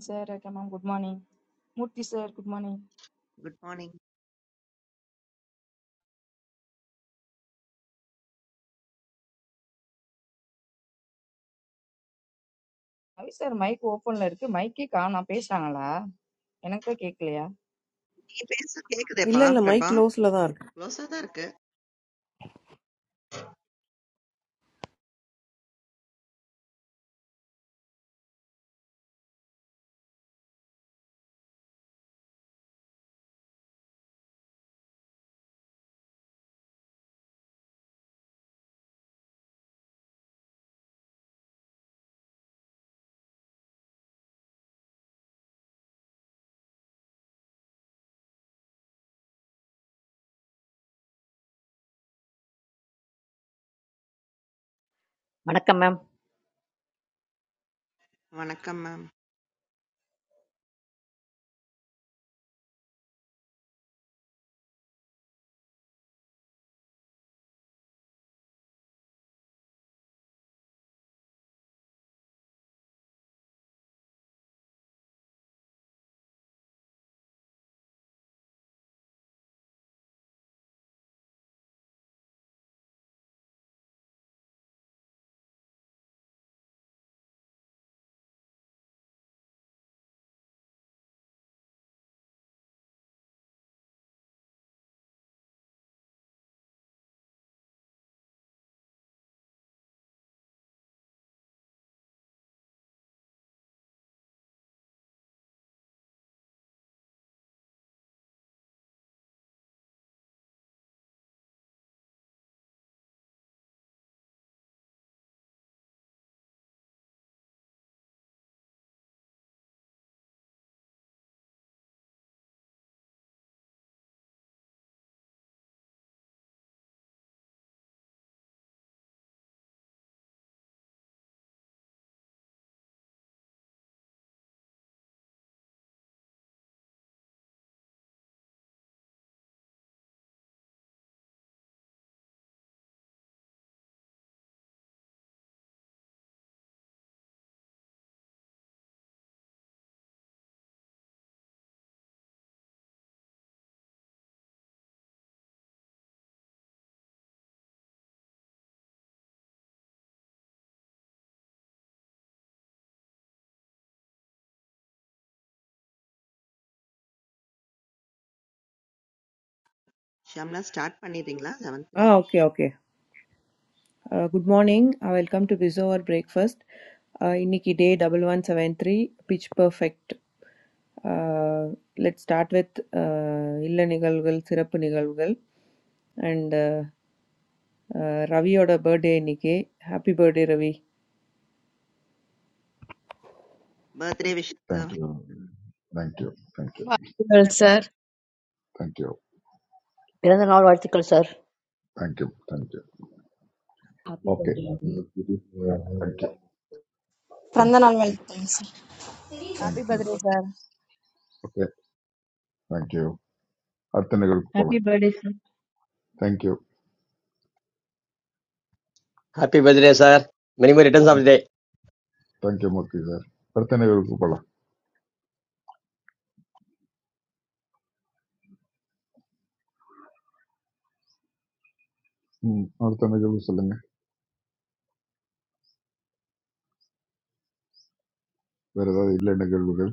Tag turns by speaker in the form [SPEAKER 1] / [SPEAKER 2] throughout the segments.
[SPEAKER 1] Sir, hello. Good morning. Good morning,
[SPEAKER 2] good morning.
[SPEAKER 1] sir. Sir, my computer, my computer, can't speak. I want to talk. What is it?
[SPEAKER 2] நீங்க பேசுறது கேக்குதேப்பா
[SPEAKER 3] இல்ல இல்ல
[SPEAKER 2] Prabha?
[SPEAKER 3] Mic க்ளோஸ்ல தான் இருக்கு
[SPEAKER 2] க்ளோஸா தான் இருக்கு.
[SPEAKER 4] Madam,
[SPEAKER 2] வணக்கம் மேம். ஷம்லா ஸ்டார்ட் பண்ணிடுறீங்களா? 11:03.
[SPEAKER 3] Ah, okay, okay. Uh, good morning. Uh, welcome to Bizo or Breakfast. Uh, இன்னைக்கு day double one seven three pitch perfect. Uh, let's start with uh, இல்ல நிகழ்வுகள் சிறப்பு நிகழ்வுகள் and uh, uh, ரவியோட birthday இன்னைக்கு happy birthday Ravi
[SPEAKER 2] birthday wish
[SPEAKER 5] Thank
[SPEAKER 2] sir.
[SPEAKER 5] you. Thank you. Thank you.
[SPEAKER 6] Well,
[SPEAKER 2] sir
[SPEAKER 6] sir,
[SPEAKER 5] Thank you.
[SPEAKER 4] sir.
[SPEAKER 5] Thank you. Thank you.
[SPEAKER 7] Happy
[SPEAKER 5] Okay.
[SPEAKER 7] birthday.
[SPEAKER 5] Thank you. Thank
[SPEAKER 8] பிறந்த நாள்
[SPEAKER 5] you.
[SPEAKER 8] வாழ்த்துக்கள் sir
[SPEAKER 5] Thank
[SPEAKER 1] Happy
[SPEAKER 5] you.
[SPEAKER 1] birthday, sir.
[SPEAKER 5] Okay. Thank you. அடுத்த நிகழ்வுக்கு போகலாம்
[SPEAKER 9] Happy birthday, sir.
[SPEAKER 5] Thank you
[SPEAKER 10] happy birthday sir many many returns of the day
[SPEAKER 5] thank you Murthy sir அடுத்த நிகழ்வுக்கு போகலாம் ம் அடுத்த நிகழ்வு சொல்லுங்க வேற ஏதாவது இல்லை நிகழ்வுகள்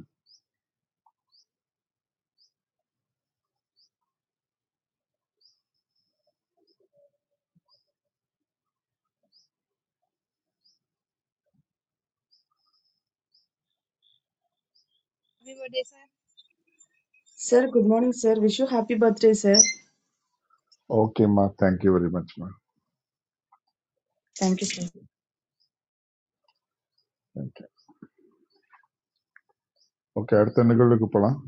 [SPEAKER 11] Everybody, sir.
[SPEAKER 12] Sir, good morning, sir. Wish you happy birthday, sir.
[SPEAKER 5] ஓகேம்மா தேங்க்யூ வெரி மச்மா
[SPEAKER 12] Thank you, sir.
[SPEAKER 5] Thank you okay அடுத்த நிகழ்வுக்கு போகலாம்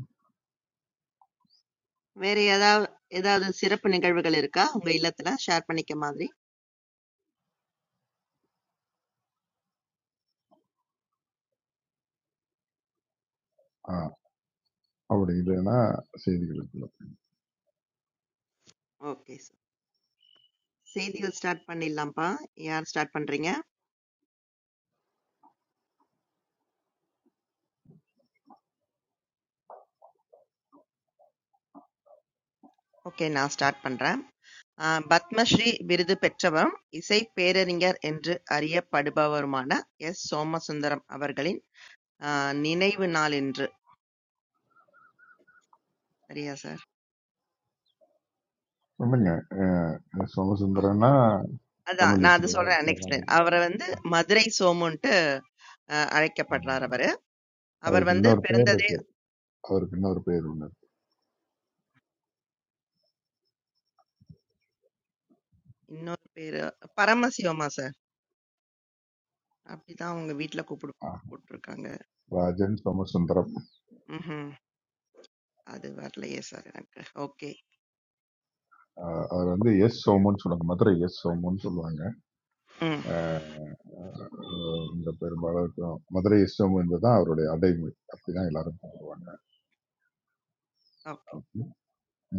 [SPEAKER 2] வேற ஏதாவது ஏதாவது சிறப்பு நிகழ்வுகள் இருக்கா உங்க இல்லத்துல ஷேர் பண்ணிக்க மாதிரி?
[SPEAKER 5] ஆ அப்படி இல்லைன்னா செய்திகளுக்கு போகலாம்
[SPEAKER 2] ஓகே சார். செய்திகள் ஸ்டார்ட் பண்ணிடலாம்ப்பா. யார் ஸ்டார்ட் பண்றீங்க? ஓகே நான் ஸ்டார்ட் பண்றேன். ஆஹ் பத்மஸ்ரீ விருது பெற்றவரும் இசை பேரறிஞர் என்று அறியப்படுபவருமான எஸ் சோமசுந்தரம் அவர்களின் ஆஹ் நினைவு நாள் இன்று சரியா சார்
[SPEAKER 5] சொல்லுங்க அஹ் சோமசுந்தரன்னா
[SPEAKER 2] அதான்.
[SPEAKER 5] தமிழ்
[SPEAKER 2] நான் அது
[SPEAKER 5] இசை
[SPEAKER 2] சொல்றேன் நெக்ஸ்ட் லைன்.
[SPEAKER 5] கர்நாடகா
[SPEAKER 2] அவர வந்து மதுரை சோமுன்ட்டு அ அழைக்கப்படுறார்
[SPEAKER 5] ம்.
[SPEAKER 2] அவரு. அவர்
[SPEAKER 5] அதுக்கு
[SPEAKER 2] வந்து
[SPEAKER 5] இன்னொரு பேர்
[SPEAKER 2] பிறந்ததே
[SPEAKER 5] இருக்கு அவருக்கு இன்னொரு பேர் உண்டு
[SPEAKER 2] இன்னொரு பேரு பரமசிவமா சார்? அப்படிதான் அவங்க வீட்ல கூப்பிடு
[SPEAKER 5] ஆஹ்
[SPEAKER 2] கூப்ட்டுருக்காங்க.
[SPEAKER 5] ராஜன் சோமசுந்தரம்
[SPEAKER 2] ம்ஹ்ம். அது வரலையே சார் எனக்கு. ஓகே.
[SPEAKER 5] ஆஹ் அவர் வந்து எஸ் சோமுன்னு சொல்லுவாங்க மதுரை எஸ் சோமுன்னு சொல்லுவாங்க
[SPEAKER 2] ம்.
[SPEAKER 5] ஆஹ் ஆஹ் இந்த பெரும்பாலும் மதுரை எஸ் சோமு என்பதுதான் அவருடைய அடைமொழி அப்படிதான் எல்லாரும் கூப்பிடுவாங்க
[SPEAKER 2] ஓகே,
[SPEAKER 5] Okay.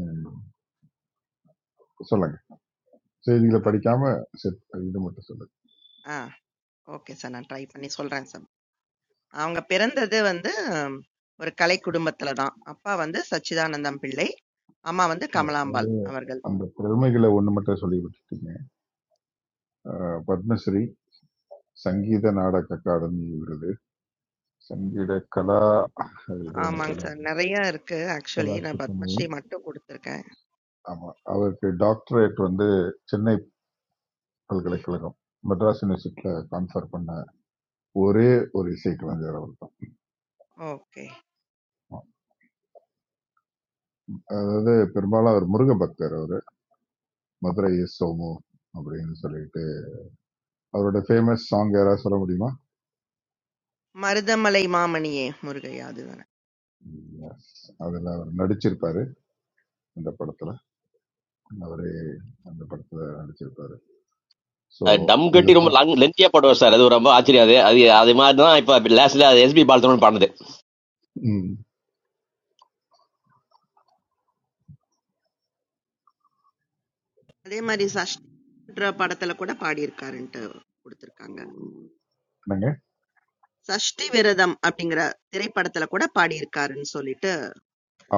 [SPEAKER 5] உம் சொல்லுங்க செய்திகளை
[SPEAKER 2] ஓகே.
[SPEAKER 5] படிக்காம செத்- இது மட்டும் சொல்லுங்க
[SPEAKER 2] ஆ. Okay sir. நான் ட்ரை பண்ணி சொல்றேன் சார். அவங்க பிறந்தது வந்து ம், ஒரு கலை குடும்பத்துல தான். அப்பா வந்து சச்சிதானந்தம் பிள்ளை. அம்மா வந்து
[SPEAKER 5] இல்ல, அது
[SPEAKER 2] கமலாம்பாள் அவர்கள்.
[SPEAKER 5] அந்த பெருமைகளை ஒண்ணு மட்டும் சொல்லி விட்டுட்டீங்க ஆஹ் பத்மஸ்ரீ சங்கீத நாடக அகாடமி விருது சங்கீத கலா அது ஏதோ ஒன்று
[SPEAKER 2] ஆமாங்க சார்.
[SPEAKER 5] சொல்லுவாங்க
[SPEAKER 2] நெறைய இருக்கு ஆக்சுவலி. நான்
[SPEAKER 5] கலா
[SPEAKER 2] பத்மஸ்ரீ மட்டும் குடுத்துருக்கேன்.
[SPEAKER 5] ஆமா அவருக்கு டாக்டரேட் வந்து சென்னை பல்கலைக்கழகம் மெட்ராஸ் யூனிவர்சிட்டியில கான்ஃபர் பண்ண ஒரே ஒரு இசை கலைஞர் அவர் தான்
[SPEAKER 2] ஓகே.
[SPEAKER 5] அதாவது பெரும்பாலும் அவர் முருக பக்தர் அவரு மதுரை எஸ் சோமு அப்படின்னு சொல்லிட்டு அவரோட ஃபேமஸ் சாங் யாராவது சொல்ல முடியுமா
[SPEAKER 2] மருதமலை மாமணியே முருகையா அதுதானே
[SPEAKER 5] Yes. அதுல அவர் நடிச்சிருப்பாரு இந்த படத்துல அவரே அந்த படத்துல நடிச்சிருப்பாரு ஸோ
[SPEAKER 10] டம் கட்டி ரொம்ப
[SPEAKER 5] இதுதான்
[SPEAKER 10] லங் லென்த்தியா போடுவார் சார் அது ரொம்ப ஆச்சரியம் அது அது அது மாதிரி தான் இப்போ லாஸ்ட்ல அது எஸ்பி பாலத்தோட பாடுது
[SPEAKER 5] ம்,
[SPEAKER 2] அதே மாதிரி சஷ்டின்ற படத்துல கூட பாடியிருக்காருன்ட்டு கொடுத்திருக்காங்க
[SPEAKER 5] என்னங்க
[SPEAKER 2] சஷ்டி விரதம் அப்படிங்கிற திரைப்படத்துல கூட பாடியிருக்காருன்னு சொல்லிட்டு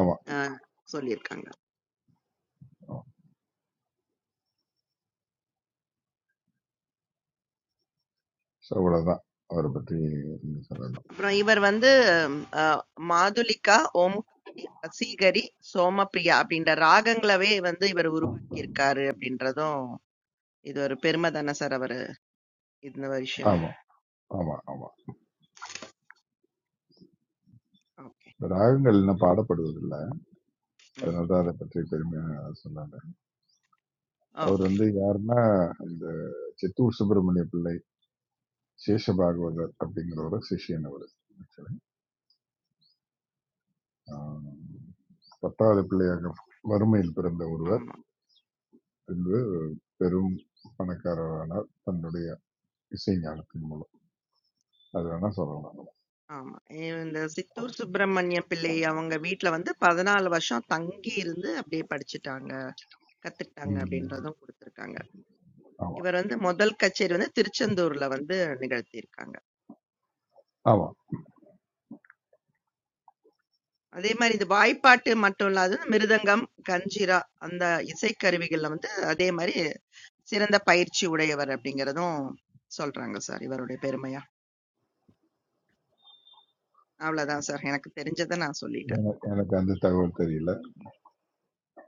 [SPEAKER 5] ஆமா
[SPEAKER 2] அஹ், சொல்லியிருக்காங்க
[SPEAKER 5] ஆமா. So, அவ்வளவுதான் அவரை பற்றி நீங்க சொல்லணும்
[SPEAKER 2] அப்புறம் இவர் வந்து அஹ், மாதுளிகா ஓம்காரி வசீகரி சோமப்பிரியா அப்படின்ற ராகங்களவே வந்து இவர் உருவாக்கி இருக்காரு அப்படின்றதும் இது ஒரு பெருமை தானே சார் அவர் இந்த விஷயமும்
[SPEAKER 5] ஆமா ஆமா ஆமா
[SPEAKER 2] ஓகே
[SPEAKER 5] இந்த ராகங்கள் இன்னும் பாடப்படுவதில்லை
[SPEAKER 2] ம்
[SPEAKER 5] அதனால தான் அதைப் பற்றி பெருமையா சொன்னாங்க. அவரு
[SPEAKER 2] ஓகே
[SPEAKER 5] வந்து யாருன்னா, இந்த சித்தூர் சுப்பிரமணிய பிள்ளை, சேஷபாகவதர் அப்படிங்கிறவரு சிஷ்யன் அவரு. ஆக்சுவலி. ஆ, 10வது பிள்ளையாக வறுமையில் பிறந்த ஒருவர்
[SPEAKER 2] ஆமா.
[SPEAKER 5] பின்பு பெரும் பணக்காரரானார் தன்னுடைய இசை ஞானத்தின் மூலம். அது வேணா சொல்லலாம்.
[SPEAKER 2] ஆமா. இந்த சித்தூர் சுப்பிரமணிய பிள்ளை அவங்க வீட்ல வந்து 14 வருஷம் தங்கி இருந்து அப்படியே படிச்சுட்டாங்க. கத்துக்கிட்டாங்க
[SPEAKER 5] ம்.
[SPEAKER 2] அப்படின்றதும் குடுத்திருக்காங்க.
[SPEAKER 5] ஆமா.
[SPEAKER 2] இவர் வந்து முதல் கச்சேரி வந்து திருச்செந்தூர்ல வந்து நிகழ்த்தியிருக்காங்க.
[SPEAKER 5] ஆமா.
[SPEAKER 2] அதே மாரி இந்த வாய்ப்பாட்டு மட்டும் இல்லாது மிருதங்கம், கஞ்சிரா அந்த இசைக்கருவிகள்ல வந்து அதே மாரி சிறந்த பயிற்சி உடையவர் அப்படிங்கிறதும் சொல்றாங்க சார் இவருடைய பெருமையா. அவ்வளோதான் சார் எனக்கு தெரிஞ்சத நான் சொல்லிட்டேன்.
[SPEAKER 5] என- எனக்கு அந்த தகவல் தெரியல.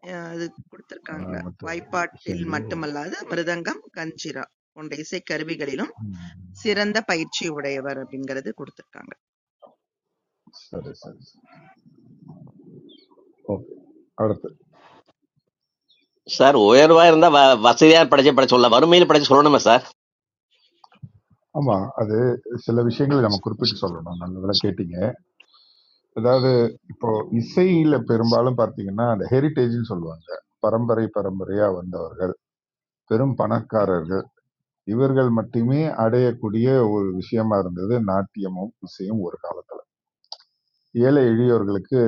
[SPEAKER 2] அஹ் அது
[SPEAKER 5] ஆனா
[SPEAKER 2] குடுத்திருக்காங்க.
[SPEAKER 5] மற்ற
[SPEAKER 2] வாய்ப்பாட்டில்
[SPEAKER 5] விஷயங்கள்
[SPEAKER 2] மட்டுமல்லாது மிருதங்கம், கஞ்சிரா போன்ற இசைக்கருவிகளிலும்
[SPEAKER 5] ம்.
[SPEAKER 2] சிறந்த பயிற்சி உடையவர் அப்படிங்கிறது குடுத்திருக்காங்க.
[SPEAKER 5] சரி, சரி. ஓகே. அடுத்து.
[SPEAKER 10] சார் உயர்வா இருந்தா வ- வசதியா படைச்சு படைச்சு சொல்லலாம் வறுமையில படைச்சு சொல்லணுமா சார்
[SPEAKER 5] ஆமா. அது சில விஷயங்களை நம்ம குறிப்பிட்டு சொல்லணும். நல்ல வேளை கேட்டீங்க. அதாவது இப்போ இசையில பெரும்பாலும் பார்த்தீங்கன்னா, அந்த ஹெரிடேஜ்ன்னு சொல்லுவாங்க. பரம்பரை பரம்பரையா வந்தவர்கள், பெரும் பணக்காரர்கள், இவர்கள் மட்டுமே அடையக்கூடிய ஒரு விஷயமா இருந்தது நாட்டியமும், இசையும் ஒரு காலத்துல. ஏழை எளியோர்களுக்கு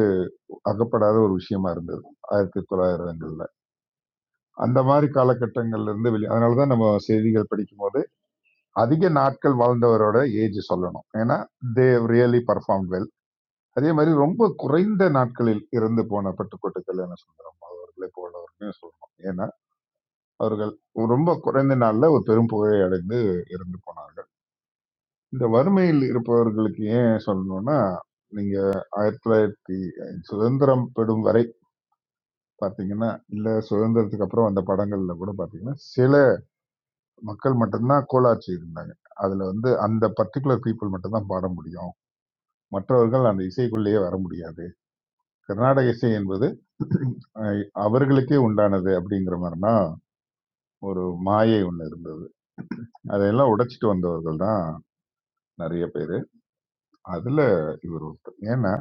[SPEAKER 5] அகப்படாத ஒரு விஷயமா இருந்தது. 1900கள்ல. அந்த மாரி காலகட்டங்கள்ல இருந்து வெளி அதனால தான் நம்ம செய்திகள் படிக்கும்போது, அதிக நாட்கள் வாழ்ந்தவரோட ஏஜ் சொல்லணும். ஏன்னா, தே ரியலி பெர்ஃபார்ம்ட் வெல். அதே மாதிரி ரொம்ப குறைந்த நாட்களில் இறந்து போன பட்டுக்கோட்டை கல்யாண சுந்தரம் அவர்களை போலவர்களையும் சொல்லணும் ஏன்னா அவர்கள் ரொம்ப குறைந்த நாள்ல ஒரு பெரும் புகழை அடைந்து இறந்து போனார்கள் இந்த வறுமையில் இருப்பவர்களுக்கு ஏன் சொல்லணும்னா நீங்க ஆயிரத்தி தொள்ளாயிரத்தி சுதந்திரம் பெறும் வரை பாத்தீங்கன்னா இல்ல சுதந்திரத்துக்கு அப்புறம் அந்த படங்கள்ல கூட பாத்தீங்கன்னா சில மக்கள் மட்டும்தான் கோலாச்சி இருந்தாங்க அதுல வந்து அந்த பர்டிகுலர் பீப்புள் மட்டும்தான் பாட முடியும் மற்றவர்கள் அந்த இசைக்குள்ளேயே வர முடியாது கர்நாடக இசை என்பது அஹ், அவர்களுக்கே உண்டானது அப்படிங்கிற மாதிரினா ஒரு மாயை ஒன்று இருந்தது அதையெல்லாம் உடைச்சிட்டு வந்தவர்கள் தான் நிறைய பேர் அதுல இவர் ஒருத்தர் ஏன்னா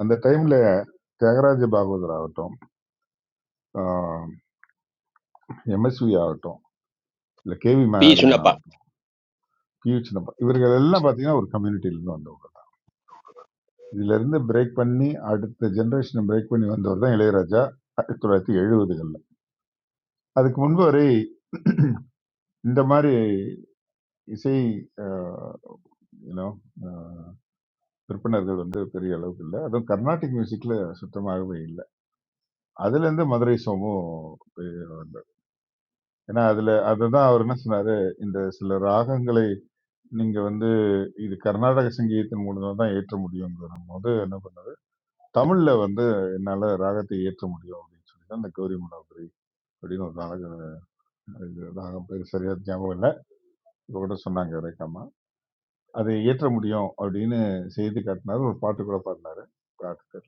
[SPEAKER 5] அந்த டைம்ல தியாகராஜ பாகவதர் ஆகட்டும் எம்எஸ்வி ஆகட்டும் இல்ல கேவி
[SPEAKER 10] பி
[SPEAKER 5] மேனாதேவன்
[SPEAKER 10] சுண்ணப்பா
[SPEAKER 5] ஆகட்டும் பி யு சின்னப்பா இவர்கள் எல்லாம் பாத்தீங்கன்னா ஒரு கம்யூனிட்டில இருந்து வந்தவங்க இதுல இருந்து பிரேக் பண்ணி அடுத்த ஜெனரேஷனை பிரேக் பண்ணி வந்தவர் தான் இளையராஜா ஆயிரத்தி தொள்ளாயிரத்தி எழுபதுகள்ல அதுக்கு முன்பு வரை இந்த மாதிரி இசை விற்பனர்கள் வந்து பெரிய அளவுக்கு இல்லை அதுவும் கர்நாடிக் மியூசிக்ல சுத்தமாகவே இல்லை அதுலேருந்து மதுரை சோமும் பெரிய வந்தது ஏன்னா அதுல அதுதான் அவர் என்ன சொன்னாரு இந்த சில ராகங்களை நீங்க வந்து இது கர்நாடக சங்கீதத்தின் மூலமா தான் ஏற்ற முடியுங்கிற போது என்ன பண்ணாரு தமிழ்ல வந்து என்னால ராகத்தை ஏற்ற முடியும் அப்படின்னு சொல்லி தான் இந்த கௌரி மனோகரி அப்படின்னு ஒரு ராகம் இது ராகம் பேர் சரியா ஞாபகம் இல்லை இவ கூட சொன்னாங்க ரேக்காமா அதை ஏற்ற முடியும் அப்படின்னு செய்து காட்டினாரு ஒரு பாட்டு கூட பாடினாரு பாட்டு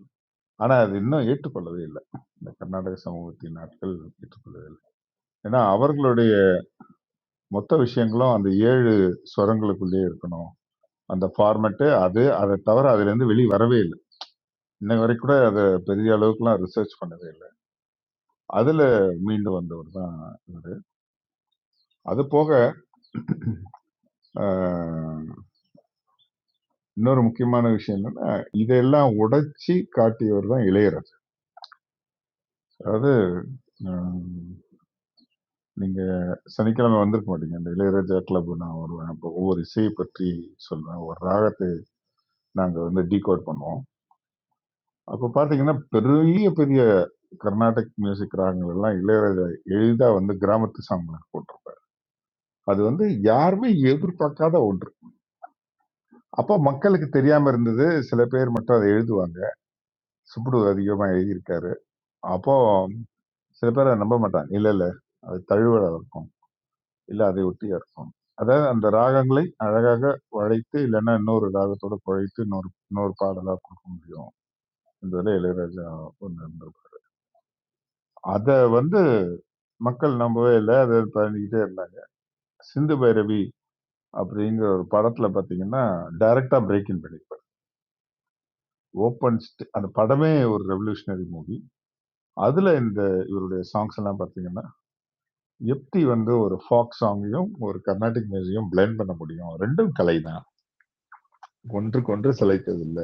[SPEAKER 5] ஆனா, அது இன்னும் ஏற்றுக்கொள்ளவே இல்ல. இந்த கர்நாடக சமூகத்தின் ஆட்கள் ஏற்றுக்கொள்ளவே இல்ல. ஏன்னா, அவர்களுடைய மொத்த விஷயங்களும் அந்த 7 ஸ்வரங்களுக்குள்ளயே இருக்கணும். அந்த ஃபார்மேட்டு அது. அத தவிர அதிலேருந்து வெளிய வரவே இல்ல. இன்னை வரைக்கும் கூட அத பெரிய அளவுக்குலாம் ரிசர்ச் பண்ணவே இல்ல. அதுல மீண்டு வந்தவர் தான் இவரு. அது போக அ இன்னொரு முக்கியமான விஷயம் என்னன்னா, இதெல்லாம் உடைச்சு காட்டியவர் தான் இளையராஜா. அதாவது அ நீங்க சனிக்கிழமை வந்திருக்க மாட்டீங்க. அந்த இளையராஜா கிளப் நான் வருவேன். அப்போ ஒவ்வொரு இசைய பற்றி சொல்லுவேன். ஒரு ராகத்தை நாங்க வந்து டிகோட் பண்ணுவோம். அப்ப பார்த்தீங்கன்னா, பெரிய பெரிய கர்நாடிக் மியூசிக் ராகங்கள் எல்லாம் இளையராஜா எளிதா வந்து கிராமத்து சாங்லாம் போட்டுரும். அது வந்து யாருமே எதிர்பார்க்காத ஒன்று. அப்ப மக்களுக்கு தெரியாம இருந்தது. சில பேர் மட்டும் அத எழுதுவாங்க. சுப்புடு அதிகமா எழுதியிருக்காரு. அப்போ சில பேர் அத நம்ப மாட்டாங்க. இல்ல, இல்ல. அது தழுவலா இருக்கும். இல்ல அதை ஒட்டியா இருக்கும். அதாவது அந்த ராகங்களை அழகாக வளைத்து, இல்லன்னா இன்னொரு ராகத்தோட குழைத்து இன்னொரு இன்னொரு பாடலா குடுக்க முடியும். இந்த இதுல இளையராஜா பண்ணியிருந்திருக்கார். அத வந்து மக்கள் நம்பவே இல்ல. அத பண்ணிக்கிட்டே இருந்தாங்க. சிந்து பைரவி அப்படிங்கிற ஒரு படத்துல பார்த்தீங்கன்னா, டைரக்ட்டா பிரேக் இன் பண்ணியிருப்பாரு. ஓப்பன் ஸ்ட் அந்த படமே ஒரு ரெவல்யூஷனரி மூவி. அதுல இந்த இவருடைய சாங்ஸ் எல்லாம் பார்த்தீங்கன்னா, எப்டி வந்து ஒரு ஃபோக் சாங்கையும், ஒரு கர்நாடிக் மியூசிக்கையும் பிளெண்ட் பண்ண முடியும்? 2ம் கலை தான். ஒன்றுக்கொன்று சிலைத்ததில்ல.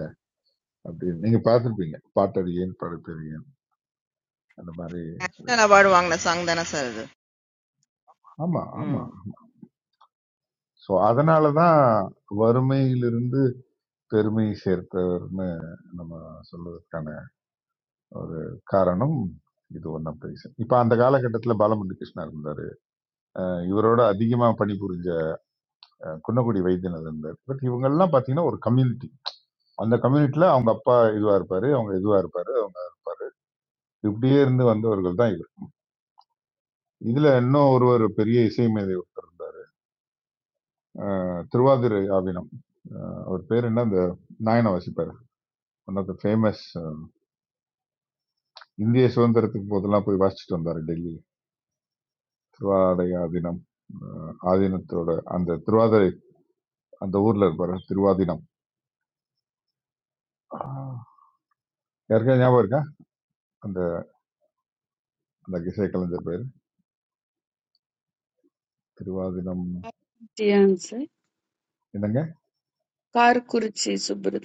[SPEAKER 5] அப்படின்னு நீங்க பார்த்துருப்பீங்க பாட்டறியேன் படுத்தறியேன் அந்த மாதிரி சில
[SPEAKER 2] நேஷனல் அவார்டு
[SPEAKER 5] விஷயங்கள்
[SPEAKER 2] வாங்கின சாங் தானே சார் இது
[SPEAKER 5] ஆமா ஆமா
[SPEAKER 2] ம்.
[SPEAKER 5] ஸோ அதனாலதான் வறுமையிலிருந்து பெருமை சேர்த்தவர்னு நம்ம சொல்வதற்கான ஒரு காரணம் இது ஒன் ஆஃப் இப்ப அந்த காலகட்டத்துல பாலமுரளி கிருஷ்ணா இருந்தாரு அஹ் இவரோட அதிகமா பணிபுரிஞ்ச அஹ், குன்னக்குடி வைத்தியநாதன் இருந்தார் பட் இவங்க எல்லாம் பாத்தீங்கன்னா ஒரு கம்யூனிட்டி அந்த கம்யூனிட்டில அவங்க அப்பா இதுவா இருப்பாரு அவங்க இதுவா இருப்பாரு அவங்க இப்படியே இருந்து வந்தவர்கள் தான் இவர் இதுல இன்னும் ஒருவர் பெரிய இசை மேதை அஹ், திருவாதிரை ஆவினம் அவர் பேர் என்ன அந்த நாயனா வாசிப்பார் ஒன் ஆஃப் த ஃபேமஸ் இந்திய சுதந்திரத்துக்கு போதெல்லாம் போய் வாசிச்சுட்டு வந்தார் டெல்லி திருவாடையா தினம் அஹ், ஆதீனத்தோட அந்த திருவாதிரை அந்த ஊர்ல இருப்பாரு திருவாதினம் அஹ், யாருக்கா ஞாபகம் இருக்கா அந்த அந்த இசை கலைஞர் பேர் திருவாதினம்
[SPEAKER 6] the answer.
[SPEAKER 5] என்னங்க
[SPEAKER 6] Karkurchi Subrat.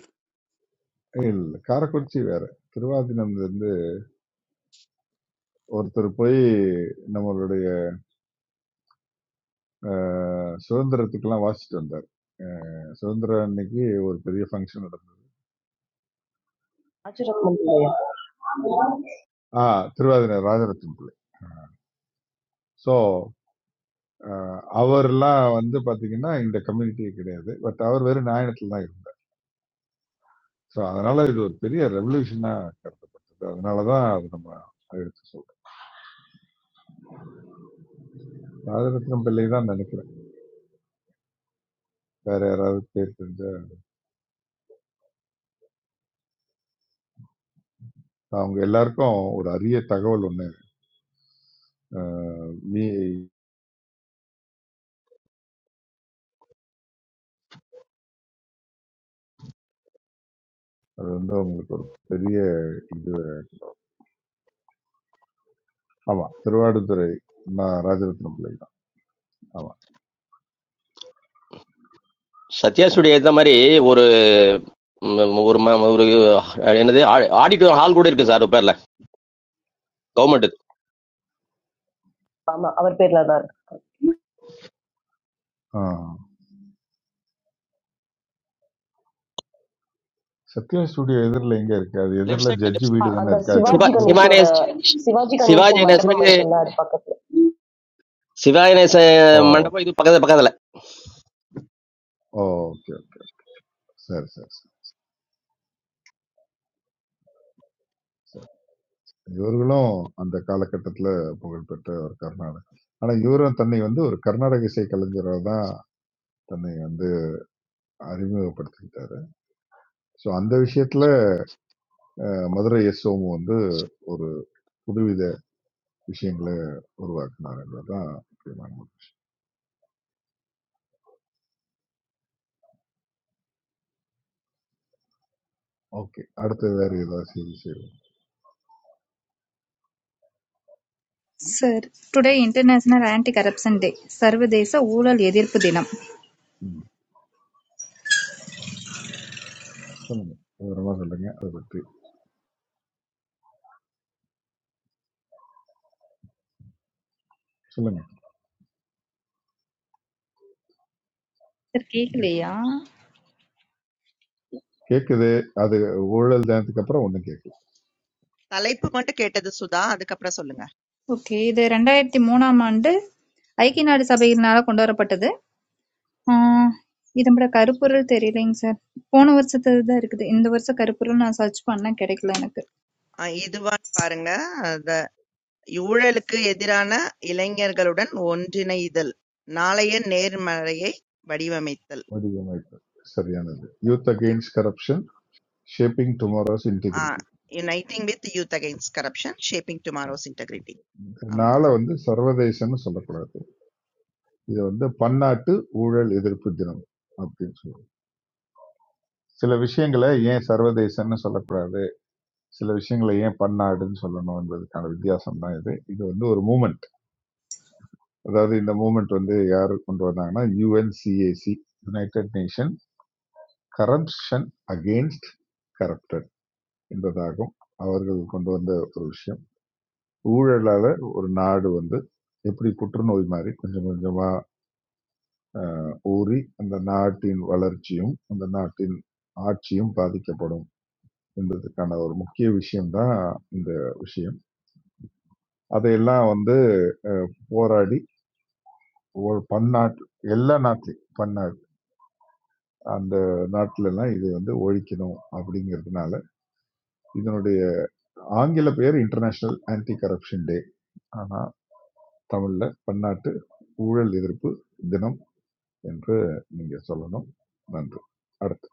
[SPEAKER 5] ஏய், இல்ல காரக்குறிச்சி வேற திருவாதினம் இருந்து ஒருத்தர் போய் நம்மளுடைய அஹ், சுதந்திரத்துக்கெல்லாம் வாசிச்சுட்டு வந்தார் சுதந்திர அன்னைக்கு ஒரு பெரிய ஃபங்க்ஷன் நடந்தது
[SPEAKER 7] Aaj ra Raman bhaiya. Ama,
[SPEAKER 5] ஆ திருவாதிரை ராஜரத்தினம் பிள்ளை ஸோ அஹ் அவர்லாம் வந்து பாத்தீங்கன்னா இந்த கம்யூனிட்டியே கிடையாது பட் அவர் வெறும் நாயணத்துல தான் இருந்தார் ஸோ அதனால இது ஒரு பெரிய ரெவல்யூஷனா கருதப்பட்டது அதனாலதான் அது நம்ம எடுத்து சொல்றோம் ராஜரத்னம் பிள்ளை தான் நினைக்கிறேன் வேற யாராவது பேர் தெரிஞ்ச அவங்க எல்லாருக்கும் ஒரு அரிய தகவல் ஒண்ணு அஹ் மீ அது வந்து அவங்களுக்கு ஒரு பெரிய இது ஆமா திருவாடுதுறை நான் ராஜரத்னம் பிள்ளை தான் ஆமா
[SPEAKER 10] சத்யா சுடி இந்த மாதிரி ஒரு ம், ஒரு ம- ஒரு என்னது ஆடிட்டோர் ஹால் கூட இருக்கு சார் பேர்ல கவர்மெண்ட்
[SPEAKER 7] abar pehle ladar.
[SPEAKER 5] ஆஹ் சத்யா ஸ்டுடியோ எதிரில் எங்க இருக்கு அது
[SPEAKER 10] லெஃப்ட்
[SPEAKER 5] எதிரில்
[SPEAKER 10] சைட்
[SPEAKER 5] ஜட்ஜி
[SPEAKER 10] லெஃப்ட்
[SPEAKER 7] A,
[SPEAKER 5] வீடு தானே
[SPEAKER 7] andar
[SPEAKER 5] இருக்கு அதுக்கு
[SPEAKER 10] சிவா
[SPEAKER 7] Swajiji ka
[SPEAKER 5] அடுத்தது
[SPEAKER 7] nation or a,
[SPEAKER 10] சிவானேஸ்
[SPEAKER 7] Swajiji ka nation
[SPEAKER 10] Sivaji
[SPEAKER 7] mandapam mere
[SPEAKER 10] நேசனுக்கு
[SPEAKER 7] kannaar paakat.
[SPEAKER 10] Sivaji நேச
[SPEAKER 5] ஓ
[SPEAKER 10] மண்டபம் இது பக்கத்துல பக்கத்துல
[SPEAKER 5] ஓ ஓகே சரி சரி சரி. இவர்களும் அந்த காலகட்டத்தில புகழ்பெற்ற ஒரு கர்நாடக. ஆனா, இவரும் தன்னை வந்து ஒரு கர்நாடக இசை கலைஞரா தான் தன்னை வந்து அறிமுகப்படுத்திக்கிட்டாரு. ஸோ, அந்த விஷயத்தில மதுரை எஸ்.ஓமு வந்து ஒரு புதுவித விஷயங்கள உருவாக்குனார் என்பது தான் முக்கியமான ஒண்ணு. ஓகே. அடுத்து வேற ஏதாவது செய்தி செய்வோம்.
[SPEAKER 11] Sir, Today International Anti-Corruption Day, சர்வதேச ஊழல் எதிர்ப்பு தினம்.
[SPEAKER 5] ம். சொல்லுங்க. விவரமா சொல்லுங்க. அத பத்தி. சொல்லுங்க.
[SPEAKER 11] Sir, கேக்கலையா?
[SPEAKER 5] கேட்குது. அது ஊழல் தினத்துக்கு அப்புறம் ஒண்ணும் கேட்கல.
[SPEAKER 2] தலைப்பு மட்டும் கேட்டது சுதா. அதுக்கப்புறம் சொல்லுங்க.
[SPEAKER 11] ஓகே. இது 2003ஆம் ஆண்டு ஐக்கிய நாடு சபையினால கொண்டு வரப்பட்டது. ஆ, இது நம்மட கருப்பொருள் தெரியலைங்க சார். போன வருஷத்துலதான் இருக்குது. இந்த வருஷம் கருப்பொருள் நான் சர்ச் பண்ணேன் கிடைக்கல எனக்கு.
[SPEAKER 2] அஹ் இதுவான்னு பாருங்க. The ஊழலுக்கு எதிரான இளைஞர்களுடன் ஒன்றிணைதல். நாளைய நேர்மறையை வடிவமைத்தல்.
[SPEAKER 5] வடிவமைப்பு. சரியானது. Youth against corruption shaping tomorrow's
[SPEAKER 2] ah
[SPEAKER 5] integrity.
[SPEAKER 2] Uniting with youth against corruption, shaping tomorrow's integrity.
[SPEAKER 5] இதனால வந்து சர்வதேசம்னு சொல்லக்கூடாது இது வந்து பன்னாட்டு ஊழல் எதிர்ப்பு தினம் அப்படின்னு சொல்லுவோம் சில விஷயங்களை ஏன் சர்வதேசம்னு சொல்லக்கூடாது சில விஷயங்களை ஏன் பன்னாடுன்னு சொல்லணும் என்பதற்கான வித்தியாசம் தான் இது இது வந்து ஒரு மூமெண்ட் அதாவது இந்த மூமெண்ட் வந்து யார் கொண்டு வந்தாங்கன்னா UNCAC united nation corruption against corrupted என்பதாகும் அவர்கள் கொண்டு வந்த ஒரு விஷயம் ஊழலால ஒரு நாடு வந்து எப்படி புற்றுநோய் மாதிரி கொஞ்சம் கொஞ்சமா அஹ், ஊறி அந்த நாட்டின் வளர்ச்சியும் அந்த நாட்டின் ஆட்சியும் பாதிக்கப்படும் என்பதற்கான ஒரு முக்கிய விஷயம்தான் இந்த விஷயம் அதையெல்லாம் வந்து அஹ், போராடி ஒரு பன்னாட்டு எல்லா நாட்டிலையும் பன்னாட்டு அந்த நாட்டில எல்லாம் இதை வந்து ஒழிக்கணும் அப்படிங்கிறதுனால இதனுடைய ஆங்கில பெயர் இன்டர்நேஷனல் ஆன்டி கரப்ஷன் டே ஆனா தமிழ்ல பன்னாட்டு ஊழல் எதிர்ப்பு தினம் என்று நீங்க சொல்லணும் நன்றி அடுத்து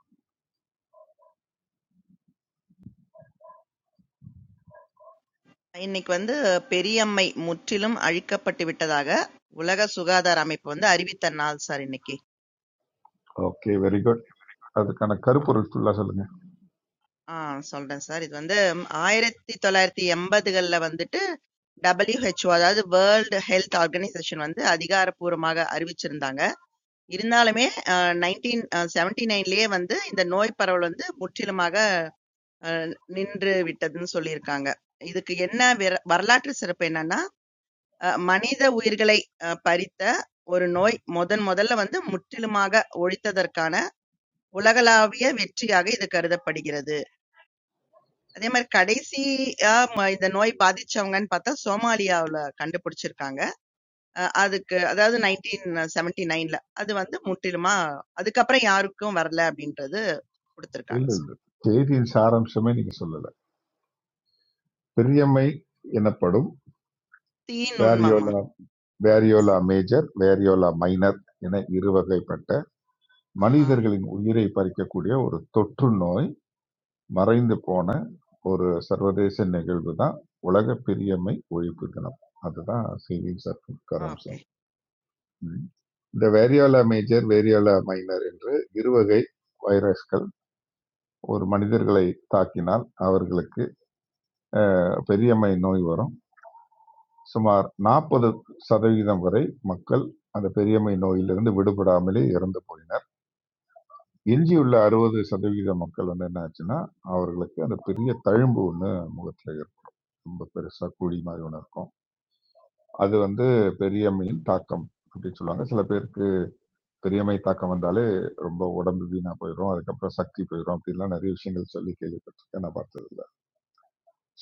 [SPEAKER 2] இன்னைக்கு வந்து பெரியம்மை முற்றிலும் அழிக்கப்பட்டு விட்டதாக உலக சுகாதார அமைப்பு வந்து அறிவித்த நாள் சார் இன்னைக்கு
[SPEAKER 5] ஓகே வெரி குட் அதுக்கான கருப்பொருள் ஃபுல்லா சொல்லுங்க
[SPEAKER 2] ஆ சொல்றேன் சார் இது வந்து ஆயிரத்தி தொள்ளாயிரத்தி எண்பதுகள்ல வந்துட்டு WHO அதாவது வேர்ல்டு ஹெல்த் ஆர்கனைசேஷன் வந்து அதிகாரப்பூர்வமாக அறிவிச்சிருந்தாங்க இருந்தாலுமே நைன்டீன் செவன்டி நைன்லயே வந்து இந்த நோய் பரவல் வந்து முற்றிலுமாக அஹ், நின்று விட்டதுன்னு சொல்லியிருக்காங்க இதுக்கு என்ன வெர- வரலாற்று சிறப்பு என்னன்னா அ மனித உயிர்களை அ பறித்த ஒரு நோய் முதன் முதல்ல வந்து முற்றிலுமாக ஒழித்ததற்கான உலகளாவிய வெற்றியாக இது கருதப்படுகிறது. அதே மாரி கடைசியா ம இந்த நோய் பாதிச்சவங்கன்னு பார்த்தா சோமாலியாவுல கண்டுபிடிச்சிருக்காங்க. அ அதுக்கு அதாவது 1979ல. அது வந்து முற்றிலுமா அதுக்கப்புறம் யாருக்கும் வரல அப்படின்றது குடுத்திருக்காங்க
[SPEAKER 5] இல்ல
[SPEAKER 2] சார்.
[SPEAKER 5] இல்ல செய்தியின் சாராம்சமே நீங்க சொல்லல பெரியம்மை எனப்படும்
[SPEAKER 2] தீநுண்மமா?
[SPEAKER 5] Variola variola major variola minor என இரு வகைப்பட்ட
[SPEAKER 2] ஆஹா!
[SPEAKER 5] மனிதர்களின் உயிரை பறிக்கக்கூடிய ஒரு தொற்று நோய் மறைந்து போன ஒரு சர்வதேச நிகழ்வு தான் உலக பெரியம்மை ஒழிப்பு தினம் அதுதான் செய்தியின் சற்று
[SPEAKER 2] ஓகே.
[SPEAKER 5] கரம்சம் ம். இந்த வேரியோலா மேஜர் வேரியோலா மைனர் என்று இருவகை வைரஸ்கள் ஒரு மனிதர்களை தாக்கினால் அவர்களுக்கு பெரியம்மை நோய் வரும் சுமார் நாற்பது சதவிகிதம் வரை மக்கள் அந்த பெரியம்மை நோயிலிருந்து விடுபடாமலே இறந்து போயினர் எஞ்சியுள்ள அறுபது சதவிகித மக்கள் வந்து என்ன ஆச்சுன்னா அவர்களுக்கு அந்த பெரிய தழும்பு ஒன்று முகத்தில் இருக்கு ரொம்ப பெருசா குழி மாதிரி ஒன்று இருக்கும் அது வந்து பெரியம்மையின் தாக்கம் அப்படின்னு சொல்லுவாங்க சில பேருக்கு பெரியம்மை தாக்கம் வந்தாலே ரொம்ப உடம்பு வீணா போயிடும் அதுக்கப்புறம் சக்தி போயிடும் அப்படின்லாம் நிறைய விஷயங்கள் சொல்லி கேள்விப்பட்டிருக்கேன் நான் பார்த்தது இல்லை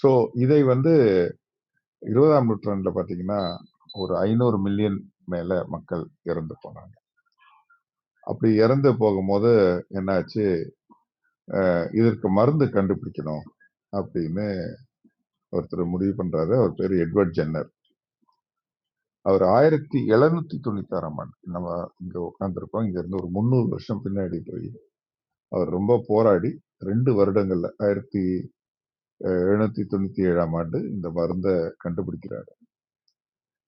[SPEAKER 5] ஸோ இதை வந்து இருபதாம் நூற்றாண்டுல பார்த்தீங்கன்னா ஒரு ஐநூறு மில்லியன் மேல மக்கள் இறந்து போனாங்க அப்படி இறந்து போகும்போது என்னாச்சு, இதற்கு மருந்து கண்டுபிடிக்கணும் அப்படின்னு ஒருத்தர் முடிவு பண்றாரு. அவர் பேரு எட்வர்ட் ஜென்னர். அவர் 1796ஆம் ஆண்டு, நம்ம இங்க உட்கார்ந்திருக்கோம். இங்க இருந்து ஒரு 300 வருஷம் பின்னாடி போய், அவர் ரொம்ப போராடி 2 வருடங்கள்ல 1797ஆம் ஆண்டு இந்த மருந்த கண்டுபிடிக்கிறாரு.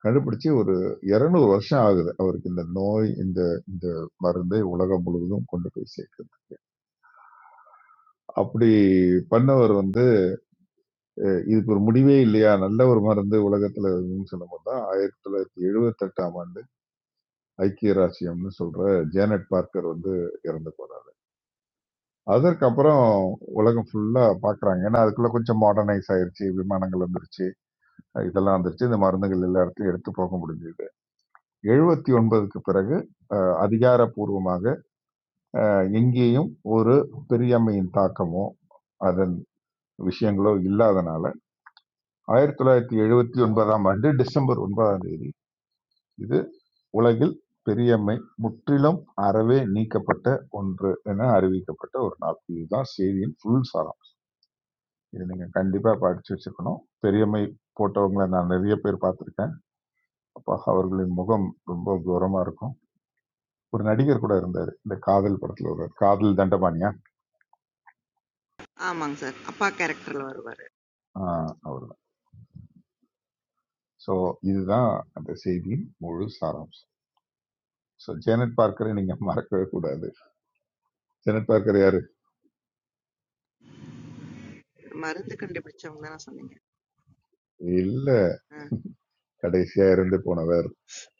[SPEAKER 5] கண்டுபிடிச்சு ஒரு 200 வருஷம் ஆகுது. அவருக்கு இந்த நோய், இந்த இந்த மருந்தை உலகம் முழுவதும் கொண்டு போய் சேர்க்குது. அப்படி பண்ணவர் வந்து அஹ் இதுக்கு ஒரு முடிவே இல்லையா, நல்ல ஒரு மருந்து உலகத்துல இருக்குன்னு சொல்லும்போது தான் 1978ஆம் ஆண்டு ஐக்கிய ராச்சியம்ன்னு சொல்ற ஜேனட் பார்க்கர் வந்து இறந்து போனார். அதற்கப்புறம் உலகம் ஃபுல்லா பார்க்குறாங்க. ஏன்னா அதுக்குள்ள கொஞ்சம் மாடர்னைஸ் ஆயிருச்சு. விமானங்கள் வந்துருச்சு. இதெல்லாம் வந்துருச்சு. இந்த மருந்துகள் எல்லா இடத்துக்கும் எடுத்து போக முடிஞ்சது. 79க்கு பிறகு அ, அதிகாரப்பூர்வமாக அ, எங்கேயும் ஒரு பெரியாமையின் தாக்கமோ அதன் விஷயங்களோ இல்லாதனால 1979ஆம் ஆண்டு டிசம்பர் 9ஆம் தேதி இது உலகில் பெரியம்மை முற்றிலும் அறவே நீக்கப்பட்ட ஒன்று என அறிவிக்கப்பட்ட ஒரு நாள். இதுதான் செய்தியின் ஃபுல் சாரம். இதை நீங்க கண்டிப்பா படிச்சு வச்சுக்கணும். பெரியம்மை போட்டவங்கள நான் நிறைய பேர் பார்த்திருக்கேன். அப்ப அவர்களின் முகம் ரொம்ப கோரமா இருக்கும். ஒரு நடிகர் கூட இருந்தாரு. இந்த காதல் படத்துல ஒரு காதல் தண்டபாணியா?
[SPEAKER 2] ஆமாங்க சார். அப்பா கேரக்டர்ல வருவாரு.
[SPEAKER 5] ஆ, அவர்தான். ஸோ இதுதான் அந்த செய்தியின் முழு சாராம்சம். ஸோ ஜேனட் பார்க்கரை நீங்க மறக்கவே கூடாது. ஜேனட் பார்க்கர் யாரு?
[SPEAKER 2] மருந்து கண்டுபிடிச்சவங்க தான சொன்னீங்க?
[SPEAKER 5] இல்ல
[SPEAKER 2] அ.
[SPEAKER 5] கடைசியா இறந்து போனவர்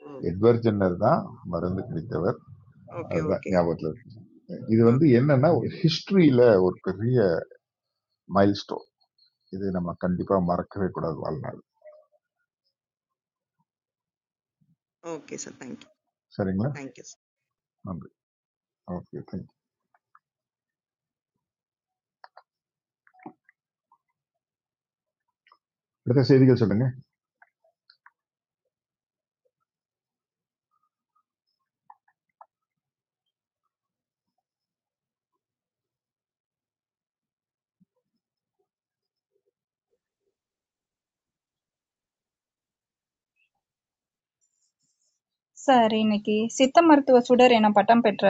[SPEAKER 2] ஓ!
[SPEAKER 5] எட்வர்ட் ஜென்னர் தான் மருந்து கிடைத்தவர்
[SPEAKER 2] ஓகே,
[SPEAKER 5] அதுதான்
[SPEAKER 2] ஓகே.
[SPEAKER 5] ஞாபகத்துல இருக்கு. இது வந்து
[SPEAKER 2] ஓகே
[SPEAKER 5] என்னன்னா ஹிஸ்டரியில ஒரு பெரிய மைல்ஸ்டோன். இது நம்ம கண்டிப்பா மறக்கவே கூடாது வாழ்நாள்.
[SPEAKER 2] ஓகே சார் தேங்க்யூ
[SPEAKER 5] சரிங்களா?
[SPEAKER 2] தேங்க்யூ சார்
[SPEAKER 5] நன்றி. ஓகே. தேங்க் அடுத்த செய்திகள் சொல்லுங்க.
[SPEAKER 11] சார், இன்னைக்கு சித்த மருத்துவ சுடர் என பட்டம் பெற்ற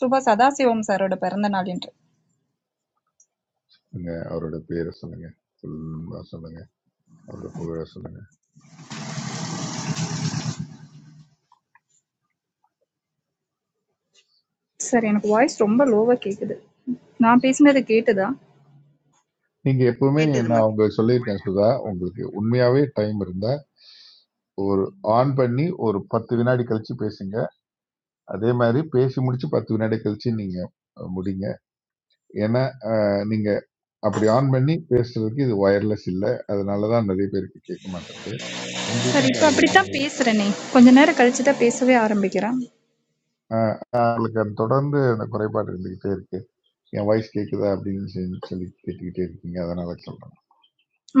[SPEAKER 11] சுப சதாசிவம் சாரோட பிறந்த நாள் இன்று.
[SPEAKER 5] நீங்க அவரோட பேரை சொல்லுங்க. ஃபுல்லா சொல்லுங்க. அவரோட புகழ சொல்லுங்க.
[SPEAKER 11] சார், எனக்கு வாய்ஸ் ரொம்ப லோவா கேக்குது. நான் பேசினது கேட்டுதா?
[SPEAKER 5] நீங்க எப்பவுமே
[SPEAKER 2] கேட்டதுமா
[SPEAKER 5] நான் உங்களுக்கு சொல்லியிருக்கேன் சுதா, உங்களுக்கு உண்மையாவே டைம் இருந்தா ஒரு ஆன் பண்ணி ஒரு 10 வினாடி கழிச்சு பேசுங்க. அதே மாதிரி பேசி முடிச்சு 10 வினாடி கழிச்சு நீங்க அஹ், முடிங்க. ஏன்னா நீங்க அப்படி ஆன் பண்ணி பேசுறதுக்கு இது ஒயர்லெஸ் இல்லை அதனால தான் நிறைய பேருக்கு கேட்க மாட்டேங்குது
[SPEAKER 11] சார்
[SPEAKER 5] உங்களுக்கும்
[SPEAKER 11] இப்போ
[SPEAKER 5] பல
[SPEAKER 11] அப்படித்தான்
[SPEAKER 5] விஷயங்கள்
[SPEAKER 11] பேசுறேனே கொஞ்ச நேரம் கழிச்சு தான் பேசவே ஆரம்பிக்கிறேன்
[SPEAKER 5] ஆஹ் உங்களுக்கு அது தொடர்ந்து அந்த குறைபாடு இருந்துகிட்டே இருக்கு என் வாய்ஸ் கேட்குதா அப்படின்னு சொல்லி சொல்லி கேட்டுக்கிட்டே இருக்கீங்க அதனால சொல்றேன்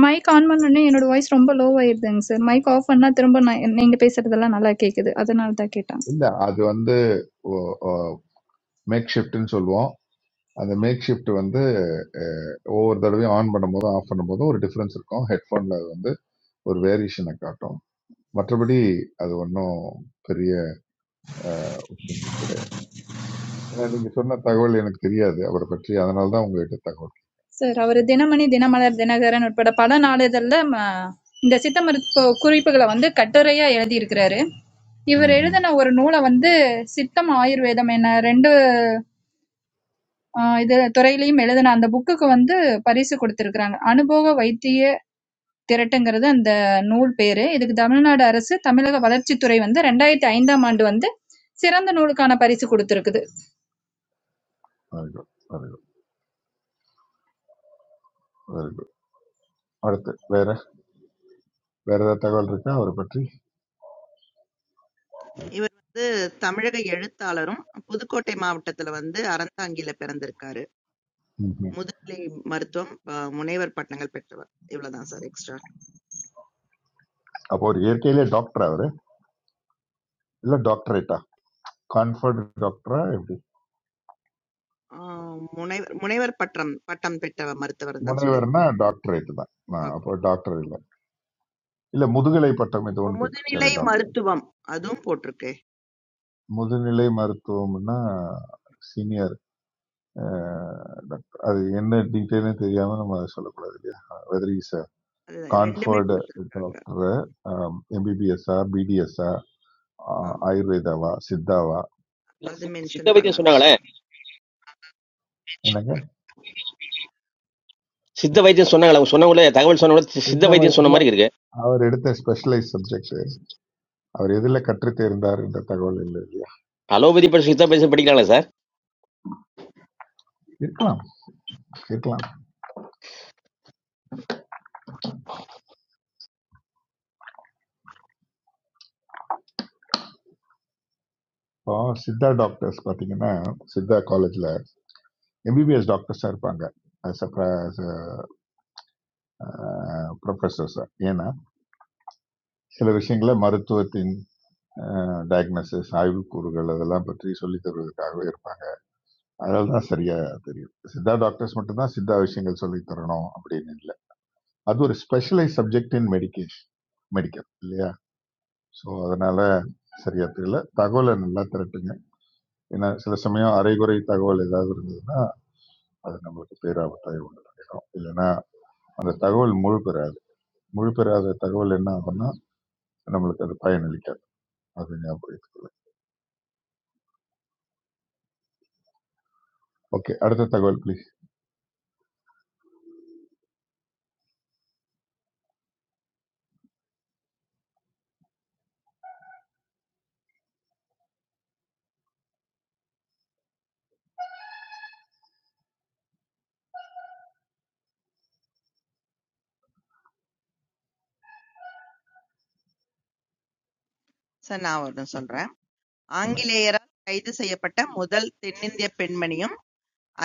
[SPEAKER 11] மைக் ஆன் பண்ணோடனே என்னோட வாய்ஸ் ரொம்ப லோ ஆயிருதுங்க சார் மைக் ஆஃப் பண்ணா திரும்ப நான் நீங்க பேசுறதெல்லாம் நல்லா கேக்குது அதனால தான் கேட்டேன்
[SPEAKER 5] இல்ல அது வந்து மேக் ஷிஃப்ட்னு சொல்லுவோம் அந்த மேக் ஷிஃப்ட் வந்து அஹ், ஒவ்வொரு தடவையும் ஆன் பண்ணும்போதும் ஆஃப் பண்ணும்போதும் ஒரு டிஃபரன்ஸ் இருக்கும் ஹெட்ஃபோன்ல அது வந்து ஒரு வேரியேஷனை காட்டும் மற்றபடி அது ஒன்றும் பெரிய அஹ், விஷயங்கள் கிடையாது ஏன்னா நீங்க சொன்ன தகவல் எனக்கு தெரியாது அவரை பற்றி அதனால தான் உங்ககிட்ட தகவல்
[SPEAKER 11] சார் அவர்
[SPEAKER 5] சொன்னேன்
[SPEAKER 11] தினமணி தினமலர் தினகரன் உட்பட பல நாளிதழ்ல ம, இந்த சித்த மருத்துவ குறிப்புகளை வந்து கட்டுரையா எழுதியிருக்கிறாரு இவர்
[SPEAKER 5] ம்ஹும்.
[SPEAKER 11] எழுதின ஒரு நூலை வந்து சித்தம் ஆயுர்வேதம் என ரெண்டு ஆஹ், இது துறையிலையும் எழுதின அந்த புக்குக்கு வந்து பரிசு கொடுத்திருக்கிறாங்க அனுபவ வைத்திய திரட்டுங்கிறது அந்த நூல் பேரு. இதுக்கு தமிழ்நாடு அரசு, தமிழக வளர்ச்சித்துறை வந்து 2005ஆம் ஆண்டு வந்து சிறந்த நூலுக்கான பரிசு குடுத்திருக்கு.
[SPEAKER 5] very good very good very good அடுத்து வேற வேற ஏதாவது தகவல் இருக்கா அவரை பற்றி
[SPEAKER 2] இவர் வந்து தமிழக எழுத்தாளரும் புதுக்கோட்டை மாவட்டத்துல வந்து அறந்தாங்கில பிறந்திருக்காரு
[SPEAKER 5] ம்ஹும்.
[SPEAKER 2] முதுநிலை மருத்துவம் ஆஹ், முனைவர் பட்டங்கள் பெற்றவர் இவ்வளவுதான் சார் எக்ஸ்ட்ரா
[SPEAKER 5] அப்போ ஒரு இயற்கையிலே டாக்டர் அவரு இல்ல டாக்டரேட்டா கான்ஃபர்ட் டாக்டரா எப்படி
[SPEAKER 2] முனைவர் முனைவர் பட்டம் பட்டம் பெற்ற மருத்துவர் தான் சொல்லியிருக்கேன்
[SPEAKER 5] முனைவர்னா டாக்டரேட் தான் நான்
[SPEAKER 2] ஓகே
[SPEAKER 5] அப்போ டாக்டர் இல்ல இல்ல முதுகலை பட்டம் இது ஒன்று பெற்றிருக்காரு
[SPEAKER 2] முதுநிலை
[SPEAKER 5] டாக்டர்
[SPEAKER 2] மருத்துவம் அதுவும் போட்டிருக்கு
[SPEAKER 5] முதுநிலை மருத்துவம்னா சீனியர் டாக்டர் அது என்ன டீட்டெயிலும் தெரியாம நம்ம அதை சொல்லக்கூடாது இல்லையா வெதர் இஸ்
[SPEAKER 2] அது ரெண்டுமே
[SPEAKER 5] ಕಾನ್ಫರ್ಡ್
[SPEAKER 2] கொடுத்துருக்காங்க
[SPEAKER 5] doctor M B B S B D S,
[SPEAKER 2] ஆ,
[SPEAKER 5] ஆயுர்வேதாவா சித்தாவா
[SPEAKER 10] இல்ல
[SPEAKER 2] அது
[SPEAKER 10] சித்த
[SPEAKER 2] மென்ஷன்
[SPEAKER 10] வைத்தியம்
[SPEAKER 2] பண்ணல
[SPEAKER 10] சொன்னாங்களே
[SPEAKER 5] என்னங்க
[SPEAKER 10] சித்த வைத்தியம் சொன்னாங்களா அவங்க சொன்னவங்களே தகவல் சொன்னவங்களே சித்த
[SPEAKER 5] சித்த
[SPEAKER 10] வைத்தியம் சொன்ன
[SPEAKER 5] வைத்தியம்
[SPEAKER 10] மாதிரி இருக்கு
[SPEAKER 5] அவர் எடுத்த ஸ்பெஷலைஸ் சப்ஜெக்ட் அவர் எதுல கற்று தேர்ந்தார் என்ற தகவல் இல்லை இல்லையா
[SPEAKER 10] அலோபதி படி சித்த வைத்தியம் படிக்கிறாங்களா சார்
[SPEAKER 5] இருக்கலாம் இருக்கலாம் இப்போ சித்தா டாக்டர்ஸ் பாத்தீங்கன்னா சித்தா காலேஜ்ல எம்பிபிஎஸ் டாக்டர்ஸா இருப்பாங்க ப்ரொஃபஸர்ஸ் ஏன்னா சில விஷயங்களை மருத்துவத்தின் டயக்னோசிஸ் ஆய்வு கூறுகள் அதெல்லாம் பற்றி சொல்லித் தருவதற்காகவே இருப்பாங்க அதனால தான் சரியா தெரியும் சித்தா டாக்டர்ஸ் மட்டும்தான் சித்தா விஷயங்கள் சொல்லி தரணும் அப்படின்னு இல்லை அது ஒரு specialise subject in medication medical இல்லையா ஸோ அதனால சரியா தெரியல தகவலை நல்லா திரட்டுங்க ஏன்னா சில சமயம் அரைகுறை தகவல் ஏதாவது இருந்ததுன்னா அது நம்மளுக்கு பேராபத்தாய் உண்டு பண்ணிடும் இல்லைன்னா அந்த தகவல் முழு பெறாது முழு பெறாத தகவல் என்ன ஆகும்னா நம்மளுக்கு அது பயனளிக்காது அது ஞாபகம் வச்சுக்கோங்க ஓகே அடுத்த தகவல் ப்ளீஸ்
[SPEAKER 2] சார் நான் ஒன்று சொல்றேன்
[SPEAKER 5] சொல்லுங்க
[SPEAKER 2] ஆங்கிலேயரால் கைது செய்யப்பட்ட முதல் தென்னிந்திய பெண்மணியும்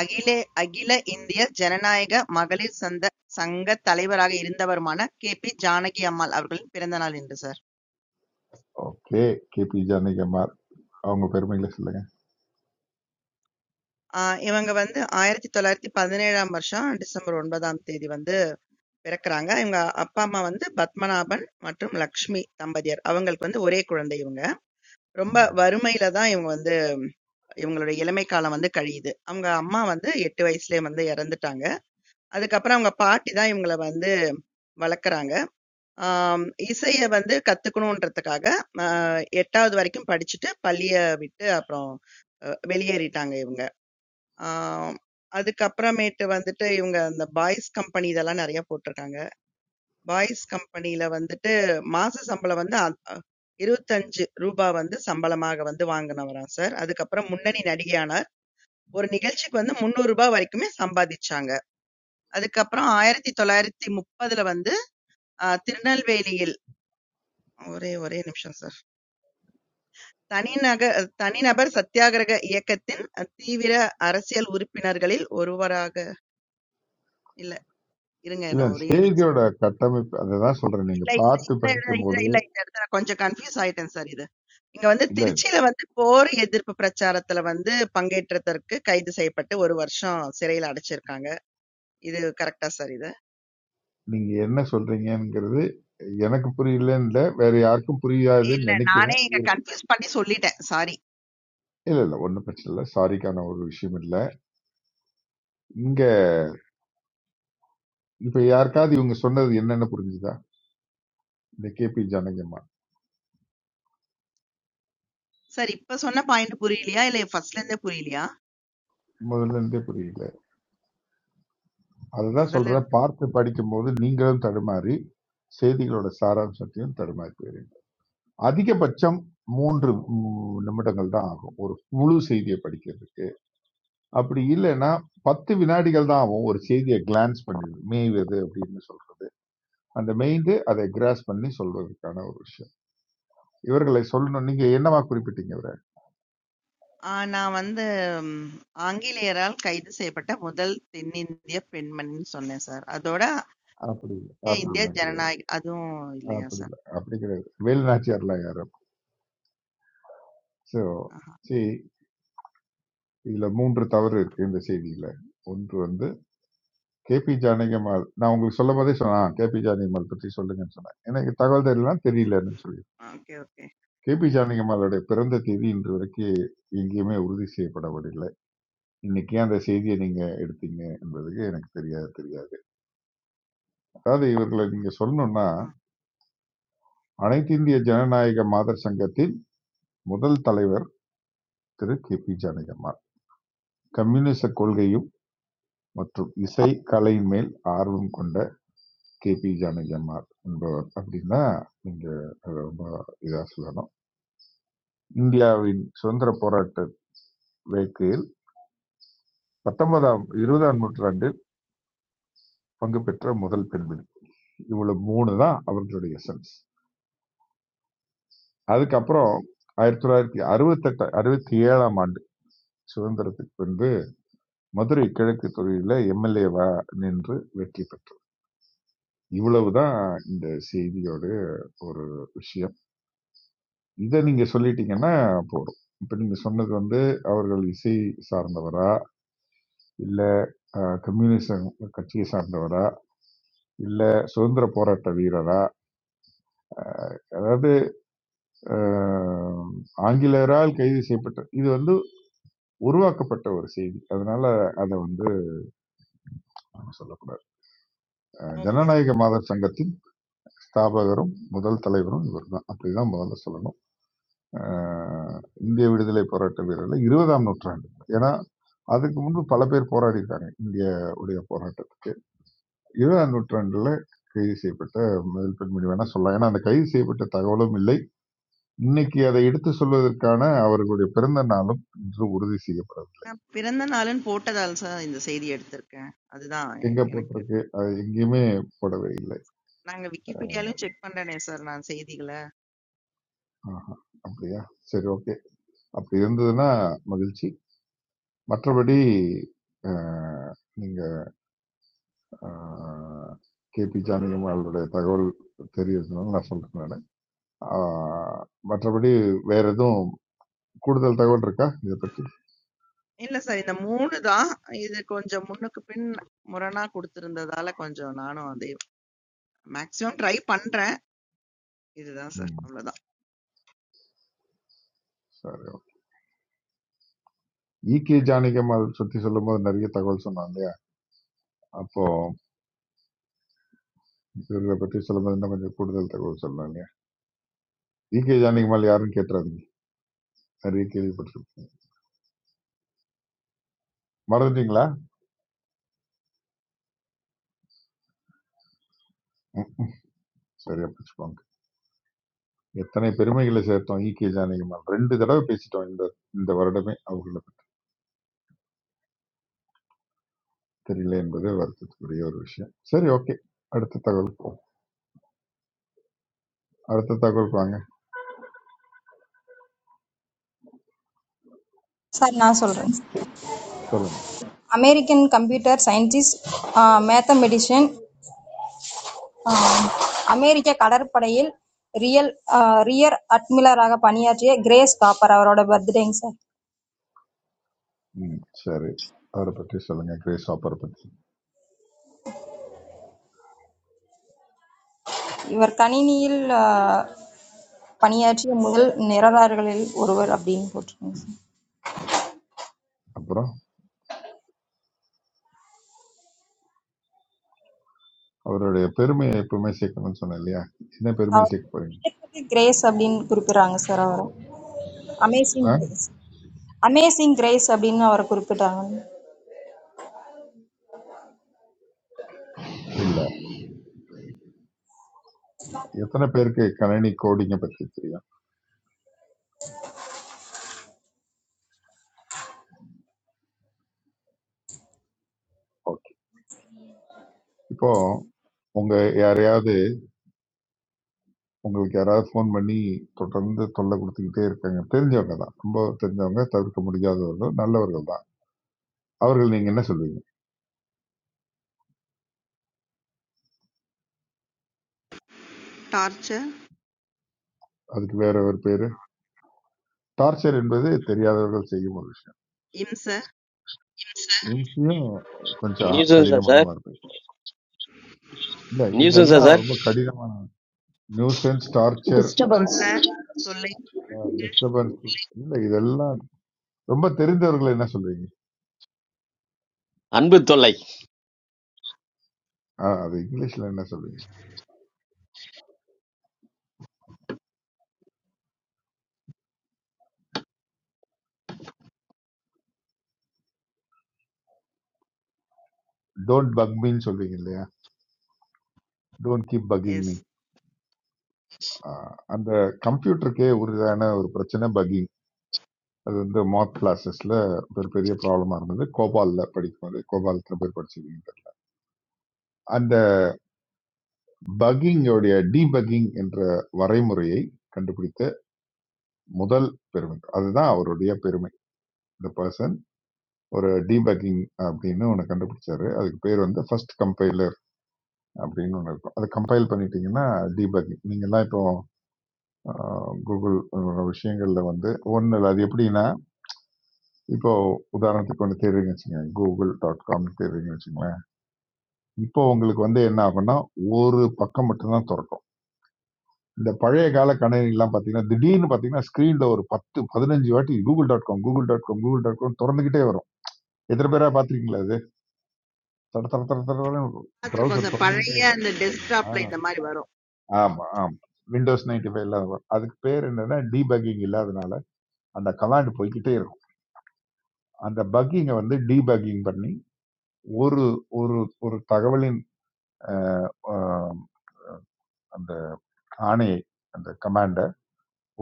[SPEAKER 2] அகில அகில இந்திய ஜனநாயக மகளிர் சங்கத் தலைவராக இருந்தவருமான கே.பி. ஜானகி அம்மாள் அவர்களின் பிறந்த நாள் இன்று சார்.
[SPEAKER 5] ஓகே கேபி ஜானகிமார் அவங்க பெருமைகளை சொல்லுங்க
[SPEAKER 2] ஆஹ் இவங்க வந்து ஆயிரத்தி தொள்ளாயிரத்தி பதினேழாம் வருஷம் டிசம்பர் ஒன்பதாம் தேதி வந்து பிறக்குறாங்க. இவங்க அப்பா அம்மா வந்து பத்மநாபன் மற்றும் லக்ஷ்மி தம்பதியர். அவங்களுக்கு வந்து ஒரே குழந்தை இவங்க. ரொம்ப வறுமையில தான் இவங்க வந்து இவங்களுடைய இளமை காலம் வந்து கழியுது. அவங்க அம்மா வந்து எட்டு வயசுலயே வந்து இறந்துட்டாங்க. அதுக்கப்புறம் அவங்க பாட்டி தான் இவங்கள வந்து வளர்க்குறாங்க. ஆம், இசைய வந்து கத்துக்கணுன்றதுக்காக அ 8வது வரைக்கும் படிச்சுட்டு பள்ளிய விட்டு அப்புறம் அ வெளியேறிட்டாங்க இவங்க. ஆ அதுக்கப்புறமேட்டு வந்துட்டு இவங்க அந்த பாய்ஸ் கம்பெனி இதெல்லாம் நெறைய போட்டுருக்காங்க. பாய்ஸ் கம்பெனியில வந்துட்டு மாச சம்பளம் வந்து அ அ ரூ. 25 வந்து சம்பளமாக வந்து வாங்குனவராம் சார். அதுக்கப்புறம் முன்னணி நடிகையானார். ஒரு நிகழ்ச்சிக்கு வந்து ரூ. 300 வரைக்குமே சம்பாதிச்சாங்க. அதுக்கப்புறம் 1930ல வந்து அ திருநெல்வேலியில் ஒரே ஒரே நிமிஷம் சார். தனிநக தனிநபர் சத்தியாகிரக இயக்கத்தின் அஹ், தீவிர அரசியல் உறுப்பினர்களில் ஒருவராக இல்ல இருங்க
[SPEAKER 5] இல்ல
[SPEAKER 2] நான் ஒரே நிமிஷம் சொல்றேன்.
[SPEAKER 5] செய்தியோட கட்டமைப்பு அதுதான் சொல்றேன் நீங்க
[SPEAKER 2] இல்ல இது
[SPEAKER 5] பார்த்து
[SPEAKER 2] இல்ல இல்ல
[SPEAKER 5] படிக்கும்
[SPEAKER 2] இல்ல
[SPEAKER 5] போது
[SPEAKER 2] இல்ல இந்த இடத்துல நான் கொஞ்சம் கன்ஃபியூஸ் ஆயிட்டேன் சார் இது இங்க வந்து
[SPEAKER 5] இல்ல
[SPEAKER 2] திருச்சியில வந்து போர் எதிர்ப்பு பிரச்சாரத்துல வந்து பங்கேற்றதற்கு கைது செய்யப்பட்டு ஒரு வருஷம் சிறையில அடைச்சிருக்காங்க இது கரெக்டா சார் இது
[SPEAKER 5] நீங்க என்ன சொல்றீங்கங்கிறது எனக்கு புரியலன்னு இல்ல வேற யாருக்கும் புரியாதுன்னு
[SPEAKER 2] இல்ல நானே
[SPEAKER 5] நினைக்கிறேன்
[SPEAKER 2] இங்க கன்ஃபியூஸ் பண்ணி சொல்லிட்டேன் சாரி
[SPEAKER 5] இல்ல இல்ல ஒண்ணும் பிரச்சனை இல்ல சாரிக்கான ஒரு விஷயம் இல்ல இங்க இப்ப யாருக்காவது இவங்க சொன்னது என்னன்னு புரிஞ்சுதா இந்த கேபி ஜானகியம்மா
[SPEAKER 2] சார் இப்ப சொன்ன பாயிண்ட் புரியலையா இல்ல ஃபர்ஸ்ட்ல இருந்தே புரியலையா
[SPEAKER 5] முதல்ல இருந்தே புரியல அதுதான்
[SPEAKER 2] முதல்ல
[SPEAKER 5] சொல்றேன் பார்த்து படிக்கும் போது நீங்களும் தடுமாறி செய்திகளோட சாராம்சத்தையும் தடுமாறி போயிரு அதிகபட்சம் மூன்று ம், நிமிடங்கள் தான் ஆகும் ஒரு முழு செய்தியை படிக்கிறது அப்படி இல்லைன்னா பத்து வினாடிகள் தான் ஆகும் ஒரு செய்தியை கிளான்ஸ் பண்ணுது மேய்வது அப்படின்னு சொல்றோம் அந்த மெய்ந்து அதை கிராஸ் பண்ணி சொல்றதுக்கான ஒரு விஷயம் இவர்களை சொல்லணும் நீங்க என்னவா குறிப்பிட்டீங்க இவரை
[SPEAKER 2] ஆ நான் வந்து ம், ஆங்கிலேயரால் கைது செய்யப்பட்ட முதல் தென்னிந்திய பெண்மணின்னு சொன்னேன் சார். அதோட
[SPEAKER 5] அப்படி இல்லை
[SPEAKER 2] ஆ. இந்திய
[SPEAKER 5] அப்படிலாம் கிடையாது
[SPEAKER 2] ஜனநாயக அதுவும் இல்லையா
[SPEAKER 5] அப்படி
[SPEAKER 2] சார்?
[SPEAKER 5] இல்லை அப்படி கிடையாது வேலுநாச்சியார்லாம் யாரும் ஸோ
[SPEAKER 2] ஆஹா.
[SPEAKER 5] see இதுல மூன்று தவறு இருக்கு இந்த செய்தியில ஒன்று வந்து கேபி ஜானகிமால் நான் உங்களுக்கு சொல்லும் போதே சொன்னேன் கேபி ஜானகிமால் பற்றி சொல்லுங்கன்னு சொன்னேன் எனக்கு தகவல் தெரியலாம் தெரியலன்னு சொல்லி
[SPEAKER 2] ஓகே, ஓகே.
[SPEAKER 5] கேபி ஜானகிமாலோட பிறந்த தேதி இன்று வரைக்கும் எங்கேயுமே உறுதி செய்யப்படவில்லை இன்னைக்கு ஏன் அந்த செய்தியை நீங்க எடுத்தீங்க என்பதுக்கு எனக்கு தெரியாது தெரியாது அதாவது இவர்களை நீங்க சொல்லணும்னா
[SPEAKER 2] ஆ.
[SPEAKER 5] அனைத்து இந்திய ஜனநாயக மாதர் சங்கத்தின் முதல் தலைவர் திரு கே பி ஜானகியம்மாள் கம்யூனிச கொள்கையும் மற்றும் இசை கலையின் மேல் ஆர்வம் கொண்ட கே பி ஜானகியம்மாள் என்பவர் அப்படின்னா நீங்க அதை ரொம்ப இதா சொல்லணும் இந்தியாவின் சுதந்திர போராட்ட வேக்கையில் பத்தொன்பதாம் இருபதாம் நூற்றாண்டில் பங்கு பெற்ற முதல் பெண்மணி இவ்வளவு மூணு தான் அவர்களுடைய சென்ஸ் அதுக்கப்புறம் ஆயிரத்தி தொள்ளாயிரத்தி அறுபத்தெட்டு அறுபத்தி ஏழாம் ஆண்டு சுதந்திரத்துக்கு பின்பு மதுரை கிழக்கு தொகுதியில எம்எல்ஏவா நின்று வெற்றி பெற்றார் இவ்வளவுதான் இந்த செய்தியோட ஒரு விஷயம் இதை நீங்க சொல்லிட்டீங்கன்னா போதும் இப்ப நீங்க சொன்னது வந்து அவர்கள் இசை சார்ந்தவரா இல்ல அஹ், கம்யூனிசம் கட்சியை சார்ந்தவரா இல்ல சுதந்திர போராட்ட வீரரா அதாவது அஹ், ஆங்கிலேயரால் கைது செய்யப்பட்ட இது வந்து உருவாக்கப்பட்ட ஒரு செய்தி அதனால அதை வந்து நம்ம சொல்லக்கூடாது அஹ்
[SPEAKER 2] ஓகே. சார்.
[SPEAKER 5] ஜனநாயக மாதர் சங்கத்தின் ஸ்தாபகரும் முதல் தலைவரும் இவர் தான் அப்படிதான் முதல்ல சொல்லணும் அஹ் இந்திய விடுதலை போராட்ட வீரர்கள் இருபதாம் நூற்றாண்டு ஏன்னா அதுக்கு முன்பு பல பேர் போராடி இருக்காங்க இந்திய உடைய போராட்டத்துக்கு இருபதாம் நூற்றாண்டுல கைது செய்யப்பட்ட முதல் பெண்மணி வேணா சொல்லலாம் ஏன்னா அந்த கைது செய்யப்பட்ட தகவலும் இல்லை இன்னைக்கு அதை எடுத்து சொல்வதற்கான அவர்களுடைய பிறந்த நாளும் இன்று உறுதி செய்யப்படவில்லை
[SPEAKER 2] நான் பிறந்த நாளுன்னு போட்டதால சார் இந்த செய்தி எடுத்திருக்கேன். அதுதான் எ-
[SPEAKER 5] எங்க
[SPEAKER 2] எனக்கு.
[SPEAKER 5] போட்டிருக்கு அது எங்கேயுமே போடவே இல்லை
[SPEAKER 2] நாங்க Wikipediaலயும் செக் பண்ணனே சார் நான் செய்திகள.
[SPEAKER 5] ஆஹா, அப்படியா சரி ஓகே அப்படி இருந்ததுன்னா மகிழ்ச்சி மற்றபடி அஹ், நீங்க கேபி ஜானகம் அவருடைய தகவல் தெரியறதுனால நான் சொல்றேன் நானு. ஆஹ், மற்றபடி வேற எதுவும் கூடுதல் தகவல் இருக்கா இதை பத்தி
[SPEAKER 2] இல்ல சார் இந்த 3 தான். இது கொஞ்சம் முன்னுக்கு பின் முரணா குடுத்திருந்ததால கொஞ்சம் நானும் அதை மேக்ஸிமம் ட்ரை பண்றேன். இதுதான் சார்.
[SPEAKER 5] ம்,
[SPEAKER 2] அவ்வளவுதான்.
[SPEAKER 5] சரி இகே ஜானகியம்மாள் பத்தி சொல்லும்போது நிறைய தகவல் சொன்னாங்க இல்லையா அப்போ இவர்களை பத்தி சொல்லும்போது இன்னும் கொஞ்சம் கூடுதல் தகவல் சொல்லலாம் இல்லையா இகே ஜானகியம்மாள் யாரும் கேட்டுறாதீங்க நிறைய கேள்விப்பட்டிருக்கீங்க மறந்துட்டீங்களா ம், சரியா பிடிச்சுக்கோங்க எத்தனை பெருமைகளை சேர்த்தோம் ஈகே ஜானகிமால் ரெண்டு தடவை பேசிட்டோம் இந்த இந்த வருடமே அவர்களை பத்தி தெரியல என்பது வருத்தத்துக்குரிய ஒரு விஷயம் சரி ஓகே அடுத்த தகவல் போ அடுத்த தகவல் வாங்க
[SPEAKER 8] சார் நான் சொல்கிறேன்
[SPEAKER 5] சொல்லுங்க
[SPEAKER 8] அமெரிக்கன் கம்ப்யூட்டர் சயின்டிஸ்ட் மேத்தமெட்டிஷியன் அமெரிக்க கடற்படையில் ரியல் ரியர் அட்மிலராக பணியாற்றிய கிரேஸ் காப்பர் அவரோட பர்த்டேங்க சார்
[SPEAKER 5] ம் சரி அவரை பற்றி சொல்லுங்க கிரேஸ் ஆப்பரை பற்றி
[SPEAKER 8] இவர் கணினியில் ஆ, பணியாற்றிய முதல் நிரலாளர்களில் ஒருவர் அப்படின்னு போட்டிருக்கேங்க சார்
[SPEAKER 5] அப்புறம் அவருடைய பெருமையை எப்பவுமே சேர்க்கணும்னு சொன்னேன் இல்லையா என்ன பெருமையை
[SPEAKER 8] அவர்
[SPEAKER 5] சேர்க்க போறீங்க
[SPEAKER 8] கிரேஸ் அப்படின்னு குறிப்பிடுறாங்க சார் அவரை அமேசிங்
[SPEAKER 5] ஆ?
[SPEAKER 8] கிரேஸ் அமேசிங் கிரேஸ் அப்படின்னு அவரை குறிப்பிட்டாங்க
[SPEAKER 5] எத்தனை பேருக்கு கணினி கோடிங்க பத்தி தெரியும் ஓகே இப்போ உங்க யாரையாவது உங்களுக்கு யாராவது ஃபோன் பண்ணி தொடர்ந்து தொல்லை குடுத்துக்கிட்டே இருக்காங்க. தெரிஞ்சவங்க தான். ரொம்ப தெரிஞ்சவங்க, தவிர்க்க முடியாதவர்கள், நல்லவர்கள் தான். அவர்கள் நீங்க என்ன சொல்வீங்க?
[SPEAKER 2] டார்ச்சர்,
[SPEAKER 5] அதுக்கு வேற ஒரு பேரு? டார்ச்சர் என்பது தெரியாதவர்கள் செய்யும் ஒரு விஷயம்.
[SPEAKER 2] இம்ச.
[SPEAKER 5] இதுக்கும் கொஞ்சம்
[SPEAKER 10] நியூசன்ஸா
[SPEAKER 5] கடினமான
[SPEAKER 10] சார்
[SPEAKER 5] வார்த்தை. இல்ல,
[SPEAKER 10] நியூசன்ஸா
[SPEAKER 5] இதெல்லாம்
[SPEAKER 10] சார்
[SPEAKER 5] ரொம்ப கடினமான நியூசன்ஸ், டார்ச்சர்,
[SPEAKER 7] Disturbance.
[SPEAKER 2] சொல்ல, சொல்லை.
[SPEAKER 5] அ டிஸ்டர்பன்ஸ் இல்ல இதெல்லாம் ரொம்ப தெரிந்தவர்கள் என்ன சொல்வீங்க?
[SPEAKER 10] அன்பு தொல்லை
[SPEAKER 5] அ அது இங்கிலீஷ்ல என்ன சொல்வீங்க? டோன்ட் பக் மீன்னு சொல்வீங்க இல்லையா? Don't keep bugging
[SPEAKER 2] S.
[SPEAKER 5] Me. அ அந்த கம்ப்யூட்டருக்கே உரிதான ஒரு பிரச்சனை பக்கிங். அது வந்து மார்க் கிளாஸஸ்ல ஒரு பெரிய ப்ராப்ளமா இருந்தது கோபால்ல படிக்கும்போது கோபால் எத்தனை பேர் படிச்சிருக்கீங்க அந்த பக்கிங்கோடைய டீபக்கிங் என்ற வரைமுறையை கண்டுபிடித்த முதல் பெருமை அதுதான் அவருடைய பெருமை இந்த பர்சன் ஒரு டீபக்கிங் அப்படின்னு ஒன்று கண்டுபிடிச்சாரு அதுக்கு பேர் வந்து ஃபர்ஸ்ட் கம்பைலர் அப்படின்னு ஒன்று இருக்கும் அதை கம்பைல் பண்ணிட்டீங்கன்னா டீபக்கிங் நீங்கள்லாம் இப்போ ஆஹ், கூகுள் உங்களோட விஷயங்கள்ல வந்து ஒன்று இல்லை, அது எப்படின்னா இப்போ உதாரணத்துக்கு ஒன்று தேடுறீங்கன்னு வச்சுக்கோங்க கூகுள் டாட் காம் தேடுறீங்கன்னு வச்சுக்கோங்களேன் இப்போ உங்களுக்கு வந்து என்ன ஆகும்னா ஒரு பக்கம் மட்டும்தான் திறக்கும் இந்த பழைய கால கணினிலாம் பார்த்தீங்கன்னா திடீர்னு பார்த்தீங்கன்னா ஸ்க்ரீனில் ஒரு பத்து பதினஞ்சு வாட்டி Google dot com Google dot com Google dot com திறந்துக்கிட்டே வரும் எத்தனை பேரா பார்த்துருக்கீங்களா அது தட தட தட தட
[SPEAKER 2] பார்த்துருக்கோம்
[SPEAKER 5] ப்ரௌசர்
[SPEAKER 2] சார்.
[SPEAKER 5] திறந்துக்கிட்டே
[SPEAKER 2] பழைய அந்த
[SPEAKER 5] ஆ,
[SPEAKER 2] டெஸ்க்டாப்ல இந்த மாரி வரும்.
[SPEAKER 5] ஆமா ஆமா விண்டோஸ் நைன்டி ஃபைவ் இல்லாத வரும். அதுக்கு பேர் என்னன்னா டீபக்கிங் இல்லாதனால அந்த கலாண்டு போய்க்கிட்டே இருக்கும் அந்த பக்கிங்கை வந்து டீபக்கிங் பண்ணி ஒரு ஒரு ஒரு தகவலின் அஹ், அஹ், அந்த ஆணையை அந்த கமாண்ட்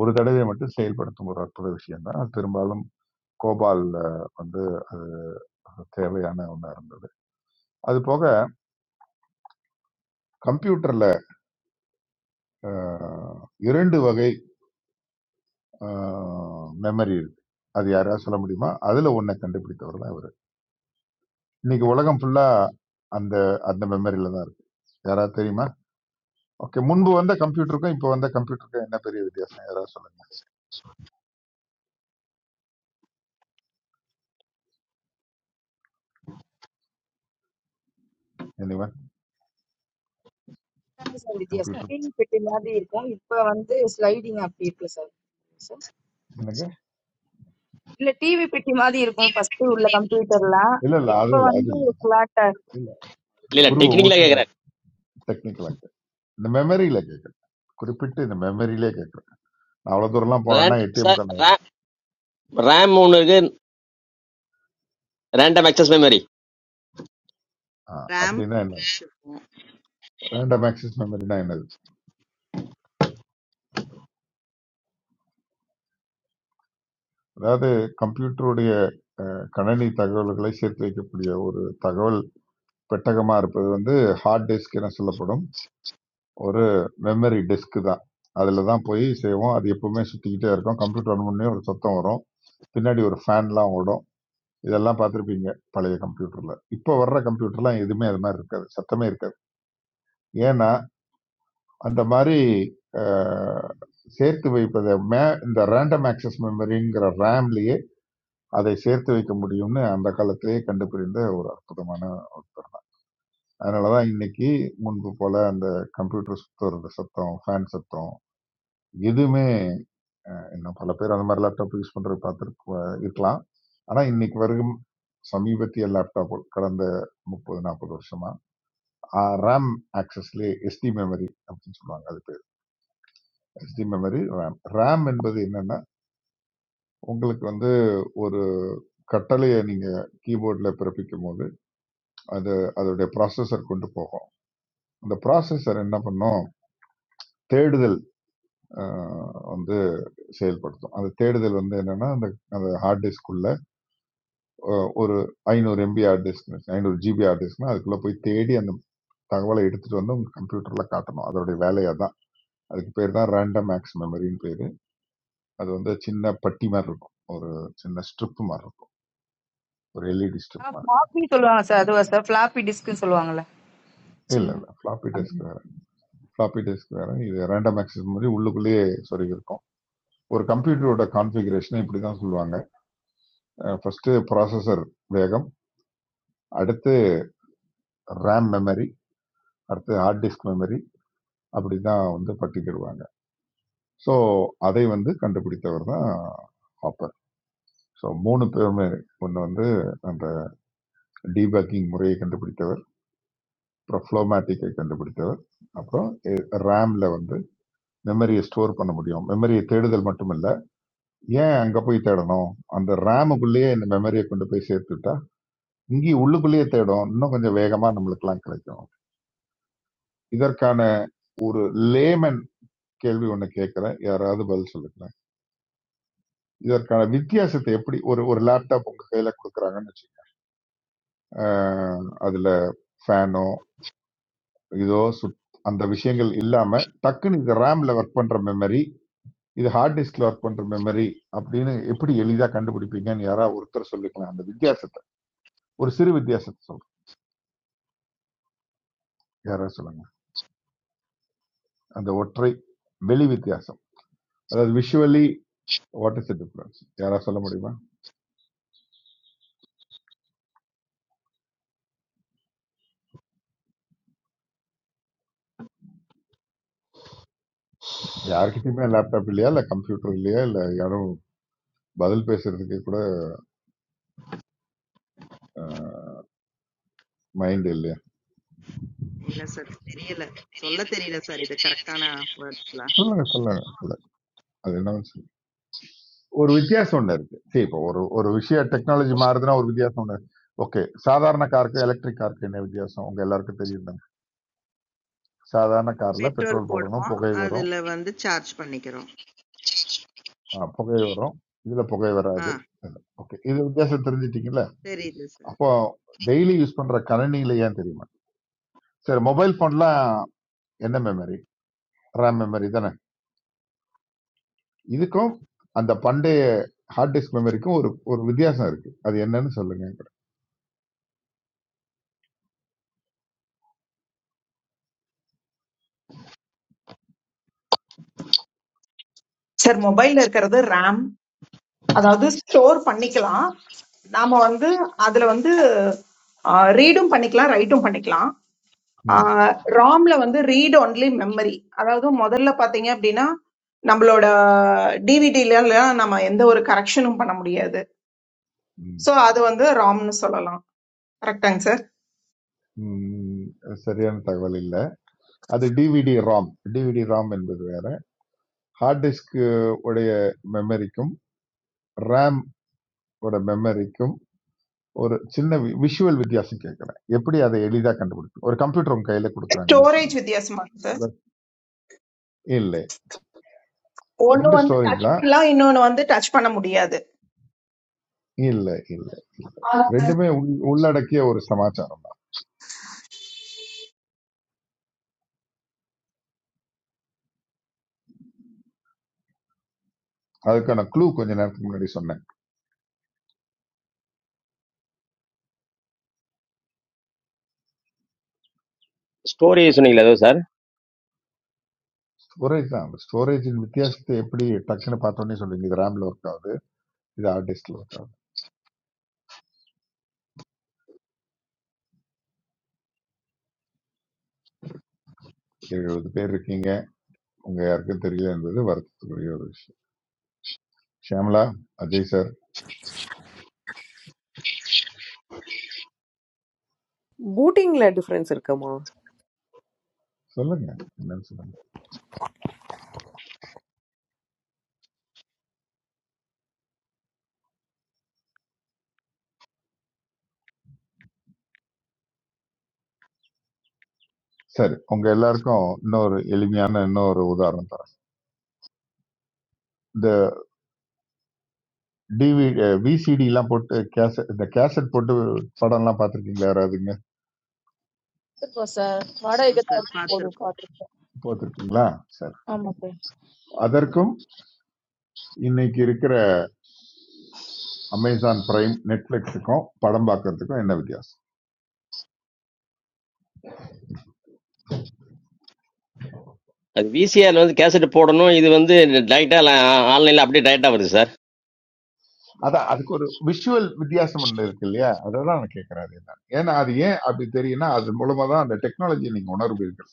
[SPEAKER 5] ஒரு தடவை மட்டும் செயல்படுத்தும் ஒரு அற்புத விஷயம்தான் அது பெரும்பாலும் கோபால் வந்து தேவையான ஒன்றா இருந்தது அது போக கம்ப்யூட்டர்ல அஹ், இரண்டு வகை மெமரி இருக்கு அது யாராவது சொல்ல முடியுமா அதுல ஒன்னை கண்டுபிடித்தவர் தான் இவர் இன்னைக்கு உலகம் ஃபுல்லா அந்த அந்த மெமரியில தான் இருக்கு யாராவது தெரியுமா ஓகே முன்பு வந்த கம்ப்யூட்டருக்கும் இப்போ வந்த கம்ப்யூட்டருக்கும் என்ன பெரிய வித்தியாசம் யாராவது சொல்லுங்க anyone
[SPEAKER 1] I am happy today.
[SPEAKER 5] Computer
[SPEAKER 1] Screen printing is there. Now, sliding is there. Sir,
[SPEAKER 5] எனக்கு
[SPEAKER 1] there is TV printing is there. Now, computer
[SPEAKER 5] இல்ல இல்ல
[SPEAKER 1] is
[SPEAKER 5] அது இல்ல
[SPEAKER 1] there.
[SPEAKER 5] அது இல்ல
[SPEAKER 1] Now, flat.
[SPEAKER 5] இல்ல
[SPEAKER 10] இல்ல இல்ல
[SPEAKER 5] உருவ
[SPEAKER 10] டெக்னிக்கலா
[SPEAKER 5] உருவ
[SPEAKER 10] கேக்குறேன்
[SPEAKER 5] டெக்னிக்கலா இந்த மெமரியில கேட்கறது குறிப்பிட்டு இந்த மெமரியிலே கேட்கறது அவ்வளவு தூரம்லாம் போனேன்னா
[SPEAKER 10] ரேண்ட்
[SPEAKER 5] ஏடிஎம்
[SPEAKER 10] சார்
[SPEAKER 5] கார்டு
[SPEAKER 10] ரேம் ஒன்று இருக்கு ரேண்டம் ஆக்சஸ் மெமரி
[SPEAKER 2] ரேம்
[SPEAKER 5] அப்படின்னா என்னது
[SPEAKER 2] இருக்கும்.
[SPEAKER 5] ரேண்டம் ஆக்சஸ் மெமரினா என்னது அதாவது கம்ப்யூட்டருடைய அஹ், கணினி தகவல்களை சேர்த்து வைக்கக்கூடிய ஒரு தகவல் பெட்டகமா இருப்பது வந்து ஹார்ட் டிஸ்க் என சொல்லப்படும் ஒரு மெமரி டிஸ்க் தான் அதில் தான் போய் செய்வோம் அது எப்பவுமே சுற்றிக்கிட்டே இருக்கும் கம்ப்யூட்டர் ஆன் பண்ணி ஒரு சத்தம் வரும் பின்னாடி ஒரு ஃபேன்லாம் ஓடும் இதெல்லாம் பார்த்துருப்பீங்க பழைய கம்ப்யூட்டரில் இப்போ வர்ற கம்ப்யூட்டர்லாம் எதுவுமே அது மாதிரி இருக்காது சத்தமே இருக்காது ஏன்னா அந்த மாதிரி அஹ், சேர்த்து வைப்பதை மே இந்த ரேண்டம் ஆக்சஸ் மெமரிங்கிற ரேம்லயே அதை சேர்த்து வைக்க முடியும்னு அந்த காலத்திலேயே கண்டுபிடிந்த ஒரு அற்புதமான ஒருத்தர் அதனாலதான் இன்னைக்கு முன்பு போல அந்த கம்ப்யூட்டர் சுத்தோட சத்தம் ஃபேன் சத்தம் எதுவுமே இன்னும் பல பேர் அந்த மாதிரி லேப்டாப் யூஸ் பண்றது பார்த்துருக்க இருக்கலாம் ஆனா இன்னைக்கு வரைக்கும் சமீபத்திய லேப்டாப் கடந்த முப்பது நாற்பது வருஷமா ரேம் ஆக்சஸ்லேயே எஸ்டி மெமரி அப்படின்னு சொல்லுவாங்க அது பேர் எஸ்டி மெமரி ரேம் ரேம் என்பது என்னன்னா உங்களுக்கு வந்து ஒரு கட்டளைய நீங்க கீபோர்ட்ல பிறப்பிக்கும்போது, அது அதோடைய ப்ராசஸர் கொண்டு போகும். அந்த ப்ராசஸர் என்ன பண்ணும்? தேடுதல் அ வந்து செயல்படுத்தும். அந்த தேடுதல் வந்து என்னன்னா, அந்த அந்த ஹார்ட் டிஸ்க்குள்ள அ ஒரு 500 MB hard disk, 500 GB hard டிஸ்க்னா, அதுக்குள்ள போய் தேடி அந்த தகவல எடுத்துட்டு வந்து உங்க கம்ப்யூட்டர்ல காட்டணும். அதோடைய வேலை அதான். அதுக்கு பேர் தான் ரேண்டம் ஆக்சஸ் மெமரின்னு பேரு. அது வந்து சின்ன பட்டி மாரி இருக்கும். ஒரு சின்ன ஸ்ட்ரிப் மாரி இருக்கும். ஒரு எல்இடி ஸ்ட்ரிப்
[SPEAKER 1] Sir,
[SPEAKER 5] மாரி.
[SPEAKER 1] floppy is there. Sir, floppy disk is there. Sir,
[SPEAKER 5] இல்ல, இல்ல. ஃப்ளாப்பி டிஸ்க் ஃப்ளாப்பி டிஸ்க் வேற இது ரேண்டம் ஆக்சஸ் மாதிரி உள்ளுக்குள்ளேயே சொருகி இருக்கும் ஒரு கம்ப்யூட்டரோட கான்ஃபிகரேஷனை இப்படி தான் சொல்லுவாங்க ஃபர்ஸ்ட் ப்ராசஸர் வேகம் அடுத்து ரேம் மெமரி அடுத்து ஹார்ட் டிஸ்க் மெமரி அப்படி தான் வந்து பட்டிக்கிடுவாங்க ஸோ அதை வந்து கண்டுபிடித்தவர் தான் ஹாப்பர் ஸோ மூணு பேருமே ஒன்று வந்து அந்த டீபக்கிங் முறையை கண்டுபிடித்தவர் அப்புறம் ஃப்ளோமேட்டிக்கை கண்டுபிடித்தவர் அப்புறம் ரேம்ல வந்து மெமரியை ஸ்டோர் பண்ண முடியும் மெமரியை தேடுதல் மட்டுமல்ல ஏன் அங்க போய் தேடணும் அந்த ரேமுக்குள்ளேயே இந்த மெமரியை கொண்டு போய் சேர்த்துட்டா இங்கேயும் உள்ளுக்குள்ளேயே தேடும் இன்னும் கொஞ்சம் வேகமா நம்மளுக்கெல்லாம் கிடைக்கும் இதற்கான லேமன் கேள்வி ஒண்ணு கேட்கிறேன் யாராவது பதில் சொல்லுங்களேன் இதற்கான வித்தியாசத்தை எப்படி ஒரு ஒரு லேப்டாப் உங்க கையில கொடுக்குறாங்கன்னு வச்சுக்கோங்க அதுல ஃபேனோ இதோ சுத் அந்த விஷயங்கள் இல்லாம டக்குன்னு இது ரேம்ல ஒர்க் பண்ற மெமரி இது ஹார்ட் டிஸ்க்ல ஒர்க் பண்ற மெமரி அப்படின்னு எப்படி எளிதா கண்டுபிடிப்பீங்கன்னு யாராவது ஒருத்தர் சொல்லிக்கலாம் அந்த வித்தியாசத்தை ஒரு சிறு வித்தியாசத்தை சொல்றேன் யாராவது சொல்லுங்க அந்த ஒற்றை வெளி வித்தியாசம் அதாவது visually what is the difference யாரா சொல்ல முடியுமா யாருக்கிட்டயுமே லேப்டாப் இல்லையா இல்ல கம்ப்யூட்டர் இல்லையா இல்ல யாரும் பதில் பேசுறதுக்கு கூட மைண்ட் இல்லையா
[SPEAKER 2] இல்ல சார். தெரியல. சொல்ல தெரியல சார். இது கரெக்ட்டான வேர்ட்ஸ்லாம்.
[SPEAKER 5] சொல்லுங்க சொல்லுங்க சொல்லுங்க அது என்னன்னு சொல்லுங்க ஒரு வித்தியாசம் ஒண்ணு இருக்கு சரி இப்போ ஒரு ஒரு விஷயம் டெக்னாலஜி மாறுதுன்னா ஒரு வித்தியாசம் ஒண்ணு ஓகே சாதாரண காருக்கு எலக்ட்ரிக் காருக்கு என்ன வித்தியாசம் உங்க எல்லாருக்கும் தெரியும் தானே சாதாரண கார்ல
[SPEAKER 2] பெட்ரோல்
[SPEAKER 5] பெட்ரோல் போடணும்
[SPEAKER 2] போடுவோம்.
[SPEAKER 5] புகை வரும்
[SPEAKER 2] அதுல வந்து சார்ஜ் பண்ணிக்கிறோம்.
[SPEAKER 5] ஆ, புகை வரும் இதுல புகை
[SPEAKER 2] ஆ
[SPEAKER 5] வராது ஓகே இது வித்தியாசம் தெரிஞ்சிட்டீங்கல்ல
[SPEAKER 2] தெரியுது சார்.
[SPEAKER 5] அப்போ டெய்லி யூஸ் பண்ற கணினியில ஏன் தெரியுமா சரி மொபைல் ஃபோன்லாம் என்ன மெமரி ரேம் மெமரி தானே இதுக்கும் அந்த பண்டைய ஹார்ட் டிஸ்க் மெமரிக்கும் ஒரு ஒரு வித்தியாசம் இருக்கு அது என்னன்னு சொல்லுங்க என்கிட்ட.
[SPEAKER 13] சார் மொபைல்ல இருக்கிறது ரேம் அதாவது ஸ்டோர் பண்ணிக்கலாம் நாம வந்து அதுல வந்து ரீடும் பண்ணிக்கலாம் ரைட்டும் பண்ணிக்கலாம்
[SPEAKER 5] ம்,
[SPEAKER 13] ராம்ல வந்து ரீட் ஒன்லி மெமரி அதாவது முதல்ல பாத்தீங்க அப்படின்னா நம்மளோட டிவிடில நம்ம எந்த ஒரு கரெக்ஷனும் பண்ண முடியாது
[SPEAKER 5] ம்,
[SPEAKER 13] ஸோ அது வந்து ராம்னு சொல்லலாம் கரெக்டாங்க சார்
[SPEAKER 5] ம், சரியான தகவல் இல்ல அது டிவிடி ராம் டிவிடி ராம் என்பது வேற ஹார்ட் டிஸ்க் உடைய மெமரிக்கும் ரேம் ஓட மெமரிக்கும் ஒரு சின்ன விஷுவல் வித்தியாசம் கேட்கறேன் எப்படி அதை எளிதாக கண்டுபிடிக்கும் ஒரு கம்ப்யூட்டர் உங்க கையில கொடுக்குறாங்கன்னு
[SPEAKER 13] ஸ்டோரேஜ்
[SPEAKER 5] வச்சுங்க
[SPEAKER 13] வித்தியாசமா இருக்கு சார்
[SPEAKER 5] இல்ல
[SPEAKER 13] ஒன்னு
[SPEAKER 5] ரெண்டு
[SPEAKER 13] வந்து
[SPEAKER 5] ஸ்டோரேஜ்
[SPEAKER 13] டச்
[SPEAKER 5] தான்
[SPEAKER 13] பண்ணலாம் இன்னொன்னு வந்து டச் பண்ண முடியாது
[SPEAKER 5] இல்ல இல்ல இல்ல ரெண்டுமே உள்- உள்ளடக்கிய ஒரு சமாச்சாரம் தான் அதுக்கான க்ளூ கொஞ்ச நேரத்துக்கு முன்னாடி சொன்னேன்
[SPEAKER 10] ஸ்டோரி சொன்னீங்களா ஏதோ சார்
[SPEAKER 5] ஸ்டோரேஜ் தான் ஸ்டோரேஜின் வித்தியாசத்தை எப்படி டக்குன்னு பார்த்தோன்னே சொல்றீங்க இது ரேம்ல ஒர்க் ஆகுது இது ஹார்ட் டிஸ்க்ல ஒர்க் ஆகுது எழுபது பேர் இருக்கீங்க உங்க யாருக்கும் தெரியல என்பது வருத்தத்துக்குரிய ஒரு விஷயம் ஷியாமலா அஜய் சார்
[SPEAKER 3] பூட்டிங்ல டிஃபரன்ஸ் இருக்குமா
[SPEAKER 5] சொல்லுங்க என்னன்னு சொல்லுங்க சரி உங்க எல்லாருக்கும் இன்னொரு எளிமையான இன்னொரு உதாரணம் தரேன் இந்த டிவி விசிடி எல்லாம் போட்டு கேசட் இந்த கேசட் போட்டு படம்லாம் பார்த்துருக்கீங்களா யாராவதுங்க
[SPEAKER 1] what is it? Sir, what is
[SPEAKER 2] ஆமா
[SPEAKER 1] it?
[SPEAKER 2] Sir
[SPEAKER 1] Sir, what is
[SPEAKER 2] பார்த்துருக்கோம்.
[SPEAKER 5] பார்த்துருக்கீங்களா சரி அதற்கும் இன்னைக்கு இருக்கிற அமேசான் பிரைம் நெட்ஃபிளிக்ஸுக்கும் படம் பார்க்கறதுக்கும் என்ன வித்தியாசம்
[SPEAKER 10] அது விசிஆர் வந்து கேசட் போடணும் இது வந்து டைரக்டா ஆன்லைன்ல அப்படியே டைரக்டா வருது சார்
[SPEAKER 5] அதான் அதுக்கு ஒரு விஷுவல் வித்தியாசம் ஒன்று இருக்கு இல்லையா அதெல்லாம் நான் கேட்கறாரு என்ன ஏன்னா அது ஏன் அப்படி தெரியும்னா அது மூலமா தான் அந்த டெக்னாலஜி நீங்க உணர்வீர்கள்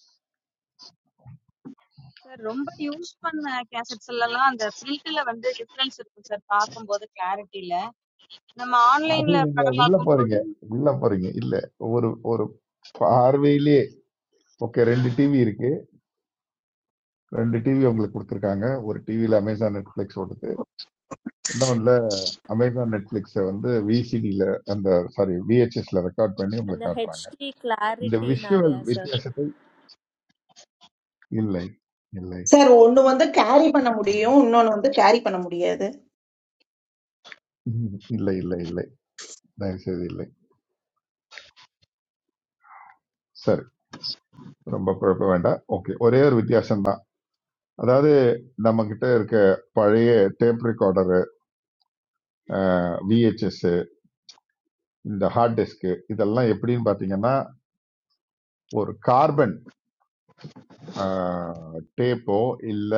[SPEAKER 14] Sir, रोम्बा use मानै कि ऐसे चलला आंध्रा print टेला वन्दे different sir, sir आप कुम बोले clarity ले, ना online
[SPEAKER 5] அது
[SPEAKER 14] ले
[SPEAKER 5] நீங்க
[SPEAKER 14] पढ़ना आप
[SPEAKER 5] உள்ள
[SPEAKER 14] कुम
[SPEAKER 5] போறீங்க உள்ள போறீங்க இல்ல ஒரு ஒரு பார்வையிலே ஓகே ரெண்டு டிவி இருக்கு ரெண்டு டிவி உங்களுக்கு கொடுத்துருக்காங்க ஒரு டிவியில அமேசான் நெட்ஃபிளிக்ஸ் ஓடுது இன்னொன்னு அமேசான் நெட்ஃபிளிக்ஸை வந்து விசிடியில அந்த சாரி விஹெச்எஸ்ல ரெக்கார்ட் பண்ணி உங்களுக்கு
[SPEAKER 15] The
[SPEAKER 5] காட்டுறாங்க
[SPEAKER 15] HD
[SPEAKER 5] இந்த
[SPEAKER 15] clarity, na
[SPEAKER 5] visual
[SPEAKER 15] leh, sir.
[SPEAKER 5] வித்தியாசத்தை இல்லை இல்லை
[SPEAKER 13] சார் ஒன்னு வந்து கேரி பண்ண முடியும் இன்னொன்னு வந்து கேரி பண்ண முடியாது
[SPEAKER 5] ம், இல்லை இல்லை இல்லை தயவு செய்து இல்லை சரி ரொம்ப குழப்ப வேண்டாம் ஓகே ஒரே ஒரு வித்தியாசம் தான் அதாவது நம்ம கிட்ட இருக்க பழைய டேப் ரெக்கார்டரு விஹெச்எஸ் இந்த ஹார்ட் டிஸ்க் இதெல்லாம் எப்படின்னு பாத்தீங்கன்னா ஒரு கார்பன் டேப்போ இல்ல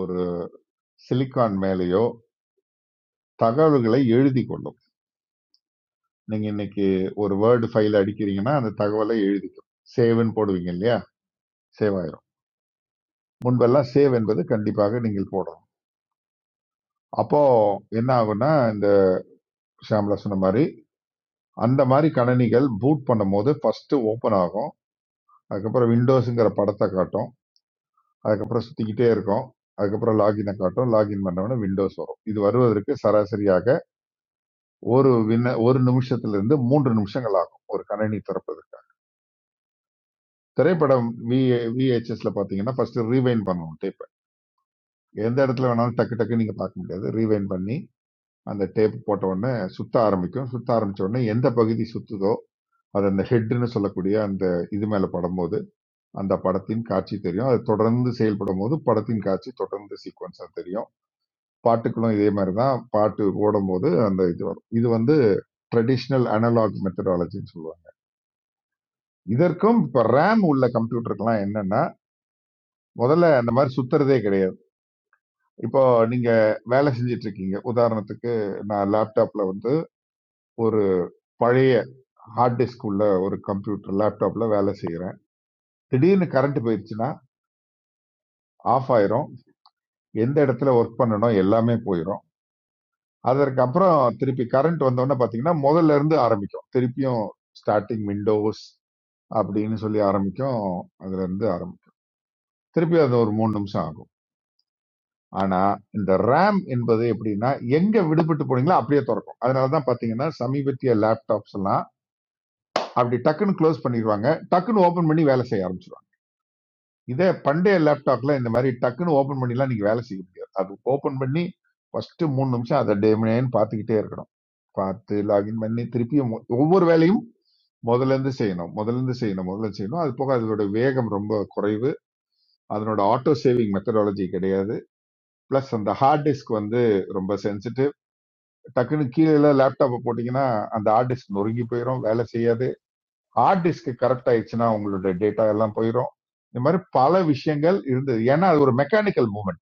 [SPEAKER 5] ஒரு சிலிக்கான் மேலேயோ தகவல்களை எழுதி கொள்ளும் நீங்க இன்னைக்கு ஒரு வேர்டு ஃபைல் அடிக்கிறீங்கன்னா அந்த தகவலை எழுதிக்கும் சேவ்னு போடுவீங்க இல்லையா சேவ் முன்பெல்லாம் சேவ் என்பது கண்டிப்பாக நீங்கள் போடணும் அப்போ என்ன ஆகும்னா இந்த ஷாம்லா சொன்ன மாதிரி அந்த மாதிரி கணனிகள் பூட் பண்ணும் போது ஃபர்ஸ்ட் ஓப்பன் ஆகும் அதுக்கப்புறம் விண்டோஸுங்கிற படத்தை காட்டும் அதுக்கப்புறம் சுத்திக்கிட்டே இருக்கும் அதுக்கப்புறம் லாகினை காட்டும் லாகின் பண்ணவொடனே விண்டோஸ் வரும் இது வருவதற்கு சராசரியாக ஒரு வின ஒரு நிமிஷத்துல இருந்து மூன்று நிமிஷங்கள் ஆகும் ஒரு கணினி திறப்பது திரைப்படம் வி விஹெச்எஸ்ல பாத்தீங்கன்னா ஃபர்ஸ்ட் ரீவைன் பண்ணணும் டேப்பை எந்த இடத்துல வேணாலும் டக்கு டக்கு நீங்க பார்க்க முடியாது ரீவைன் பண்ணி அந்த டேப் போட்ட உடனே சுத்த ஆரம்பிக்கும் சுத்த ஆரம்பிச்ச உடனே எந்த பகுதி சுத்துதோ அது அந்த ஹெட்னு சொல்லக்கூடிய அந்த இது மேல படும்போது அந்த படத்தின் காட்சி தெரியும் அது தொடர்ந்து செயல்படும் போது படத்தின் காட்சி தொடர்ந்து சீக்வன்ஸா தெரியும் பாட்டுக்களும் இதே மாதிரி தான் பாட்டு ஓடும்போது அந்த இது வரும் இது வந்து ட்ரெடிஷ்னல் அனலாக் மெத்தடாலஜின்னு சொல்லுவாங்க இதற்கும் இப்ப ரேம் உள்ள கம்ப்யூட்டருக்கெல்லாம் என்னன்னா முதல்ல அந்த மாதிரி சுத்துறதே கிடையாது இப்போ நீங்க வேலை செஞ்சுட்டு இருக்கீங்க உதாரணத்துக்கு நான் லேப்டாப்ல வந்து ஒரு பழைய ஹார்ட் டிஸ்க் உள்ள ஒரு கம்ப்யூட்டர் லேப்டாப்ல வேலை செய்கிறேன் திடீர்னு கரண்ட் போயிருச்சுன்னா ஆஃப் ஆயிரும் எந்த இடத்துல ஒர்க் பண்ணணும் எல்லாமே போயிடும் அதற்கப்புறம் திருப்பி கரண்ட் வந்தோடனே பார்த்தீங்கன்னா முதல்ல இருந்து ஆரம்பிக்கும் திருப்பியும் ஸ்டார்டிங் விண்டோஸ் அப்படின்னு சொல்லி ஆரம்பிக்கும் அதுல இருந்து ஆரம்பிக்கும் திருப்பி அது ஒரு மூணு நிமிஷம் ஆகும் ஆனா இந்த ரேம் என்பது எப்படின்னா எங்க விடுபட்டு போனீங்களோ அப்படியே திறக்கும் அதனாலதான் பாத்தீங்கன்னா சமீபத்திய லேப்டாப்ஸ் எல்லாம் அப்படி டக்குன்னு க்ளோஸ் பண்ணிடுவாங்க டக்குன்னு ஓபன் பண்ணி வேலை செய்ய ஆரம்பிச்சிடும் இதே பண்டைய லேப்டாப்ல இந்த மாதிரி டக்குன்னு ஓபன் பண்ணிலாம் நீங்க வேலை செய்ய முடியாது அது ஓபன் பண்ணி ஃபர்ஸ்ட் மூணு நிமிஷம் அதை டேமினேன்னு பார்த்துக்கிட்டே இருக்கணும் பார்த்து லாகின் பண்ணி திருப்பியும் மொ- ஒவ்வொரு வேலையும் முதல்ல இருந்து செய்யணும் முதல்ல இருந்து செய்யணும் முதல்ல இருந்து செய்யணும் அது போக அதோட வேகம் ரொம்ப குறைவு அதனோட ஆட்டோ சேவிங் மெத்தடாலஜி கிடையாது பிளஸ் அந்த ஹார்ட் டிஸ்க் வந்து ரொம்ப சென்சிட்டிவ் டக்குன்னு கீழே லேப்டாப்பை போட்டீங்கன்னா அந்த ஹார்ட் டிஸ்க் நொறுங்கி போயிடும் வேலை செய்யாது ஹார்ட் டிஸ்க் கரெக்ட் ஆயிடுச்சுன்னா உங்களோட டேட்டா எல்லாம் போயிடும் இந்த மாதிரி பல விஷயங்கள் இருந்தது ஏன்னா அது ஒரு மெக்கானிக்கல் மூவ்மெண்ட்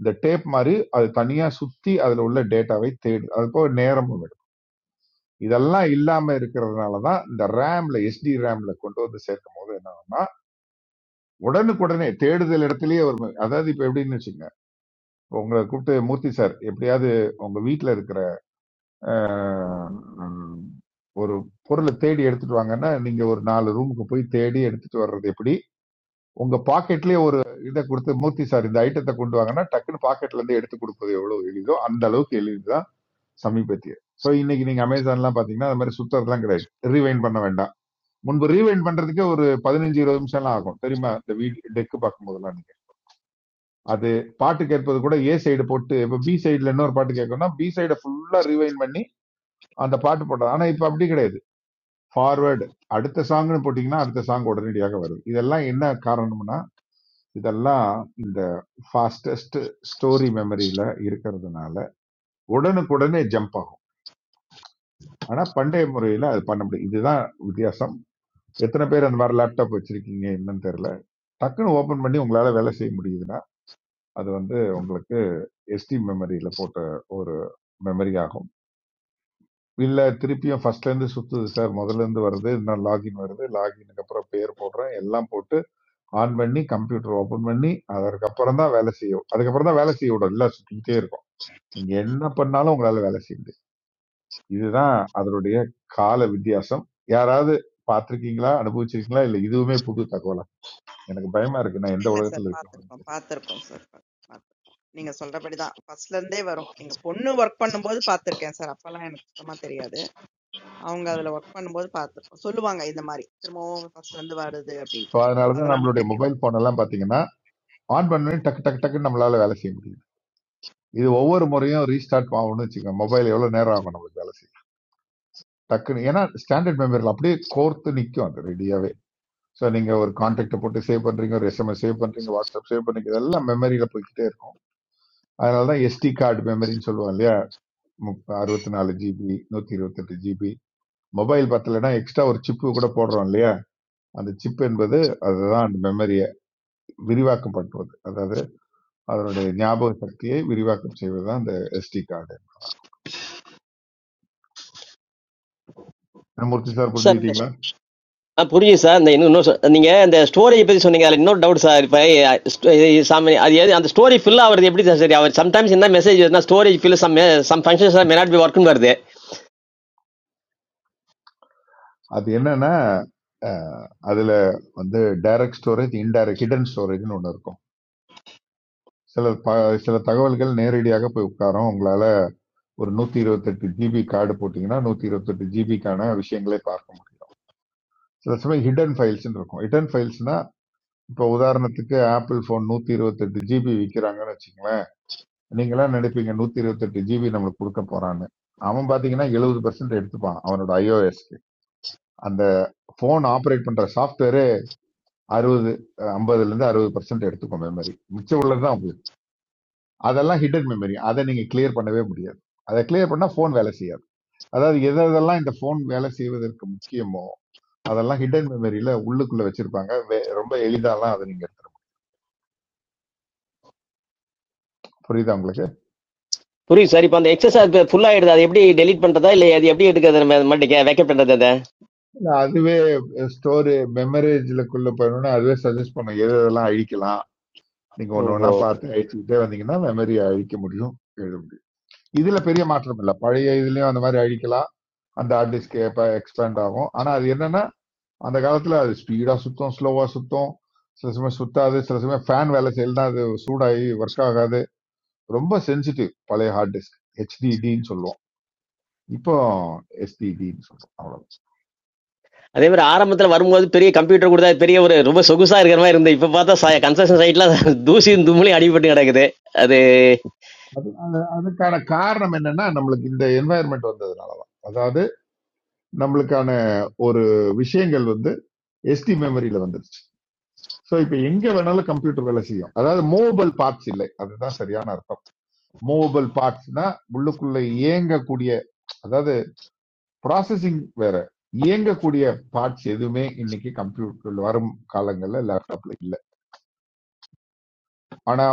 [SPEAKER 5] இந்த டேப் மாதிரி அது தனியா சுத்தி அதுல உள்ள டேட்டாவை தேடு அது போக நேரமும் எடுக்கும் இதெல்லாம் இல்லாம இருக்கிறதுனால தான் இந்த ரேம்ல எஸ்டி ரேம்ல கொண்டு வந்து சேர்க்கும் போது என்னன்னா உடனுக்குடனே தேடுதல் இடத்துலயே ஒரு ம- அதாவது இப்ப எப்படின்னு வச்சுங்க உங்களை கூப்பிட்டு மூர்த்தி சார் எப்படியாவது உங்க வீட்ல இருக்கிற ம், ஒரு பொருளை தேடி எடுத்துட்டு வாங்கன்னா நீங்க ஒரு நாலு ரூமுக்கு போய் தேடி எடுத்துட்டு வர்றது எப்படி உங்க பாக்கெட்லயே ஒரு இதை கொடுத்து மூர்த்தி சார் இந்த ஐட்டத்தை கொண்டு வாங்கன்னா டக்குன்னு பாக்கெட்ல இருந்து எடுத்து கொடுப்பது எவ்வளவு எளிதோ அந்த அளவுக்கு எளிது சமீபத்திய ஸோ இன்னைக்கு நீங்க அமேசான்லாம் பாத்தீங்கன்னா அது மாதிரி சுத்தறதுலாம் கிடையாது ரீவைண்ட் பண்ண வேண்டாம் முன்பு ரீவைண்ட் பண்றதுக்கே ஒரு பதினஞ்சு இருபது நிமிஷம் எல்லாம் ஆகும் தெரியுமா இந்த வீடு டெக்கு பார்க்கும் போதெல்லாம் நீங்க அது பாட்டு கேட்பது கூட ஏ சைடு போட்டு இப்போ பி சைடுல இன்னொரு பாட்டு கேட்கணும்னா பி சைடை ஃபுல்லா ரீவைண்ட் பண்ணி அந்த பாட்டு போடுறது ஆனா இப்போ அப்படி கிடையாது ஃபார்வர்டு அடுத்த சாங்னு போட்டீங்கன்னா அடுத்த சாங் உடனடியாக வருது இதெல்லாம் என்ன காரணம்னா இதெல்லாம் இந்த ஃபாஸ்டஸ்ட் ஸ்டோரி மெமரியில இருக்கிறதுனால உடனுக்குடனே ஜம்ப் ஆகும் ஆனா பண்டைய முறையில அது பண்ண முடியும் இதுதான் வித்தியாசம் எத்தனை பேர் அந்த மாதிரி லேப்டாப் வச்சிருக்கீங்க என்னன்னு தெரியல டக்குன்னு ஓபன் பண்ணி உங்களால வேலை செய்ய முடியுதுன்னா அது வந்து உங்களுக்கு எஸ்டி மெமரியில போட்ட ஒரு மெமரி ஆகும் இல்ல திருப்பியும் ஃபர்ஸ்ட்ல இருந்து சுத்துது சார் முதல்ல இருந்து வருது இன்னும் லாகின் வருது லாகினுக்கு அப்புறம் பேர் போடுறேன் எல்லாம் போட்டு ஆன் பண்ணி கம்ப்யூட்டர் ஓபன் பண்ணி அதற்கப்புறம் தான் வேலை செய்யும் அதுக்கப்புறம் தான் வேலை செய்ய விடும் இல்ல சுத்திக்கிட்டே இருக்கும் நீங்க என்ன பண்ணாலும் உங்களால வேலை செய்ய முடியாது இதுதான் அதனுடைய கால வித்தியாசம் யாராவது பார்த்திருக்கீங்களா அனுபவிச்சிருக்கீங்களா இல்ல இதுவுமே புது தகவலா எனக்கு பயமா இருக்கு நான் எந்த
[SPEAKER 2] இல்ல சார்
[SPEAKER 5] உலகத்துல இருக்கேன்
[SPEAKER 2] பார்த்துருக்கோம். பார்த்துருக்கோம் சார். பார்த்துருக்கோம். நீங்க சொல்றபடிதான். ஃபர்ஸ்ட்ல இருந்தே வரும். எங்க பொண்ணு வொர்க் பண்ணும்போது பார்த்துருக்கேன் சார். அப்பலாம் எனக்கு சுத்தமா தெரியாது. அவங்க அதுல ஒர்க் பண்ணும்போது பார்த்துருக்கோம். சொல்லுவாங்க இந்த மாரி, திரும்பவும் ஃபர்ஸ்ட் வந்து வருது
[SPEAKER 5] இப்போ
[SPEAKER 2] அப்டின்ட்டு.
[SPEAKER 5] அதனாலதான்
[SPEAKER 2] அதனால
[SPEAKER 5] நம்மளுடைய
[SPEAKER 2] தெரியும்.
[SPEAKER 5] மொபைல் போன் எல்லாம் பாத்தீங்கன்னா ஆன் பண்ணி டக்கு டக்கு டக்குன்னு நம்மளால வேலை செய்ய முடியுது இது ஒவ்வொரு முறையும் ரீஸ்டார்ட் ஆகணும்னு வச்சுக்கோங்க மொபைல் எவ்வளவு நேரம் ஆகும் நம்மளுக்கு வேலை செய்ய டக்குன்னு ஏன்னா ஸ்டாண்டர்ட் மெமரியில் அப்படியே கோர்த்து நிற்கும் அது ரெடியாவே ஸோ நீங்க ஒரு கான்டாக்ட் போட்டு சேவ் பண்றீங்க ஒரு எஸ்எம்எஸ் சேவ் பண்றீங்க வாட்ஸ்அப் சேவ் பண்றீங்க இதெல்லாம் மெமரியில போய்க்கிட்டே இருக்கும் அதனாலதான் எஸ்டி கார்டு மெமரின்னு சொல்லுவோம் இல்லையா அறுபத்தி நாலு ஜிபி நூத்தி இருபத்தி எட்டு ஜிபி மொபைல் பத்தலைன்னா எக்ஸ்ட்ரா ஒரு சிப்பு கூட போடுறோம் இல்லையா அந்த சிப் என்பது அதுதான் அந்த மெமரியை விரிவாக்கம் பண்ணுவது அதாவது அதனுடைய ஞாபக சக்தியை விரிவாக்கம் செய்வது தான் அந்த SD card Murthy sir
[SPEAKER 10] sir இந்த
[SPEAKER 5] புரிஞ்சுக்கிட்டீங்களா
[SPEAKER 10] ஆ புரியுது சார் இந்த இன்னும் இன்னும் சொ- நீங்க இந்த ஸ்டோரியை பத்தி சொன்னீங்க அதுல இன்னொரு டவுட் சார் இப்ப அஹ், st- இது சாமி அது எது அந்த ஸ்டோரி ஃபில் ஆகுறது எப்படி சார் சரி அவர் சம்டைம்ஸ் என்ன மெசேஜ் வருதுன்னா storage fill some some functions may not be ஒர்க்னு வருது
[SPEAKER 5] அது என்னன்னா அஹ், அதுல வந்து டைரக்ட் ஸ்டோரேஜ் இன்டைரக்ட் ஹிடன் ஸ்டோரேஜ்னு ஒன்று இருக்கும் சில ப- சில தகவல்கள் நேரடியாக போய் உட்காரும் உங்களால ஒரு நூத்தி இருபத்தெட்டு ஜிபி கார்டு போட்டீங்கன்னா நூத்தி இருபத்தெட்டு ஜிபிக்கான விஷயங்களை பார்க்க முடியும் சில சமயம் ஹிடன் ஃபைல்ஸ் இருக்கும் ஹிடன் ஃபைல்ஸ் இப்போ உதாரணத்துக்கு ஆப்பிள் ஃபோன் 128 இருபத்தெட்டு ஜிபி விற்கிறாங்கன்னு வச்சுங்களேன் நீங்களாம் நினைப்பீங்க 128 இருபத்தெட்டு ஜிபி நம்மளுக்கு கொடுக்க போறான்னு அவன் பாத்தீங்கன்னா 70% பர்சன்ட் எடுத்துப்பான் அவனோட ஐஓஎஸ்க்கு அந்த ஃபோன் ஆப்ரேட் பண்ற சாஃப்ட்வேரே அறுபது ஐம்பதுல இருந்து அறுபது பர்சன்ட் எடுத்துக்கும் மெமரி மிச்சம் உள்ளதுதான் உபயோகம். அதெல்லாம் ஹிடன் மெமரி அதை நீங்க கிளியர் பண்ணவே முடியாது அதை கிளியர் பண்ணா ஃபோன் வேலை செய்யாது அதாவது எது எதெல்லாம் இந்த ஃபோன் வேலை செய்வதற்கு முக்கியமோ அதெல்லாம் ஹிடன் மெமரியில உள்ளுக்குள்ள வச்சிருப்பாங்க வே- ரொம்ப எளிதாலாம் அதை நீங்க எடுத்துக்கலாம். புரியுதா உங்களுக்கு
[SPEAKER 10] புரியுது சார் இப்போ அந்த எக்ஸஸ் அது ஃபுல் ஆயிடுது அது எப்படி டெலீட் பண்றதா இல்ல அது எப்படி எடுக்கிறது நம்ம மட்டும் வேக்கப் பண்றது அதை
[SPEAKER 5] அதுவே ஸ்டோர் மெமரேஜ்லக்குள்ள போயணும்னா அதுவே சஜஸ்ட் பண்ணும் எது எதெல்லாம் அழிக்கலாம் நீங்க ஒண்ணு
[SPEAKER 10] ஓஹோ
[SPEAKER 5] ஒண்ணா பார்த்து அழிச்சுக்கிட்டே வந்தீங்கன்னா மெமரி அழிக்க முடியும் எழுத முடியும் இதுல பெரிய மாற்றம் இல்லை பழைய இதுலயும் அந்த மாதிரி அழிக்கலாம் அந்த ஹார்ட் டிஸ்க் எக்ஸ்பேண்ட் ஆகும் ஆனா அது என்னன்னா அந்த காலத்துல அது ஸ்பீடா சுத்தும் ஸ்லோவா சுத்தும் சில சமயம் சுத்தாது சில சமயம் ஃபேன் வேலை செய்யலனா அது சூடாகி ஒர்க் ஆகாது ரொம்ப சென்சிட்டிவ் பழைய ஹார்ட் டிஸ்க் ஹெச்டிடின்னு சொல்லுவோம் இப்போ எஸ்டிடின்னு சொல்றோம் அவ்வளவு.
[SPEAKER 10] அதே மாதிரி ஆரம்பத்துல வரும்போது பெரிய கம்ப்யூட்டர் கூட பெரிய ஒரு ரொம்ப சொகுசா இருக்கிற மாதிரி இருந்து இப்ப பார்த்தா கன்ஸ்ட்ரக்ஷன் சைட்ல தூசி தும்மிலையும் அடிபட்டு கிடக்குது அது
[SPEAKER 5] அது அது- அதுக்கான காரணம் என்னன்னா நம்மளுக்கு இந்த என்வாயர்மெண்ட் வந்ததுனாலதான் அதாவது நம்மளுக்கான ஒரு விஷயங்கள் வந்து எஸ்டி மெமரியில வந்துருச்சு ஸோ இப்போ எங்க வேணாலும் கம்ப்யூட்டர் வேலை செய்யும் அதாவது மூவபிள் பார்ட்ஸ் இல்லை அதுதான் சரியான அர்த்தம் மூவபிள் பார்ட்ஸ்னா உள்ளுக்குள்ள இயங்கக்கூடிய அதாவது ப்ராசஸிங் வேற இயங்கக்கூடிய பார்ட்ஸ் எதுவுமே இன்னைக்கு கம்ப்யூட்டர் வரும் காலங்கள்ல லேப்டாப்ல இல்லை ஆனா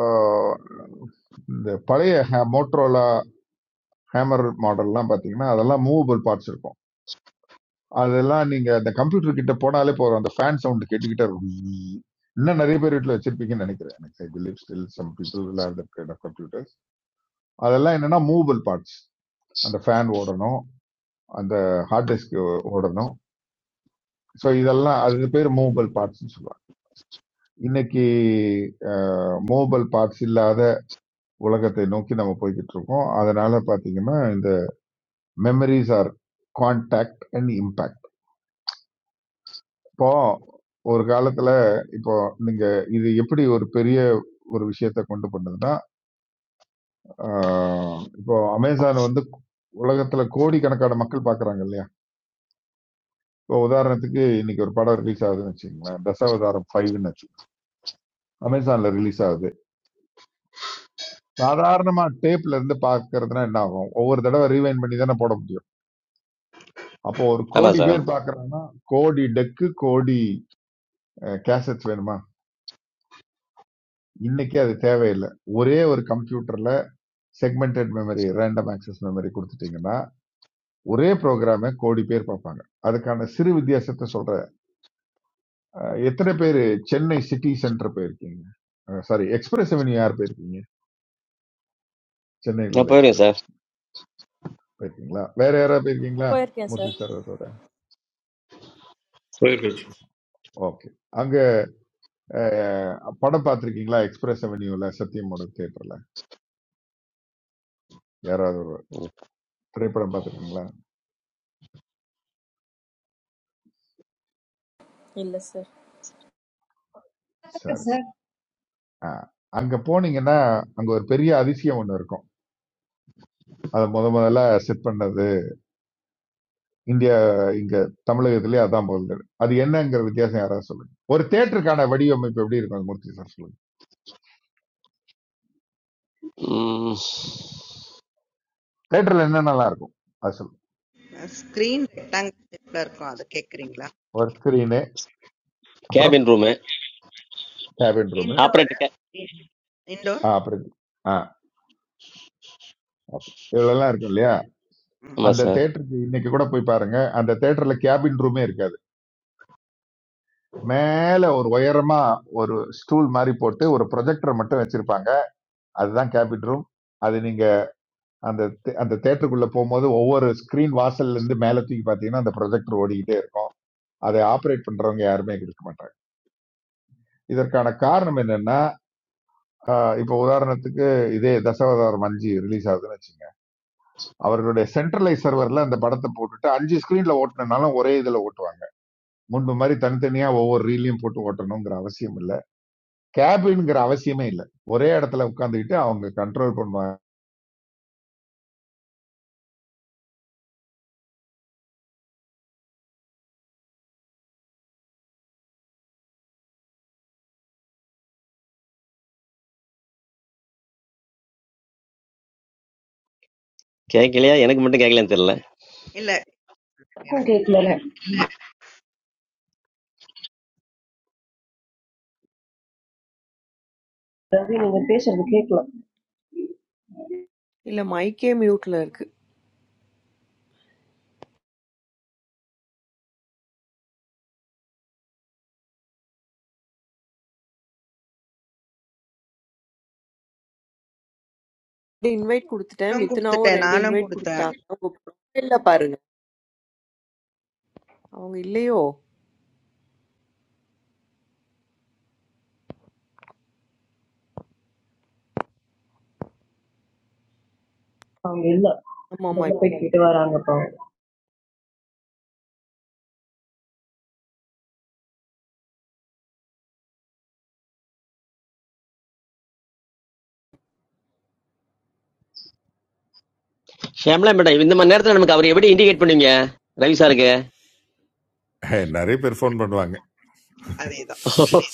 [SPEAKER 5] ஆஹ், இந்த பழைய மோட்ரோலா ஹேமர் மாடல்லாம் பாத்தீங்கன்னா அதெல்லாம் மூவபிள் பார்ட்ஸ் இருக்கும் அதெல்லாம் நீங்க அந்த கம்ப்யூட்டர் கிட்ட போனாலே போதும் அந்த ஃபேன் சவுண்ட் கேட்டுக்கிட்டே இருக்கும் இன்னும் நிறைய பேர் வீட்டில் வச்சிருப்பீங்கன்னு நினைக்கிறேன் எனக்கு I believe still some people will have that kind of computers அதெல்லாம் என்னன்னா மூவபிள் பார்ட்ஸ் அந்த ஃபேன் ஓடணும் அந்த ஹார்ட் டிஸ்க் ஓடணும் ஸோ இதெல்லாம் அது பேர் மூவபிள் பார்ட்ஸ்னு சொல்லுவாங்க இன்னைக்கு மூவபிள் பார்ட்ஸ் இல்லாத உலகத்தை நோக்கி நம்ம போய்கிட்டு இருக்கோம் அதனால பாத்தீங்கன்னா இந்த memories are contact and impact இப்போ ஒரு காலத்துல இப்போ நீங்க இது எப்படி ஒரு பெரிய ஒரு விஷயத்த கொண்டு பண்ணுதுன்னா, ஆ இப்போ அமேசான் வந்து உலகத்துல கோடிக்கணக்கான மக்கள் பார்க்குறாங்க இல்லையா? இப்போ உதாரணத்துக்கு இன்னைக்கு ஒரு படம் ரிலீஸ் ஆகுதுன்னு வச்சுக்கங்களேன். தசாவதாரம் 5ன்னு வச்சுக்கோங்க. அமேசான்ல ரிலீஸ் ஆகுது. சாதாரணமா டேப்ல இருந்து பார்க்கறதுனா என்ன ஆகும்? ஒவ்வொரு தடவை ரீவைண்ட் பண்ணி தானே போட முடியும். அப்போ ஒரு
[SPEAKER 10] ஆமா
[SPEAKER 5] கோடி
[SPEAKER 10] சார்
[SPEAKER 5] பேர் பார்க்குறாங்கன்னா, கோடி டெக்கு, கோடி அ கேசெட்ஸ் வேணுமா? இன்னைக்கு அது தேவையில்ல. ஒரே ஒரு கம்ப்யூட்டர்ல segmented memory random access memory கொடுத்துட்டீங்கன்னா ஒரே ப்ரோக்ராமை கோடி பேர் பார்ப்பாங்க அதுக்கான சிறு வித்தியாசத்தை சொல்றேன் அஹ், எத்தனை பேர் சென்னை சிட்டி சென்டர் போயிருக்கீங்க சாரி எக்ஸ்பிரஸ் அவென்யூ யார் போயிருக்கீங்க சென்னையில்
[SPEAKER 10] நான்
[SPEAKER 5] உள்ள
[SPEAKER 10] போயிடுங்க
[SPEAKER 5] எக்ஸ்பிரஸ்
[SPEAKER 10] சார்
[SPEAKER 5] போயிருக்கீங்களா வேற யாராவது போயிருக்கீங்களா
[SPEAKER 15] For yes,
[SPEAKER 5] மூர்த்தி
[SPEAKER 15] sir.
[SPEAKER 5] சாரோட
[SPEAKER 16] Very good.
[SPEAKER 5] ஓகே அங்க அஹ், படம் பார்த்திருக்கீங்களா எக்ஸ்பிரஸ் அவென்யூல சத்தியமோட தியேட்டர்ல யாராவது ஒரு திரைப்படம் பார்த்திருக்கீங்களா
[SPEAKER 15] Illa, sir.
[SPEAKER 17] பாத்துட்டேன்
[SPEAKER 5] சரி
[SPEAKER 17] சார்.
[SPEAKER 5] ஆ, அங்க போனீங்கன்னா அங்க ஒரு பெரிய அதிசயம் ஒண்ணு இருக்கும் அதை முத முதல்ல செட் பண்ணது இந்தியா இங்க தமிழகத்திலே அதான் போகுது அது என்னங்கிற வித்தியாசம் யாராவது சொல்லுங்க ஒரு தேட்டருக்கான வடிவமைப்பு எப்படி இருக்கும் அது மூர்த்தி சார் சொல்லுங்க தேட்டர்ல என்னென்னலாம் இருக்கும் அது சொல்லுங்க
[SPEAKER 2] ஸ்க்ரீன் ரெக்டாங்கிள் ஷேப்ல இருக்கும். அத கேட்குறீங்களா?
[SPEAKER 5] ஒரு ஸ்கிரீனு அப்புறம்
[SPEAKER 10] cabin room
[SPEAKER 5] cabin room
[SPEAKER 2] indoor.
[SPEAKER 10] Operator
[SPEAKER 2] in indoor?
[SPEAKER 5] அப்புறம் இது. ஆ ஓகே இவ்வளோலாம் இருக்கும் இல்லையா
[SPEAKER 2] ம்.
[SPEAKER 10] ஆமா
[SPEAKER 5] அந்த
[SPEAKER 10] சார்
[SPEAKER 5] தேட்டருக்கு இன்னைக்கு கூட போய் பாருங்க அந்த தேட்டர்ல கேபின் ரூமே இருக்காது மேல ஒரு உயரமா ஒரு ஸ்டூல் மாதிரி போட்டு ஒரு ப்ரொஜெக்டர் மட்டும் வச்சிருப்பாங்க அதுதான் கேபின் ரூம் அது நீங்க அந்த தே- அந்த தேட்டருக்குள்ள போகும்போது ஒவ்வொரு ஸ்கிரீன் வாசல்ல இருந்து மேல தூக்கி பாத்தீங்கன்னா அந்த ப்ரொஜெக்டர் ஓடிக்கிட்டே இருக்கும் அதை ஆப்ரேட் பண்றவங்க யாருமே இருக்க மாட்டாங்க இதற்கான காரணம் என்னன்னா ஆஹ் இப்போ உதாரணத்துக்கு இதே தசாவதாரம் அஞ்சு ரிலீஸ் ஆகுதுன்னு வச்சுங்க அவர்களுடைய சென்ட்ரலைஸ் சர்வர்ல அந்த படத்தை போட்டுட்டு அஞ்சு ஸ்கிரீன்ல ஓட்டினாலும் ஒரே இதுல ஓட்டுவாங்க முன்பு மாதிரி தனித்தனியா ஒவ்வொரு ரீலையும் போட்டு ஓட்டணுங்கிற அவசியம் இல்ல கேபின்ங்கிற அவசியமே இல்ல ஒரே இடத்துல உட்காந்துக்கிட்டு அவங்க கண்ட்ரோல் பண்ணுவாங்க
[SPEAKER 10] கேட்கலையா எனக்கு மட்டும் கேட்கலன்னு தெரியல
[SPEAKER 2] இல்ல
[SPEAKER 7] Kung
[SPEAKER 2] எனக்கு
[SPEAKER 7] keeklar hai. Dabhi nige, pehchaan keeklar.
[SPEAKER 3] இல்ல மைக்கே மியூட்ல இருக்கு இன்வைட் கொடுத்துட்டேன்
[SPEAKER 2] நானும்
[SPEAKER 3] மித்னாவும்
[SPEAKER 2] குடுத்துட்டேன்
[SPEAKER 3] ரெண்டு
[SPEAKER 2] நானும்
[SPEAKER 3] இன்வைட்
[SPEAKER 2] குடுத்தேன்.
[SPEAKER 3] கொடுத்துட்டாங்க உங்க ப்ரொஃபைல்ல பாருங்க அவங்க இல்லையோ
[SPEAKER 7] Aam mila.
[SPEAKER 3] ஆமா ஆமா
[SPEAKER 7] Matlab pehte baaranga paao.
[SPEAKER 10] Shyamala madam இந்த மாதிரி நேரத்துல நமக்கு அவர் எப்படி இண்டிகேட் பண்ணுவீங்க ரவி சாருக்கு
[SPEAKER 5] ஹே, நிறைய பேர் ஃபோன் பண்ணுவாங்க
[SPEAKER 2] அதேதான்.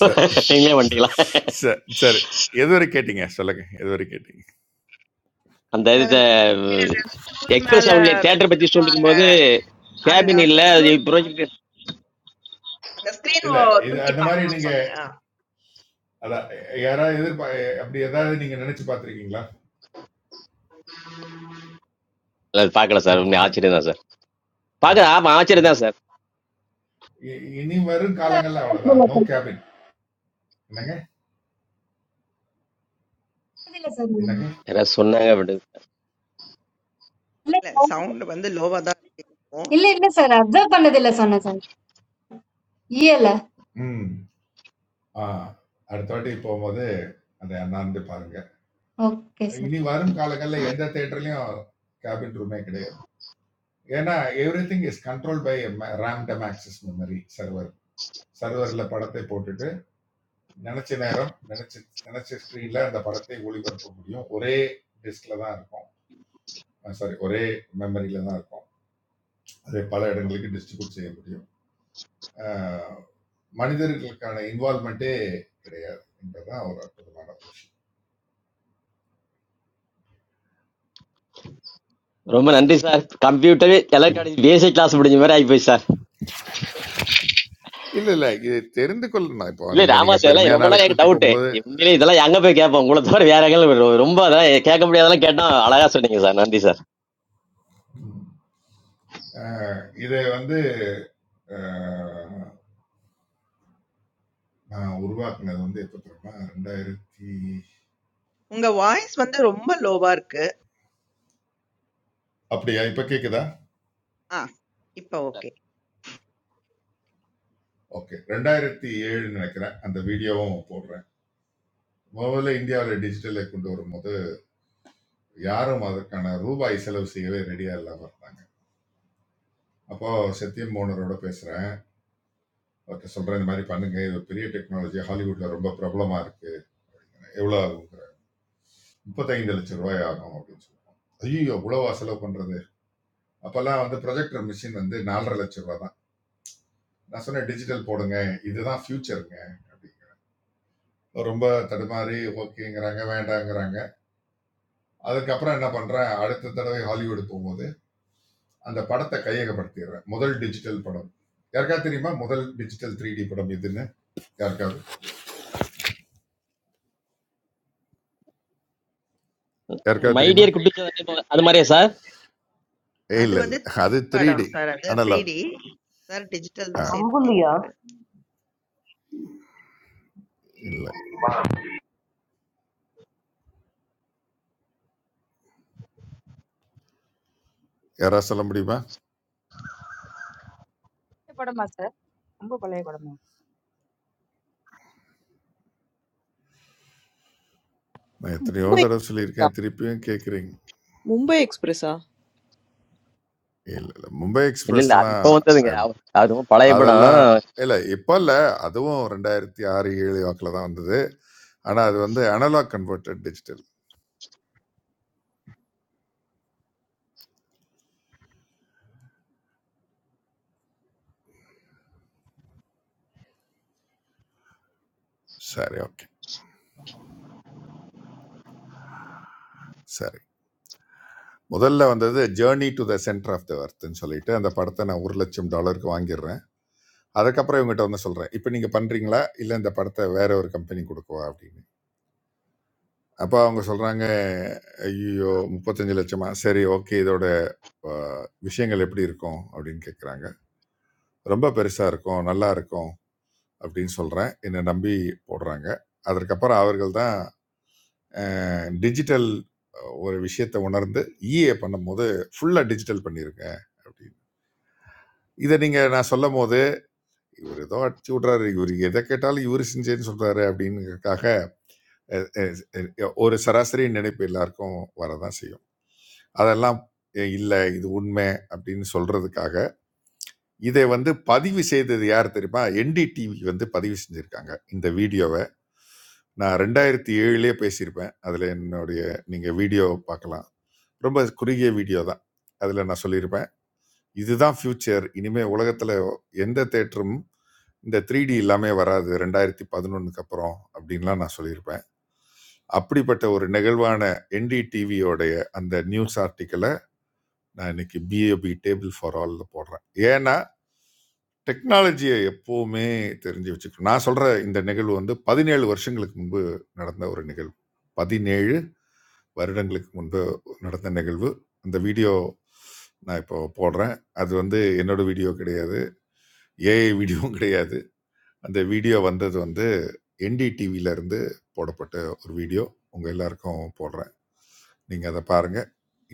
[SPEAKER 5] ச-
[SPEAKER 10] நீங்களே வந்துட்டீங்களா
[SPEAKER 5] ச- சரி எது வரை கேட்டீங்க சொல்லுங்க எது வரை கேட்டீங்க
[SPEAKER 10] அந்த
[SPEAKER 2] சார்
[SPEAKER 10] இது
[SPEAKER 2] அந்த கேபினல்ல ஸ்டூல்
[SPEAKER 10] எக்ஸ்பிரஸ்
[SPEAKER 2] மேல
[SPEAKER 10] அவங்களே தியேட்டர் பத்தி
[SPEAKER 2] வச்சிருப்பாங்க.
[SPEAKER 10] சொல்லிருக்கும் போது கேபின்
[SPEAKER 2] அதுதான்
[SPEAKER 10] இல்ல
[SPEAKER 2] சார். ஸ்டூல்
[SPEAKER 10] ப்ரொஜெக்ட்
[SPEAKER 2] அந்த ஸ்க்ரீன்
[SPEAKER 5] இல்ல
[SPEAKER 2] ஓ
[SPEAKER 5] இது
[SPEAKER 2] தூக்கி
[SPEAKER 5] அந்த மாதிரி
[SPEAKER 2] பார்க்கணும்னு
[SPEAKER 5] நீங்க
[SPEAKER 2] சொன்னீங்க. ஆ.
[SPEAKER 5] அதான் யாராவது எதிர்பா அப்படி ஏதாவது நீங்க நினைச்சு பார்த்திருக்கீங்களா
[SPEAKER 10] அது பார்க்கல சார்
[SPEAKER 5] மூர்த்தி
[SPEAKER 10] உண்மை
[SPEAKER 5] சார்
[SPEAKER 10] ஆச்சரியம் தான் சார்
[SPEAKER 5] ஆ.
[SPEAKER 10] பார்க்க ஆமா
[SPEAKER 5] இ-
[SPEAKER 10] ஆச்சரியம் தான் சார்
[SPEAKER 5] இ- இனி வரும்
[SPEAKER 17] கூட
[SPEAKER 5] காலங்கள்ல அவ்வளவுதான்
[SPEAKER 17] observe பண்ணதில்ல
[SPEAKER 5] நோ
[SPEAKER 17] சார்.
[SPEAKER 5] கேபின் என்னங்க
[SPEAKER 17] பண்ணதில்ல சார் நான்.
[SPEAKER 5] என்னங்க
[SPEAKER 10] யாராவது சொன்னாங்க அப்படி
[SPEAKER 17] இல்ல
[SPEAKER 2] இல்ல
[SPEAKER 17] சார்.
[SPEAKER 2] சவுண்ட் வந்து லோவா தான் இருக்கும்.
[SPEAKER 17] இல்ல இல்ல சார் அப்சர்வ் பண்ணதில்ல சொன்னேன் சார் இயல
[SPEAKER 5] ம் ஆ அடுத்த வாட்டி போகும்போது அதை அண்ணாந்து பாருங்க
[SPEAKER 17] ஓகே சார்
[SPEAKER 5] இனி வரும் காலங்கள்ல எந்த தேட்டர்லயும் கேபின் ரூமே கிடையாது ஏன்னா everything is control by random access memory server சர்வர்ல படத்தை போட்டுட்டு நினைச்ச நேரம் நினைச்ச நினைச்ச ஸ்கிரீன்ல அந்த படத்தை ஒளிபரப்ப முடியும் ஒரே டிஸ்க்ல தான் இருக்கும் சாரி ஒரே மெமரியில தான் இருக்கும் அது பல இடங்களுக்கு டிஸ்ட்ரிபியூட் செய்ய முடியும். அ மனிதர்களுக்கான இன்வால்வ்மென்ட்டே கிடையாது என்பதுதான் ஒரு அற்புதமான ஒரு விஷயம்.
[SPEAKER 10] ரொம்ப
[SPEAKER 5] சரி.
[SPEAKER 10] நன்றி சார் கம்ப்யூட்டரே
[SPEAKER 5] யு
[SPEAKER 10] எலக்ட்ரானிக் பேசிக் கிளாஸ் முடிஞ்ச மாதிரி ஆகி போய் சார்
[SPEAKER 5] இல்ல, இல்ல. இது தெரிந்து கொள்ளணும். இப்போ
[SPEAKER 10] இல்ல
[SPEAKER 5] நீங்க
[SPEAKER 10] ராமா
[SPEAKER 5] நீங்க
[SPEAKER 10] சார்
[SPEAKER 5] பெருமையா
[SPEAKER 10] இதெல்லாம் ரொம்ப நாள்
[SPEAKER 5] நாளைக்கு
[SPEAKER 10] எனக்கு
[SPEAKER 5] கூட்டு
[SPEAKER 10] டவுட்
[SPEAKER 5] போம்போது,
[SPEAKER 10] உண்மையிலே இதெல்லாம் எங்க போய் கேட்போம் உங்களை தவிர வேற எங்க ரொம்ப அதெல்லாம் கேட்க முடியாதெல்லாம் கேட்டா அழகா சொன்னீங்க சார் நன்றி சார்
[SPEAKER 5] அ இத வந்து அ நான் உருவாக்குனது வந்து எப்ப தெரியுமா? 2000
[SPEAKER 2] உங்க வாய்ஸ் வந்து ரொம்ப லோவா இருக்கு.
[SPEAKER 5] அப்படியா? இப்ப கேக்குதா?
[SPEAKER 2] ஆ. இப்ப ஓகே.
[SPEAKER 5] ஓகே. 2007ன்னு நெனைக்கிறேன். அந்த வீடியோவும் போடுறேன். முதல்ல இந்தியாவுல டிஜிட்டலை கொண்டு வரும்போது, யாரும் அதற்கான ரூபாய் செலவு செய்யவே ரெடியா இல்லாம இருந்தாங்க. அப்போ சத்தியமோகனரோட பேசுறேன் அவர்கிட்ட சொல்றேன் இந்த மாதிரி பண்ணுங்க இது பெரிய டெக்னாலஜி ஹாலிவுட்ல ரொம்ப பிரபலமா இருக்கு எவ்வளவு ஆகுங்கிற முப்பத்தைந்து லட்சம் ரூபாய் ஆகும் அப்படின்னு சொல்லுவோம் ஐயோ இவ்வளவா செலவு பண்றது அப்பெல்லாம் வந்து ப்ரொஜெக்டர் மிஷின் வந்து நாலரை லட்சம் ரூபாய் தான் நான் சொன்னேன் டிஜிட்டல் போடுங்க இதுதான் ஃபியூச்சருங்க அப்படி ரொம்ப தடுமாறி ஓகேங்கிறாங்க வேண்டாங்கிறாங்க அதுக்கப்புறம் என்ன பண்றேன் அடுத்த தடவை ஹாலிவுட் போகும்போது அந்த படத்தை கையகப்படுத்திடுறேன் முதல் டிஜிட்டல் படம் யாருக்காவது தெரியுமா முதல் டிஜிட்டல் த்ரீ டி படம் இதுன்னு யாருக்காவது
[SPEAKER 10] அந்த
[SPEAKER 5] யாருக்காவது தெரியுமா
[SPEAKER 10] மைடியர் குட்டிச்சா அது மாதிரியா சார்
[SPEAKER 2] அது
[SPEAKER 5] இல்லை
[SPEAKER 2] வந்து
[SPEAKER 5] இல்லை அது த்ரீ
[SPEAKER 2] படம்
[SPEAKER 5] டி
[SPEAKER 2] சார் அது
[SPEAKER 5] அனலாக்
[SPEAKER 2] 3D சார்
[SPEAKER 5] ஆ
[SPEAKER 2] டிஜிட்டல்னும் சேர்த்து
[SPEAKER 7] Ambulia.
[SPEAKER 2] கேட்குறாரு
[SPEAKER 5] இல்லை யாராவது சொல்ல முடியுமா
[SPEAKER 1] it? Sir, what is it?
[SPEAKER 5] நான் எத்தனையோ தடவை
[SPEAKER 3] ரொம்ப
[SPEAKER 5] சொல்லியிருக்கேன் திருப்பியும் கேட்குறீங்க
[SPEAKER 3] மும்பை எக்ஸ்பிரஸா
[SPEAKER 5] இல்லை இல்லை மும்பை
[SPEAKER 10] இல்ல இல்ல அது
[SPEAKER 5] எக்ஸ்பிரஸ்லாம்
[SPEAKER 10] இப்ப வந்ததுங்க
[SPEAKER 5] அப்-
[SPEAKER 10] அவ- அது ரொம்ப பழைய படம்
[SPEAKER 5] அதெல்லாம் இல்லை இப்போ இல்லை அதுவும் ரெண்டாயிரத்தி ஆறு ஏழு வாக்கில் தான் வந்தது ஆனால் அது வந்து அனலாக் கன்வெர்ட்டட் டிஜிட்டல் சரி ஓகே சரி முதல்ல வந்தது journey to the centre of the அர்த்னு சொல்லிட்டு அந்த படத்தை நான் ஒரு லட்சம் டாலருக்கு வாங்கிடுறேன் அதுக்கப்புறம் இவங்ககிட்ட வந்து சொல்கிறேன் இப்போ நீங்கள் பண்ணுறீங்களா இல்லை இந்த படத்தை வேற ஒரு கம்பெனி கொடுக்கவா அப்படின்னு அப்போ அவங்க சொல்கிறாங்க ஐயோ முப்பத்தஞ்சு லட்சமா சரி ஓகே இதோட அஹ், விஷயங்கள் எப்படி இருக்கும் அப்படின்னு கேட்குறாங்க ரொம்ப பெருசாக இருக்கும் நல்லா இருக்கும் அப்படின்னு சொல்கிறேன் என்னை நம்பி போடுறாங்க அதற்கப்புறம் அவர்கள் தான் டிஜிட்டல் ஒரு விஷயத்தை உணர்ந்து இஏ பண்ணும்போது ஃபுல்லாக டிஜிட்டல் பண்ணியிருங்க அப்படின்னு இதை நீங்கள் நான் சொல்லும் போது இவர் ஏதோ அடிச்சு விட்றாரு இவர் எதை கேட்டாலும் இவர் செஞ்சேன்னு சொல்கிறாரு அப்படின்னுக்காக அஹ், அஹ், ஒரு சராசரி நினைப்பு எல்லாருக்கும் வரதான் செய்யும் அதெல்லாம் எ இல்ல. இது உண்மை அப்படின்னு சொல்றதுக்காக, இதை வந்து பதிவு செய்தது யார் தெரியுமா? என்டிடிவி வந்து பதிவு செஞ்சிருக்காங்க. இந்த வீடியோவ. நான் 2007லயே பேசியிருப்பேன். அதுல என்னுடைய நீங்க வீடியோ பார்க்கலாம். ரொம்ப குறுகிய வீடியோ தான். அதுல நான் சொல்லியிருப்பேன். இதுதான் ஃபியூச்சர். இனிமே உலகத்துல எந்த தியேட்டரும் இந்த 3டி இல்லாமே வராது. 2011க்கு அப்புறம் அப்படின்லாம் நான் சொல்லியிருப்பேன். அப்படிப்பட்ட ஒரு நெகிழ்வான என்டிடிவியோடைய அந்த நியூஸ் ஆர்டிக்கிள நான் இன்னைக்கு பிஏபி டேபிள் ஃபார் ஆல்ல போடுறேன் ஏன்னா டெக்னாலஜியை எப்போவுமே தெரிஞ்சு வச்சுக்கணும் நான் சொல்ற இந்த நிகழ்வு வந்து பதினேழு வருஷங்களுக்கு முன்பு நடந்த ஒரு நிகழ்வு பதினேழு வருடங்களுக்கு முன்பு நடந்த நிகழ்வு அந்த வீடியோ நான் இப்போ போடுறேன் அது வந்து என்னோட வீடியோ கிடையாது ஏஐ வீடியோவும் கிடையாது அந்த வீடியோ வந்தது வந்து என்டிடிவில இருந்து போடப்பட்ட ஒரு வீடியோ உங்க எல்லாருக்கும் போடுறேன் நீங்க அதை பாருங்க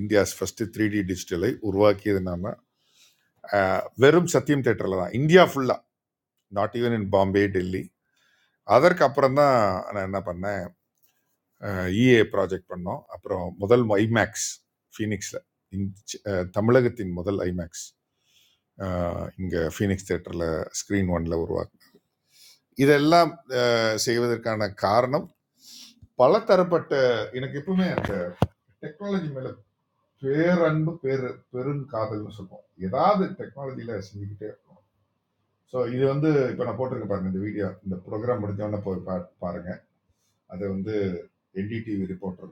[SPEAKER 5] இந்தியாஸ் ஃபர்ஸ்ட் த்ரீ டி டிஜிட்டலை உருவாக்கியது நாம. வெறும் சத்தியம் தேட்டரில் தான் இந்தியா ஃபுல்லாக not even in Bombay Delhi அதற்கு அப்புறம் தான் நான் என்ன பண்ணேன் இஏ ப்ராஜெக்ட் பண்ணோம் அப்புறம் முதல் ஐமேக்ஸ் ஃபீனிக்ஸில் தமிழகத்தின் முதல் ஐமேக்ஸ் இங்கே ஃபீனிக்ஸ் தேட்டரில் ஸ்க்ரீன் ஒன்ல உருவாக்கு இதெல்லாம் அஹ், செய்வதற்கான காரணம் பலதரப்பட்ட எனக்கு எப்பவுமே அந்த டெக்னாலஜி மேல பேரன்பு பேரு பெருங்காதல்னு சொல்லுவோம் ஏதாவது டெக்னாலஜியில் செஞ்சுக்கிட்டே இருக்கணும் ஸோ இது வந்து இப்போ நான் போட்டிருக்க பாருங்க இந்த வீடியோ இந்த ப்ரோக்ராம் முடிஞ்சோடனே போய் பா பாருங்க அது வந்து என்டிடிவி ரிப்போர்ட்டர்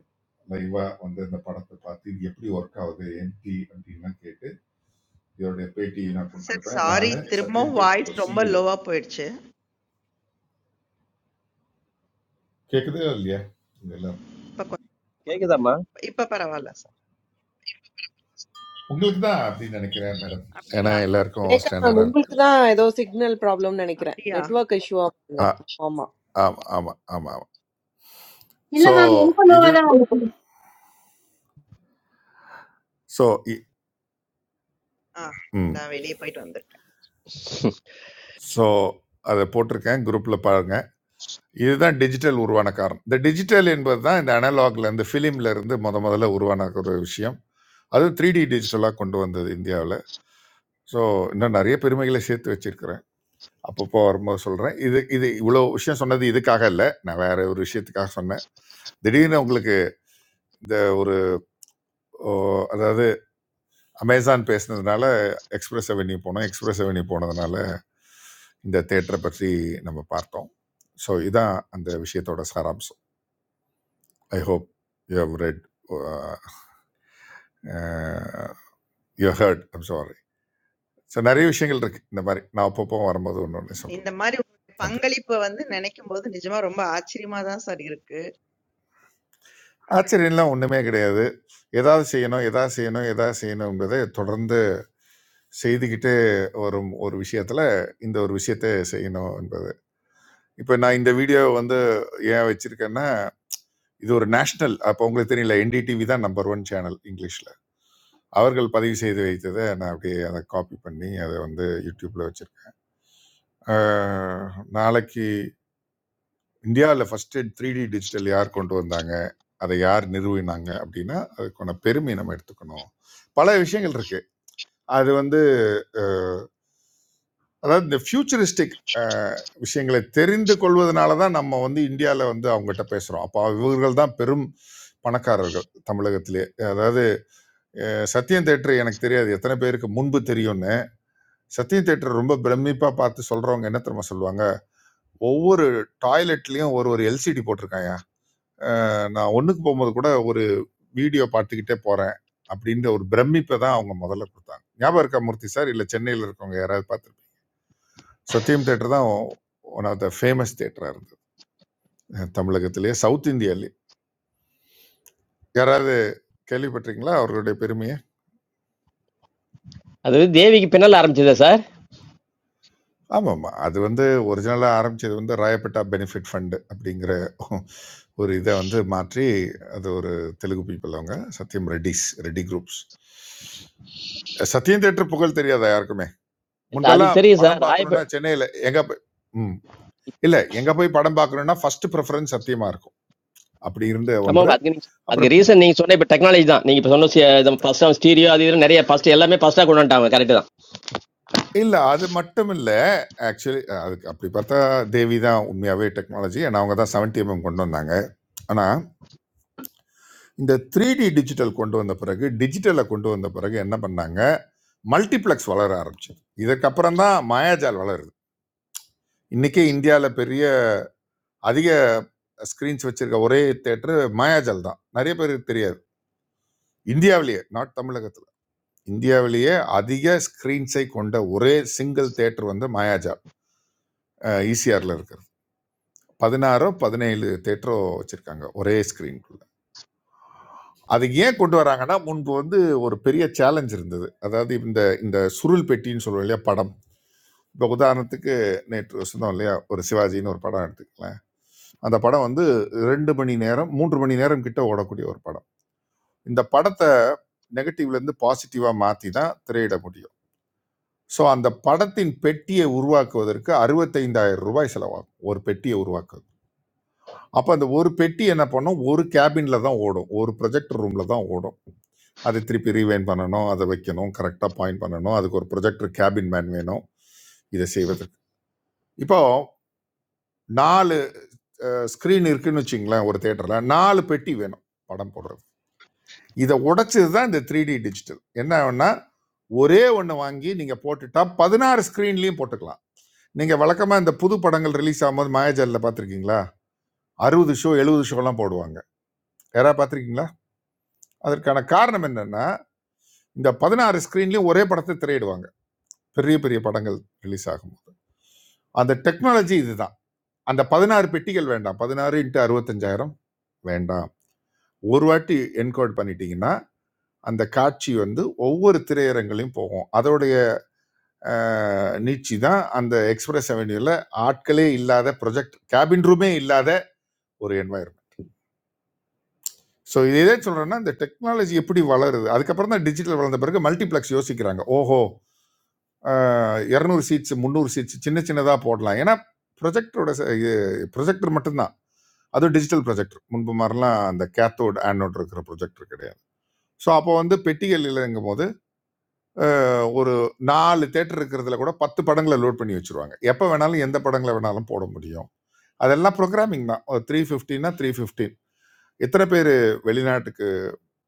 [SPEAKER 5] லைவா வந்து இந்த படத்தை பார்த்து இது எப்படி ஒர்க் ஆகுது என்டி அப்படின்லாம் கேட்டு இதோடைய பேட்டி நான்
[SPEAKER 2] சார்
[SPEAKER 5] கொடுத்துருப்பேன்
[SPEAKER 2] சாரி
[SPEAKER 5] நான் சத்யம்
[SPEAKER 2] திரும்பவும் வாய்ஸ்
[SPEAKER 5] தேட்டரோட
[SPEAKER 2] ரொம்ப
[SPEAKER 5] சிஇஓ
[SPEAKER 2] லோவா போயிடுச்சு
[SPEAKER 5] கேட்குதே இல்லையா இதெல்லாம்
[SPEAKER 2] இப்போ கொஞ்சம்
[SPEAKER 10] கேக்குதாம்மா
[SPEAKER 2] இப்போ பரவாயில்ல சார்
[SPEAKER 5] உங்களுக்கு தான் அப்படின்னு நினைக்கிறேன் மேடம் ஏன்னா
[SPEAKER 2] அப்படியா
[SPEAKER 5] எல்லாருக்கும்
[SPEAKER 3] ரேகா மேம்
[SPEAKER 5] ஸ்டாண்டர்டாக இருக்கு
[SPEAKER 3] உங்களுக்கு தான் ஏதோ சிக்னல் ப்ராப்ளம்னு நினைக்கிறேன்
[SPEAKER 2] அப்படியா
[SPEAKER 3] நெட்வொர்க் இஷ்யூவா பாருங்க
[SPEAKER 5] ஆ
[SPEAKER 3] ஆமா
[SPEAKER 5] ஆமாம் ஆமாம் ஆமாம் ஆமாம்
[SPEAKER 17] இல்ல
[SPEAKER 5] ஸோ
[SPEAKER 17] மேம் எனக்கும்
[SPEAKER 5] இது
[SPEAKER 17] லோவா தான்
[SPEAKER 5] ஸோ
[SPEAKER 2] ஆ
[SPEAKER 5] ம்
[SPEAKER 2] நான் வெளியே போயிட்டு வந்திருக்கேன்
[SPEAKER 5] ஸோ அதை போட்டிருக்கேன் குரூப்பில் பாருங்க இதுதான் டிஜிட்டல் உருவான காரணம். இந்த டிஜிட்டல் என்பது தான் இந்த அனலாக்ல இருந்து ஃபிலிம்ல இருந்து மொத முதல்ல உருவான ஒரு விஷயம். அதுவும் 3டி டிஜிட்டலா கொண்டு வந்தது இந்தியாவுல. ஸோ இன்னும் நிறைய பெருமைகளை சேர்த்து வச்சிருக்கிறேன். அப்பப்போ வரும்போது சொல்றேன். இது இது இவ்வளோ விஷயம் சொன்னது இதுக்காக இல்ல. நான் வேற ஒரு விஷயத்துக்காக சொன்னேன். திடீர்னு உங்களுக்கு இந்த ஒரு ஓ அதாவது அமேசான் பேசினதுனால எக்ஸ்பிரஸ் அவென்யூ போனோம். எக்ஸ்பிரஸ் அவென்யூ போனதுனால இந்த தியேட்டரை பற்றி நம்ம பார்த்தோம். ஸோ இதான் அந்த விஷயத்தோட சாராம்சம். I hope you have read you heard I'm sorry so நிறைய விஷயங்கள் இருக்கு இந்த மாதிரி நான் அப்பப்போ வரும்போது ஒன்று ஒன்று
[SPEAKER 2] இந்த
[SPEAKER 5] சொல்கிறேன்
[SPEAKER 2] மாதிரி உங்களுடைய
[SPEAKER 5] நன்றி
[SPEAKER 2] பங்களிப்பை வந்து நினைக்கும் போது நிஜமா ரொம்ப ஆச்சரியமா தான் சார் இருக்கு
[SPEAKER 5] ஆச்சரியம்லாம் ஒன்றுமே கிடையாது ஏதாவது செய்யணும் எதாவது செய்யணும் எதாவது செய்யணுங்கிறதை தொடர்ந்து செய்துக்கிட்டே வரும் ஒரு விஷயத்துல இந்த ஒரு விஷயத்தை செய்யணும் என்பது இப்போ நான் இந்த வீடியோ வந்து ஏன் வச்சிருக்கேன்னா இது ஒரு நேஷனல் அப்போ உங்களுக்கு தெரியல என்டிடிவி தான் நம்பர் ஒன் சேனல் இங்கிலீஷில் அவர்கள் பதிவு செய்து வைத்ததை நான் அப்படியே அதை காப்பி பண்ணி அதை வந்து யூடியூப்ல வச்சிருக்கேன் அ நாளைக்கு இந்தியால ஃபர்ஸ்ட் 3D டிஜிட்டல் யார் கொண்டு வந்தாங்க? அதை யார் நிறுவினாங்க? அப்படின்னா, அதுக்கான பெருமைய நம்ம எடுத்துக்கணும். பல விஷயங்கள் இருக்கு. அது வந்து அ அதாவது இந்த ஃப்யூச்சரிஸ்டிக் அ விஷயங்களை தெரிந்து கொள்வதனால தான் நம்ம வந்து இந்தியால வந்து அவங்ககிட்ட பேசுறோம். அப்ப இவர்கள் தான் பெரும் பணக்காரர்கள் தமிழகத்திலே. அதாவது அஹ், சத்யம் தியேட்டர் எனக்கு தெரியாது. எத்தன பேருக்கு முன்பு தெரியும்ன்னு. சத்யம் தியேட்டர் ரொம்ப பிரமிப்பா பார்த்து சொல்றவங்க என்ன தெரியுமா சொல்லுவாங்க? ஒவ்வொரு டாய்லெட்லயும் ஒரு ஒரு எல்சிடி போட்டிருக்காயா நான் ஒண்ணுக்கு போகும்போது கூட ஒரு வீடியோ பார்த்துக்கிட்டே போறேன் அப்படின்ற ஒரு பிரமிப்பை தான் அவங்க முதல்ல கொடுத்தாங்க ஞாபகம் இருக்கா மூர்த்தி சார் இல்ல சென்னையில் இருக்கவங்க யாராவது பார்த்துருப்பீங்க Sathyam theatre one of of the ஃபேமஸ் தேட்டரா இருந்தது அஹ் தமிழகத்திலேயே சவுத் இந்தியாலே யாராவது கேள்விப்பட்டிருக்கீங்களா அவர்களுடைய பெருமையை
[SPEAKER 10] அது தேவிக்கு பின்னால் ஆரம்பிச்சதா சார்
[SPEAKER 5] ஆமாம்மா அது வந்து ஒரிஜினலாக ஆரம்பிச்சது வந்து ராயப்பேட்டா பெனிஃபிட் ஃபண்டு அப்படிங்கிற ஒரு இதை வந்து மாற்றி அது ஒரு தெலுங்கு people அவங்க சத்யம் ரெட்டிஸ் ரெட்டி குரூப்ஸ் சத்தியம் தேட்டர் புகழ் தெரியாதா யாருக்குமே
[SPEAKER 10] இல்ல அது
[SPEAKER 5] முன்பெல்லாம்
[SPEAKER 10] தெரியும் சார்
[SPEAKER 5] படம்
[SPEAKER 10] ராயப
[SPEAKER 5] பார்க்கணும்னா சென்னையில எங்க போய் ம் இல்ல எங்க போய் படம் பார்க்கணும்னா ஃபர்ஸ்ட் ப்ரிஃபரன்ஸ் சத்தியமா இருக்கும் அப்படி இருந்த ஒன்று
[SPEAKER 10] ஆமாம் அதுக்கு நீங்க
[SPEAKER 5] அப்புறம்
[SPEAKER 10] அதுக்கு
[SPEAKER 5] பி-
[SPEAKER 10] ரீசன் நீங்க சொன்ன இப்ப டெக்னாலஜி தான் நீங்க இப்ப சொன்ன ஃபர்ஸ்ட் ஆஃப் ஸ்டீரியோ அது இது நிறைய ஃபர்ஸ்ட் எல்லாமே ஃபர்ஸ்டா கொண்டு வந்துட்டாங்க கரெக்ட் தான்
[SPEAKER 5] இல்ல அது மட்டும் இல்ல ஆக்சுவலி அதுக்கு அப்படி பார்த்தா தேவி தான் உண்மையாவே டெக்னாலஜி ஏன்னா அவங்க தான் செவன்டி எம்எம் கொண்டு வந்தாங்க ஆனா இந்த த்ரீ டி டிஜிட்டல் கொண்டு வந்த பிறகு டிஜிட்டலை கொண்டு வந்த பிறகு என்ன பண்ணாங்க மல்டிப்ளெக்ஸ் வளர ஆரம்பிச்சது இதுக்கப்புறம் தான் மாயாஜால் வளருது இன்னைக்கே இந்தியாவில் பெரிய அதிக ஸ்க்ரீன்ஸ் வச்சிருக்க ஒரே தேட்டர் மாயாஜால் தான் நிறைய பேருக்கு தெரியாது இந்தியாவிலேயே நாட் தமிழகத்தில் இந்தியாவிலேயே அதிக ஸ்க்ரீன்ஸை கொண்ட ஒரே சிங்கிள் தேட்டர் வந்து மாயாஜால் ஈசிஆரில் இருக்கிறது பதினாறோ பதினேழு தேட்டரோ வச்சுருக்காங்க ஒரே ஸ்க்ரீன்குள்ள அது ஏன் கொண்டு வராங்கன்னா முன்பு வந்து ஒரு பெரிய சேலஞ்ச் இருந்தது அதாவது இந்த இந்த சுருள் பெட்டின்னு சொல்லுவோம் இல்லையா படம் இப்போ உதாரணத்துக்கு நேற்று சொன்னோம் இல்லையா ஒரு சிவாஜின்னு ஒரு படம் எடுத்துக்கலாம் அந்த படம் வந்து ரெண்டு மணி நேரம் மூன்று மணி நேரம் கிட்ட ஓடக்கூடிய ஒரு படம் இந்த படத்தை நெகட்டிவ்ல இருந்து பாசிட்டிவா மாத்தி தான் திரையிட முடியும் ஸோ அந்த படத்தின் பெட்டியை உருவாக்குவதற்கு அறுபத்தைந்தாயிரம் ரூபாய் செலவாகும் ஒரு பெட்டியை உருவாக்குவது அப்போ அந்த ஒரு பெட்டி என்ன பண்ணும் ஒரு கேபின்ல தான் ஓடும் ஒரு ப்ரொஜெக்டர் ரூம்ல தான் ஓடும் அதை திருப்பி ரீவைன் பண்ணணும் அதை வைக்கணும் கரெக்டாக பாயிண்ட் பண்ணணும் அதுக்கு ஒரு ப்ரொஜெக்டர் கேபின் மேன் வேணும் இதை செய்வதற்கு இப்போ நாலு ஸ்க்ரீன் இருக்குன்னு வச்சுங்களேன் ஒரு தேட்டரில் நாலு பெட்டி வேணும் படம் போடுறதுக்கு இதை உடைச்சது தான் இந்த த்ரீ டி டிஜிட்டல் என்ன ஆகும்னா ஒரே ஒன்று வாங்கி நீங்கள் போட்டுட்டா பதினாறு ஸ்க்ரீன்லேயும் போட்டுக்கலாம் நீங்கள் வழக்கமாக இந்த புது படங்கள் ரிலீஸ் ஆகும்போது மாயாஜாலில் பார்த்துருக்கீங்களா அறுபது ஷோ எழுபது ஷோலாம் போடுவாங்க யாராவது பார்த்துருக்கீங்களா அதற்கான காரணம் என்னன்னா இந்த பதினாறு ஸ்க்ரீன்லேயும் ஒரே படத்தை திரையிடுவாங்க பெரிய பெரிய படங்கள் ரிலீஸ் ஆகும்போது அந்த டெக்னாலஜி இதுதான் அந்த பதினாறு பெட்டிகள் வேண்டாம் பதினாறு இன்ட்டு அறுபத்தஞ்சாயிரம் வேண்டாம் ஒரு வாட்டி என்கோட் பண்ணிட்டீங்கன்னா அந்த காட்சி வந்து ஒவ்வொரு திரையரங்கிலையும் போகும் அதோடைய நீச்சி தான் அந்த எக்ஸ்பிரஸ் அவென்யூவில் ஆட்களே இல்லாத ப்ரொஜெக்ட் கேபின் ரூமே இல்லாத ஒரு என்வாயர்மெண்ட் ஸோ இது எதை சொல்கிறேன்னா இந்த டெக்னாலஜி எப்படி வளருது அதுக்கப்புறம் தான் டிஜிட்டல் வளர்ந்த பிறகு மல்டிப்ளெக்ஸ் யோசிக்கிறாங்க ஓஹோ இரநூறு சீட்ஸ் முந்நூறு சீட்ஸ் சின்ன சின்னதாக போடலாம் ஏன்னா ப்ரொஜெக்டரோட ப்ரொஜெக்டர் மட்டும்தான் அதுவும் டிஜிட்டல் ப்ரொஜெக்டர் முன்பு மாதிரிலாம் அந்த கேத்தோட் ஆனோட் இருக்கிற ப்ரொஜெக்டர் கிடையாது ஸோ அப்போ வந்து பெட்டிகள் இல்லைங்கும் போது அஹ், ஒரு நாலு தேட்டர் இருக்கிறதுல கூட பத்து படங்களை லோட் பண்ணி வச்சிருவாங்க எப்போ வேணாலும் எந்த படங்களை வேணாலும் போட முடியும் அதெல்லாம் ப்ரோக்ராமிங் தான் ஒரு த்ரீ ஃபிஃப்டின்னா த்ரீ ஃபிஃப்டீன் எத்தனை பேர் வெளிநாட்டுக்கு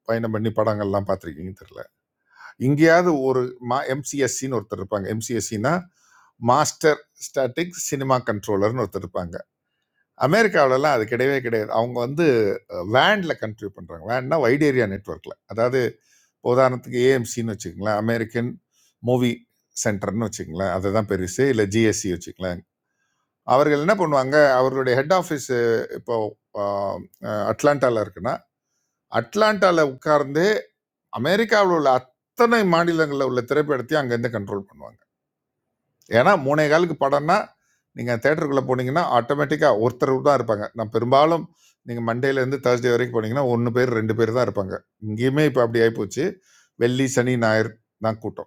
[SPEAKER 5] பயணம் பண்ணி படங்கள்லாம் பார்த்துருக்கீங்க தெரியல இங்கேயாவது ஒரு மா எம்சிஎஸ்சின்னு ஒருத்தர் இருப்பாங்க எம்சிஎஸ்சினா மாஸ்டர் ஸ்டாட்டிக் சினிமா கண்ட்ரோலர்னு ஒருத்தர் இருப்பாங்க அமெரிக்காவிலலாம் அது கிடையவே கிடையாது அவங்க வந்து வேனில் கண்ட்ரிபியூட் பண்ணுறாங்க வேன்னா வைட் ஏரியா நெட்ஒர்க்கில் அதாவது இப்போ உதாரணத்துக்கு ஏஎம்சின்னு வச்சுக்கங்களேன் அமெரிக்கன் மூவி சென்டர்னு வச்சுக்கங்களேன் அதுதான் பெருசு இல்லை ஜிஎஸ்சி வச்சுக்கங்களேன் அவர்கள் என்ன பண்ணுவாங்க அவர்களுடைய ஹெட் ஆஃபீஸ் இப்போ ஆ, அ, அட்லாண்டால இருக்குன்னா அட்லாண்டால உட்கார்ந்து அமெரிக்காவில் உள்ள அத்தனை மாநிலங்களில் உள்ள திரைப்படத்தையும் அங்கேருந்து கண்ட்ரோல் பண்ணுவாங்க ஏன்னா மூணே காலுக்கு படம்னா நீங்கள் தேட்டருக்குள்ளே போனீங்கன்னா ஆட்டோமேட்டிக்காக ஒருத்தர் தான் இருப்பாங்க நான் பெரும்பாலும் நீங்கள் மண்டேலேருந்து தேர்ஸ்டே வரைக்கும் போனீங்கன்னா ஒன்று பேர் ரெண்டு பேர் தான் இருப்பாங்க இங்கேயுமே இப்போ அப்படி ஆகிப்போச்சு வெள்ளி சனி ஞாயிறு தான் கூட்டம்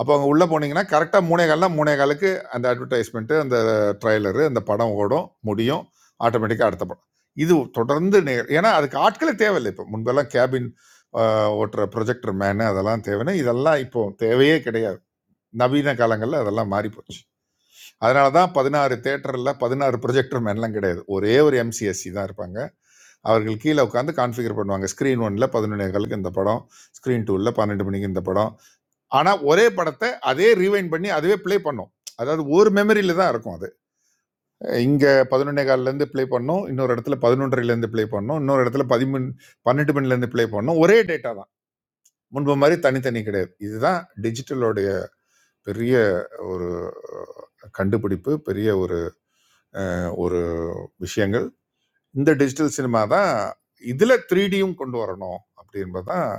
[SPEAKER 5] அப்போ அங்கே உள்ளே போனீங்கன்னா கரெக்டாக மூணே கால்னா மூணே காலுக்கு அந்த அட்வர்டைஸ்மெண்ட்டு அந்த ட்ரைலரு அந்த படம் ஓடும் முடியும் ஆட்டோமேட்டிக்காக அடுத்த படம் இது தொடர்ந்து நே ஏன்னா அதுக்கு ஆட்களே தேவையில்லை இப்போ முன்பெல்லாம் கேபின் ஓட்டுற ப்ரொஜெக்டர் மேனு அதெல்லாம் தேவைன்னா இதெல்லாம் இப்போ தேவையே கிடையாது நவீன காலங்களில் அதெல்லாம் மாறி போச்சு அதனால தான் பதினாறு தேட்டரில் பதினாறு ப்ரொஜெக்டர் மேன்லாம் கிடையாது ஒரே ஒரு எம்சிஎஸ்சி தான் இருப்பாங்க அவர்கள் கீழே உட்காந்து கான்ஃபிகர் பண்ணுவாங்க ஸ்க்ரீன் ஒன்ல பதினொன்று காலுக்கு இந்த படம் ஸ்க்ரீன் டூவில் பன்னெண்டு மணிக்கு இந்த படம் ஆனா ஒரே படத்தை அதே ரீவைண்ட் பண்ணி அதுவே ப்ளே பண்ணும் அதாவது ஒரு மெமரியில தான் இருக்கும் அது இங்க பதினொன்னே கால்ல இருந்து ப்ளே பண்ணும் இன்னொரு இடத்துல பதினொன்றரைல இருந்து ப்ளே பண்ணும் இன்னொரு இடத்துல பதிமூணு பன்னெண்டு மணில இருந்து ப்ளே பண்ணும் ஒரே டேட்டா தான் முன்பு மாதிரி தனித்தனி கிடையாது இதுதான் டிஜிட்டலோடைய பெரிய ஒரு கண்டுபிடிப்பு பெரிய ஒரு ஒரு விஷயங்கள் இந்த டிஜிட்டல் சினிமா தான் இதுல த்ரீடியும் கொண்டு வரணும் அப்படின்பதுதான்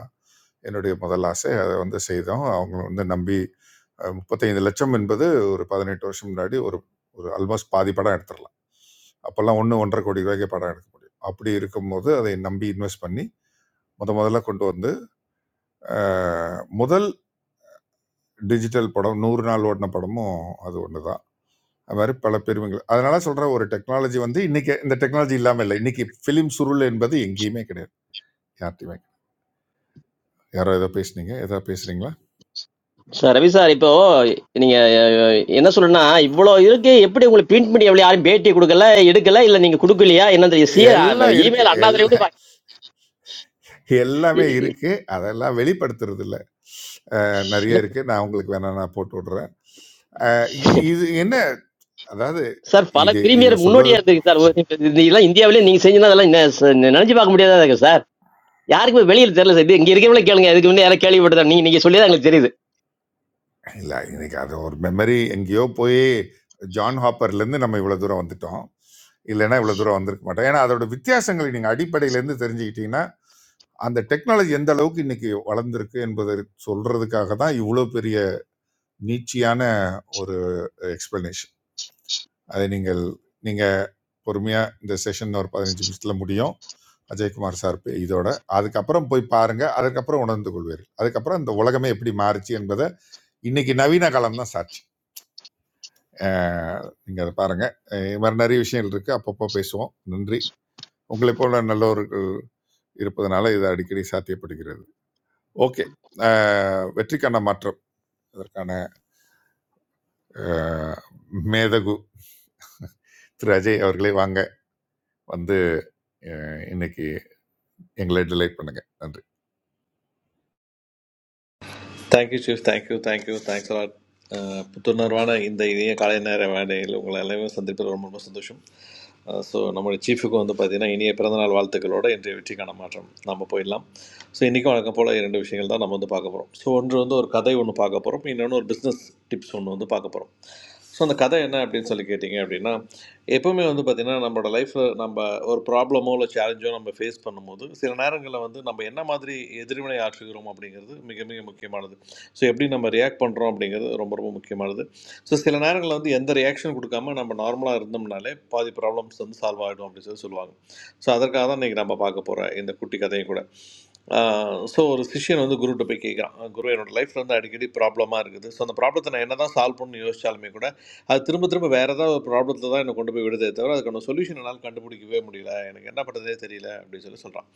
[SPEAKER 5] என்னுடைய முதல் ஆசை. அத வந்து செய்தோம். அவங்க வந்து நம்பி அ 35,00,000 என்பது ஒரு 18 வருஷம் முன்னாடி ஒரு ஒரு ஆல்மோஸ்ட் பாதி படம் எடுத்துரலாம். அப்பல்லாம் ரூ. 1, 1,50,00,000 படம் எடுக்க முடியும். அப்படி இருக்கும்போது அதை நம்பி இன்வெஸ்ட் பண்ணி முத முதல்ல கொண்டு வந்து, அ முதல் டிஜிட்டல் படம் 100 நாள் ஓடுன படமும் அது ஒண்ணு தான். அது மாரி பல பெருமைகள். அதனால சொல்றேன் ஒரு டெக்னாலஜி வந்து இன்னைக்கு இந்த டெக்னாலஜி இல்லாம இல்ல. இன்னைக்கு ஃபிலிம் சுருள் என்பது எங்கேயுமே கிடையாது. யார்ட்டயுமே. யாரோ ஏதோ பேசுனீங்க? ஏதோ பேசுறீங்களா?
[SPEAKER 10] சார் ரவி சார் இப்போ நீங்க அஹ், என்ன சொல்லணும்னா இவ்வளவு இருக்கு எப்படி உங்களுக்கு பிரிண்ட் பண்ணி எவ்வளவு யாரும் பேட்டி கொடுக்கல எடுக்கல இல்ல நீங்க கொடுக்கலையா என்ன தெரியும் சி
[SPEAKER 5] எல்லாம் இருக்கு.
[SPEAKER 10] இமெயில் அண்ணாதுரை
[SPEAKER 5] எல்
[SPEAKER 10] கூட பா-
[SPEAKER 5] எல்லாமே
[SPEAKER 10] இ- இ-
[SPEAKER 5] இருக்கு அதெல்லாம் வெளிப்படுத்துறது இல்ல அஹ்
[SPEAKER 10] இல்ல
[SPEAKER 5] நிறைய இருக்கு நான் உங்களுக்கு வேணா நான் போட்டு விடுறேன் அஹ் இ- இது என்ன அதாவது
[SPEAKER 10] சார்
[SPEAKER 5] அஹ்
[SPEAKER 10] பல
[SPEAKER 5] இது இது
[SPEAKER 10] பிரீமியர் முன்னோடியா
[SPEAKER 5] சொல்வதற்கு
[SPEAKER 10] இருந்திருக்கு சார் இது- இது எல்லாம் இந்தியாவிலே நீங்க செஞ்சதா அதெல்லாம் என்ன சார், நி- நினைச்சு பார்க்க முடியாதா இருக்கு சார் யாருக்குமே வெளியில தெரியல சார் இது இங்க இருக்கிறவங்களே கேளுங்க இதுக்கு முன்னே யாரும் கேள்விப்பட்டதா நீங்க நீங்க சொல்லி தான் எங்களுக்கு
[SPEAKER 5] இல்ல இன்னைக்கு அது ஒரு மெமரி எங்கேயோ போய் ஜான் ஹாப்பர்ல இருந்து நம்ம இவ்வளவு தூரம் வந்துட்டோம் இல்லைன்னா இவ்வளவு தூரம் வந்திருக்க மாட்டோம் ஏன்னா அதோட வித்தியாசங்களை நீங்க அடிப்படையில இருந்து தெரிஞ்சுக்கிட்டீங்கன்னா அந்த டெக்னாலஜி எந்த அளவுக்கு இன்னைக்கு வளர்ந்திருக்கு என்பதை சொல்றதுக்காக தான் இவ்வளவு பெரிய நீட்சியான ஒரு எக்ஸ்பிளனேஷன் அதை நீங்கள் நீங்கள் பொறுமையாக இந்த செஷன் ஒரு பதினஞ்சு நிமிஷத்தில் முடியும் அஜயகுமார் சார் பே- இதோட அதுக்கப்புறம் போய் பாருங்க அதுக்கப்புறம் உணர்ந்து கொள்வீர்கள் அதுக்கப்புறம் இந்த உலகமே எப்படி மாறுச்சு என்பதை இன்னைக்கு நவீன காலம் தான் சாட்சி அஹ் நீங்க அதை பாருங்க அஹ் இது மாதிரி நிறைய விஷயங்கள் இருக்கு அப்பப்போ பேசுவோம் நன்றி உங்களை போல நல்லவர்கள் இருப்பதனால இது அடிக்கடி சாத்தியப்படுகிறது ஓகே வெற்றிக்கான மாற்றம் இதற்கான அஹ், மேதகு திரு அஜய் அவர்களே வாங்க வந்து அஹ், இன்னைக்கு எங்களை டிலைட் பண்ணுங்க நன்றி
[SPEAKER 16] Thank you, Chief. Thank you, thank you. Thanks a lot. அஹ், புத்துணர்வான இந்த இனிய காலை நேர வேலையில் உங்களை எல்லாமே சந்திப்பதில் ரொம்ப ரொம்ப சந்தோஷம் அஹ், ஸோ நம்முடைய சீஃபுக்கு வந்து பார்த்தீங்கன்னா இனிய பிறந்தநாள் வாழ்த்துக்களோட இன்றைய வெற்றிக்கான மாற்றம் நம்ம போயிடலாம் ஸோ இன்றைக்கும் வழக்கம் போல் இரண்டு விஷயங்கள் தான் நம்ம வந்து பார்க்க போகிறோம் ஸோ ஒன்று வந்து ஒரு கதை ஒன்று பார்க்க போகிறோம் இன்னொன்று ஒரு பிஸ்னஸ் டிப்ஸ் ஒன்று வந்து பார்க்க போகிறோம் ஸோ அந்த கதை என்ன அப்படின்னு சொல்லி கேட்டிங்க அப்படின்னா எப்போவுமே வந்து பார்த்திங்கன்னா நம்மளோட லைஃப்பில் நம்ம ஒரு ப்ராப்ளமோ இல்லை சேலஞ்சோ நம்ம ஃபேஸ் பண்ணும்போது சில நேரங்களில் வந்து நம்ம என்ன மாதிரி எதிர்வினை ஆற்றுகிறோம் அப்படிங்கிறது மிக மிக முக்கியமானது ஸோ எப்படி நம்ம ரியாக்ட் பண்ணுறோம் அப்படிங்கிறது ரொம்ப ரொம்ப முக்கியமானது ஸோ சில நேரங்களில் வந்து எந்த ரியாக்ஷன் கொடுக்காம நம்ம நார்மலாக இருந்தோம்னாலே பாதி ப்ராப்ளம்ஸ் வந்து சால்வ் ஆகிடும் அப்படின்னு சொல்லி சொல்லுவாங்க ஸோ அதற்காக தான் இன்றைக்கி நம்ம பார்க்க போகிற இந்த குட்டி கதையும் கூட ஸோ ஒரு சிஷ்யன் வந்து குருட்ட போய் கேட்குறான் குரு என்னோட லைஃப்பில் வந்து அடிக்கடி ப்ராப்ளமாக இருக்குது ஸோ அந்த ப்ராப்ளத்தை நான் என்ன தான் சால்வ் பண்ணணும்னு யோசிச்சாலுமே கூட அது திரும்ப திரும்ப வேறு ஏதாவது ஒரு ப்ராப்ளத்தில் தான் என்னை கொண்டு போய் விடுதே தவிர அதுக்கான சொல்யூஷன் என்னால் கண்டுபிடிக்கவே முடியல எனக்கு என்ன பண்ணுறதே தெரியல அப்படின்னு சொல்லி சொல்கிறான்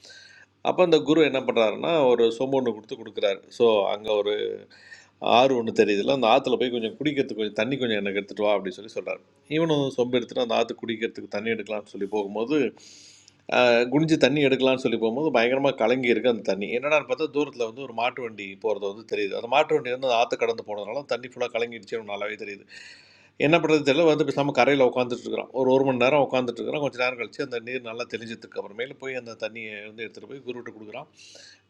[SPEAKER 16] அப்போ அந்த குரு என்ன பண்ணுறாருன்னா ஒரு சொம்பு ஒன்று கொடுத்து கொடுக்குறாரு ஸோ அங்கே ஒரு ஆறு ஒன்று தெரியுதுல்ல அந்த ஆற்றுல போய் கொஞ்சம் குடிக்கிறதுக்கு கொஞ்சம் தண்ணி கொஞ்சம் எனக்கு எடுத்துகிட்டு வா அப்படின்னு சொல்லி சொல்கிறாரு இவனும் சொம்பு எடுத்துட்டு அந்த ஆற்று குடிக்கிறதுக்கு தண்ணி எடுக்கலாம்னு சொல்லி போகும்போது குடிஞ்சு தண்ணி எடுக்கலாம்னு சொல்லி போகும்போது பயங்கரமாக கலங்கி இருக்கு அந்த தண்ணி என்னடான்னு பார்த்தா தூரத்தில் வந்து ஒரு மாட்டு வண்டி போகிறது வந்து தெரியுது அந்த மாட்டு வண்டி வந்து ஆற்று கடந்து போனதுனால தண்ணி ஃபுல்லாக கலங்கிடுச்சு நல்லாவே தெரியுது என்ன பண்ணுறது தெரியல வந்து பேசாமல் கரையில் உட்காந்துட்டு இருக்கிறோம் ஒரு ஒரு மணி நேரம் உட்காந்துட்டு இருக்கிறோம் கொஞ்சம் நேரம் கழிச்சு அந்த நீர் நல்லா தெளிஞ்சதுக்கு அப்புறமேல போய் அந்த தண்ணியை வந்து எடுத்துகிட்டு போய் குருவிட்ட கொடுக்குறான்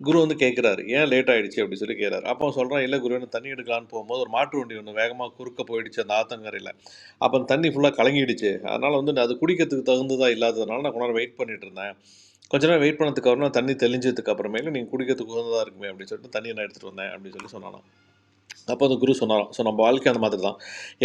[SPEAKER 16] குரு வந்து கேட்குறாரு ஏன் லேட் ஆயிடுச்சு அப்படின்னு சொல்லி கேட்குறாரு அப்போ சொல்கிறான் இல்லை குரு எனக்கு தண்ணி எடுக்கலான்னு போகும்போது ஒரு மாட்டு வண்டி ஒன்று வேகமாக குறுக்க போயிடுச்சு அந்த ஆத்தங்கரையில் அப்போ அந்த தண்ணி ஃபுல்லாக கலங்கிடுச்சு அதனால் வந்து அது குடிக்கிறதுக்கு தகுந்ததாக இல்லாததுனால நான் கொண்டாட வெயிட் பண்ணிட்டு இருந்தேன் கொஞ்ச நேரம் வெயிட் பண்ணதுக்கு அப்புறம் தண்ணி தெளிஞ்சதுக்கு அப்புறமேலு நீங்கள் குடிக்கிறதுக்கு உகந்ததாக இருக்குமே அப்படின்னு சொல்லிட்டு தண்ணியை நான் எடுத்துகிட்டு வந்தேன் அப்படின்னு சொல்லி சொன்னானா அப்போ அந்த குரு சொன்னாராம் ஸோ நம்ம வாழ்க்கை அந்த மாதிரி தான்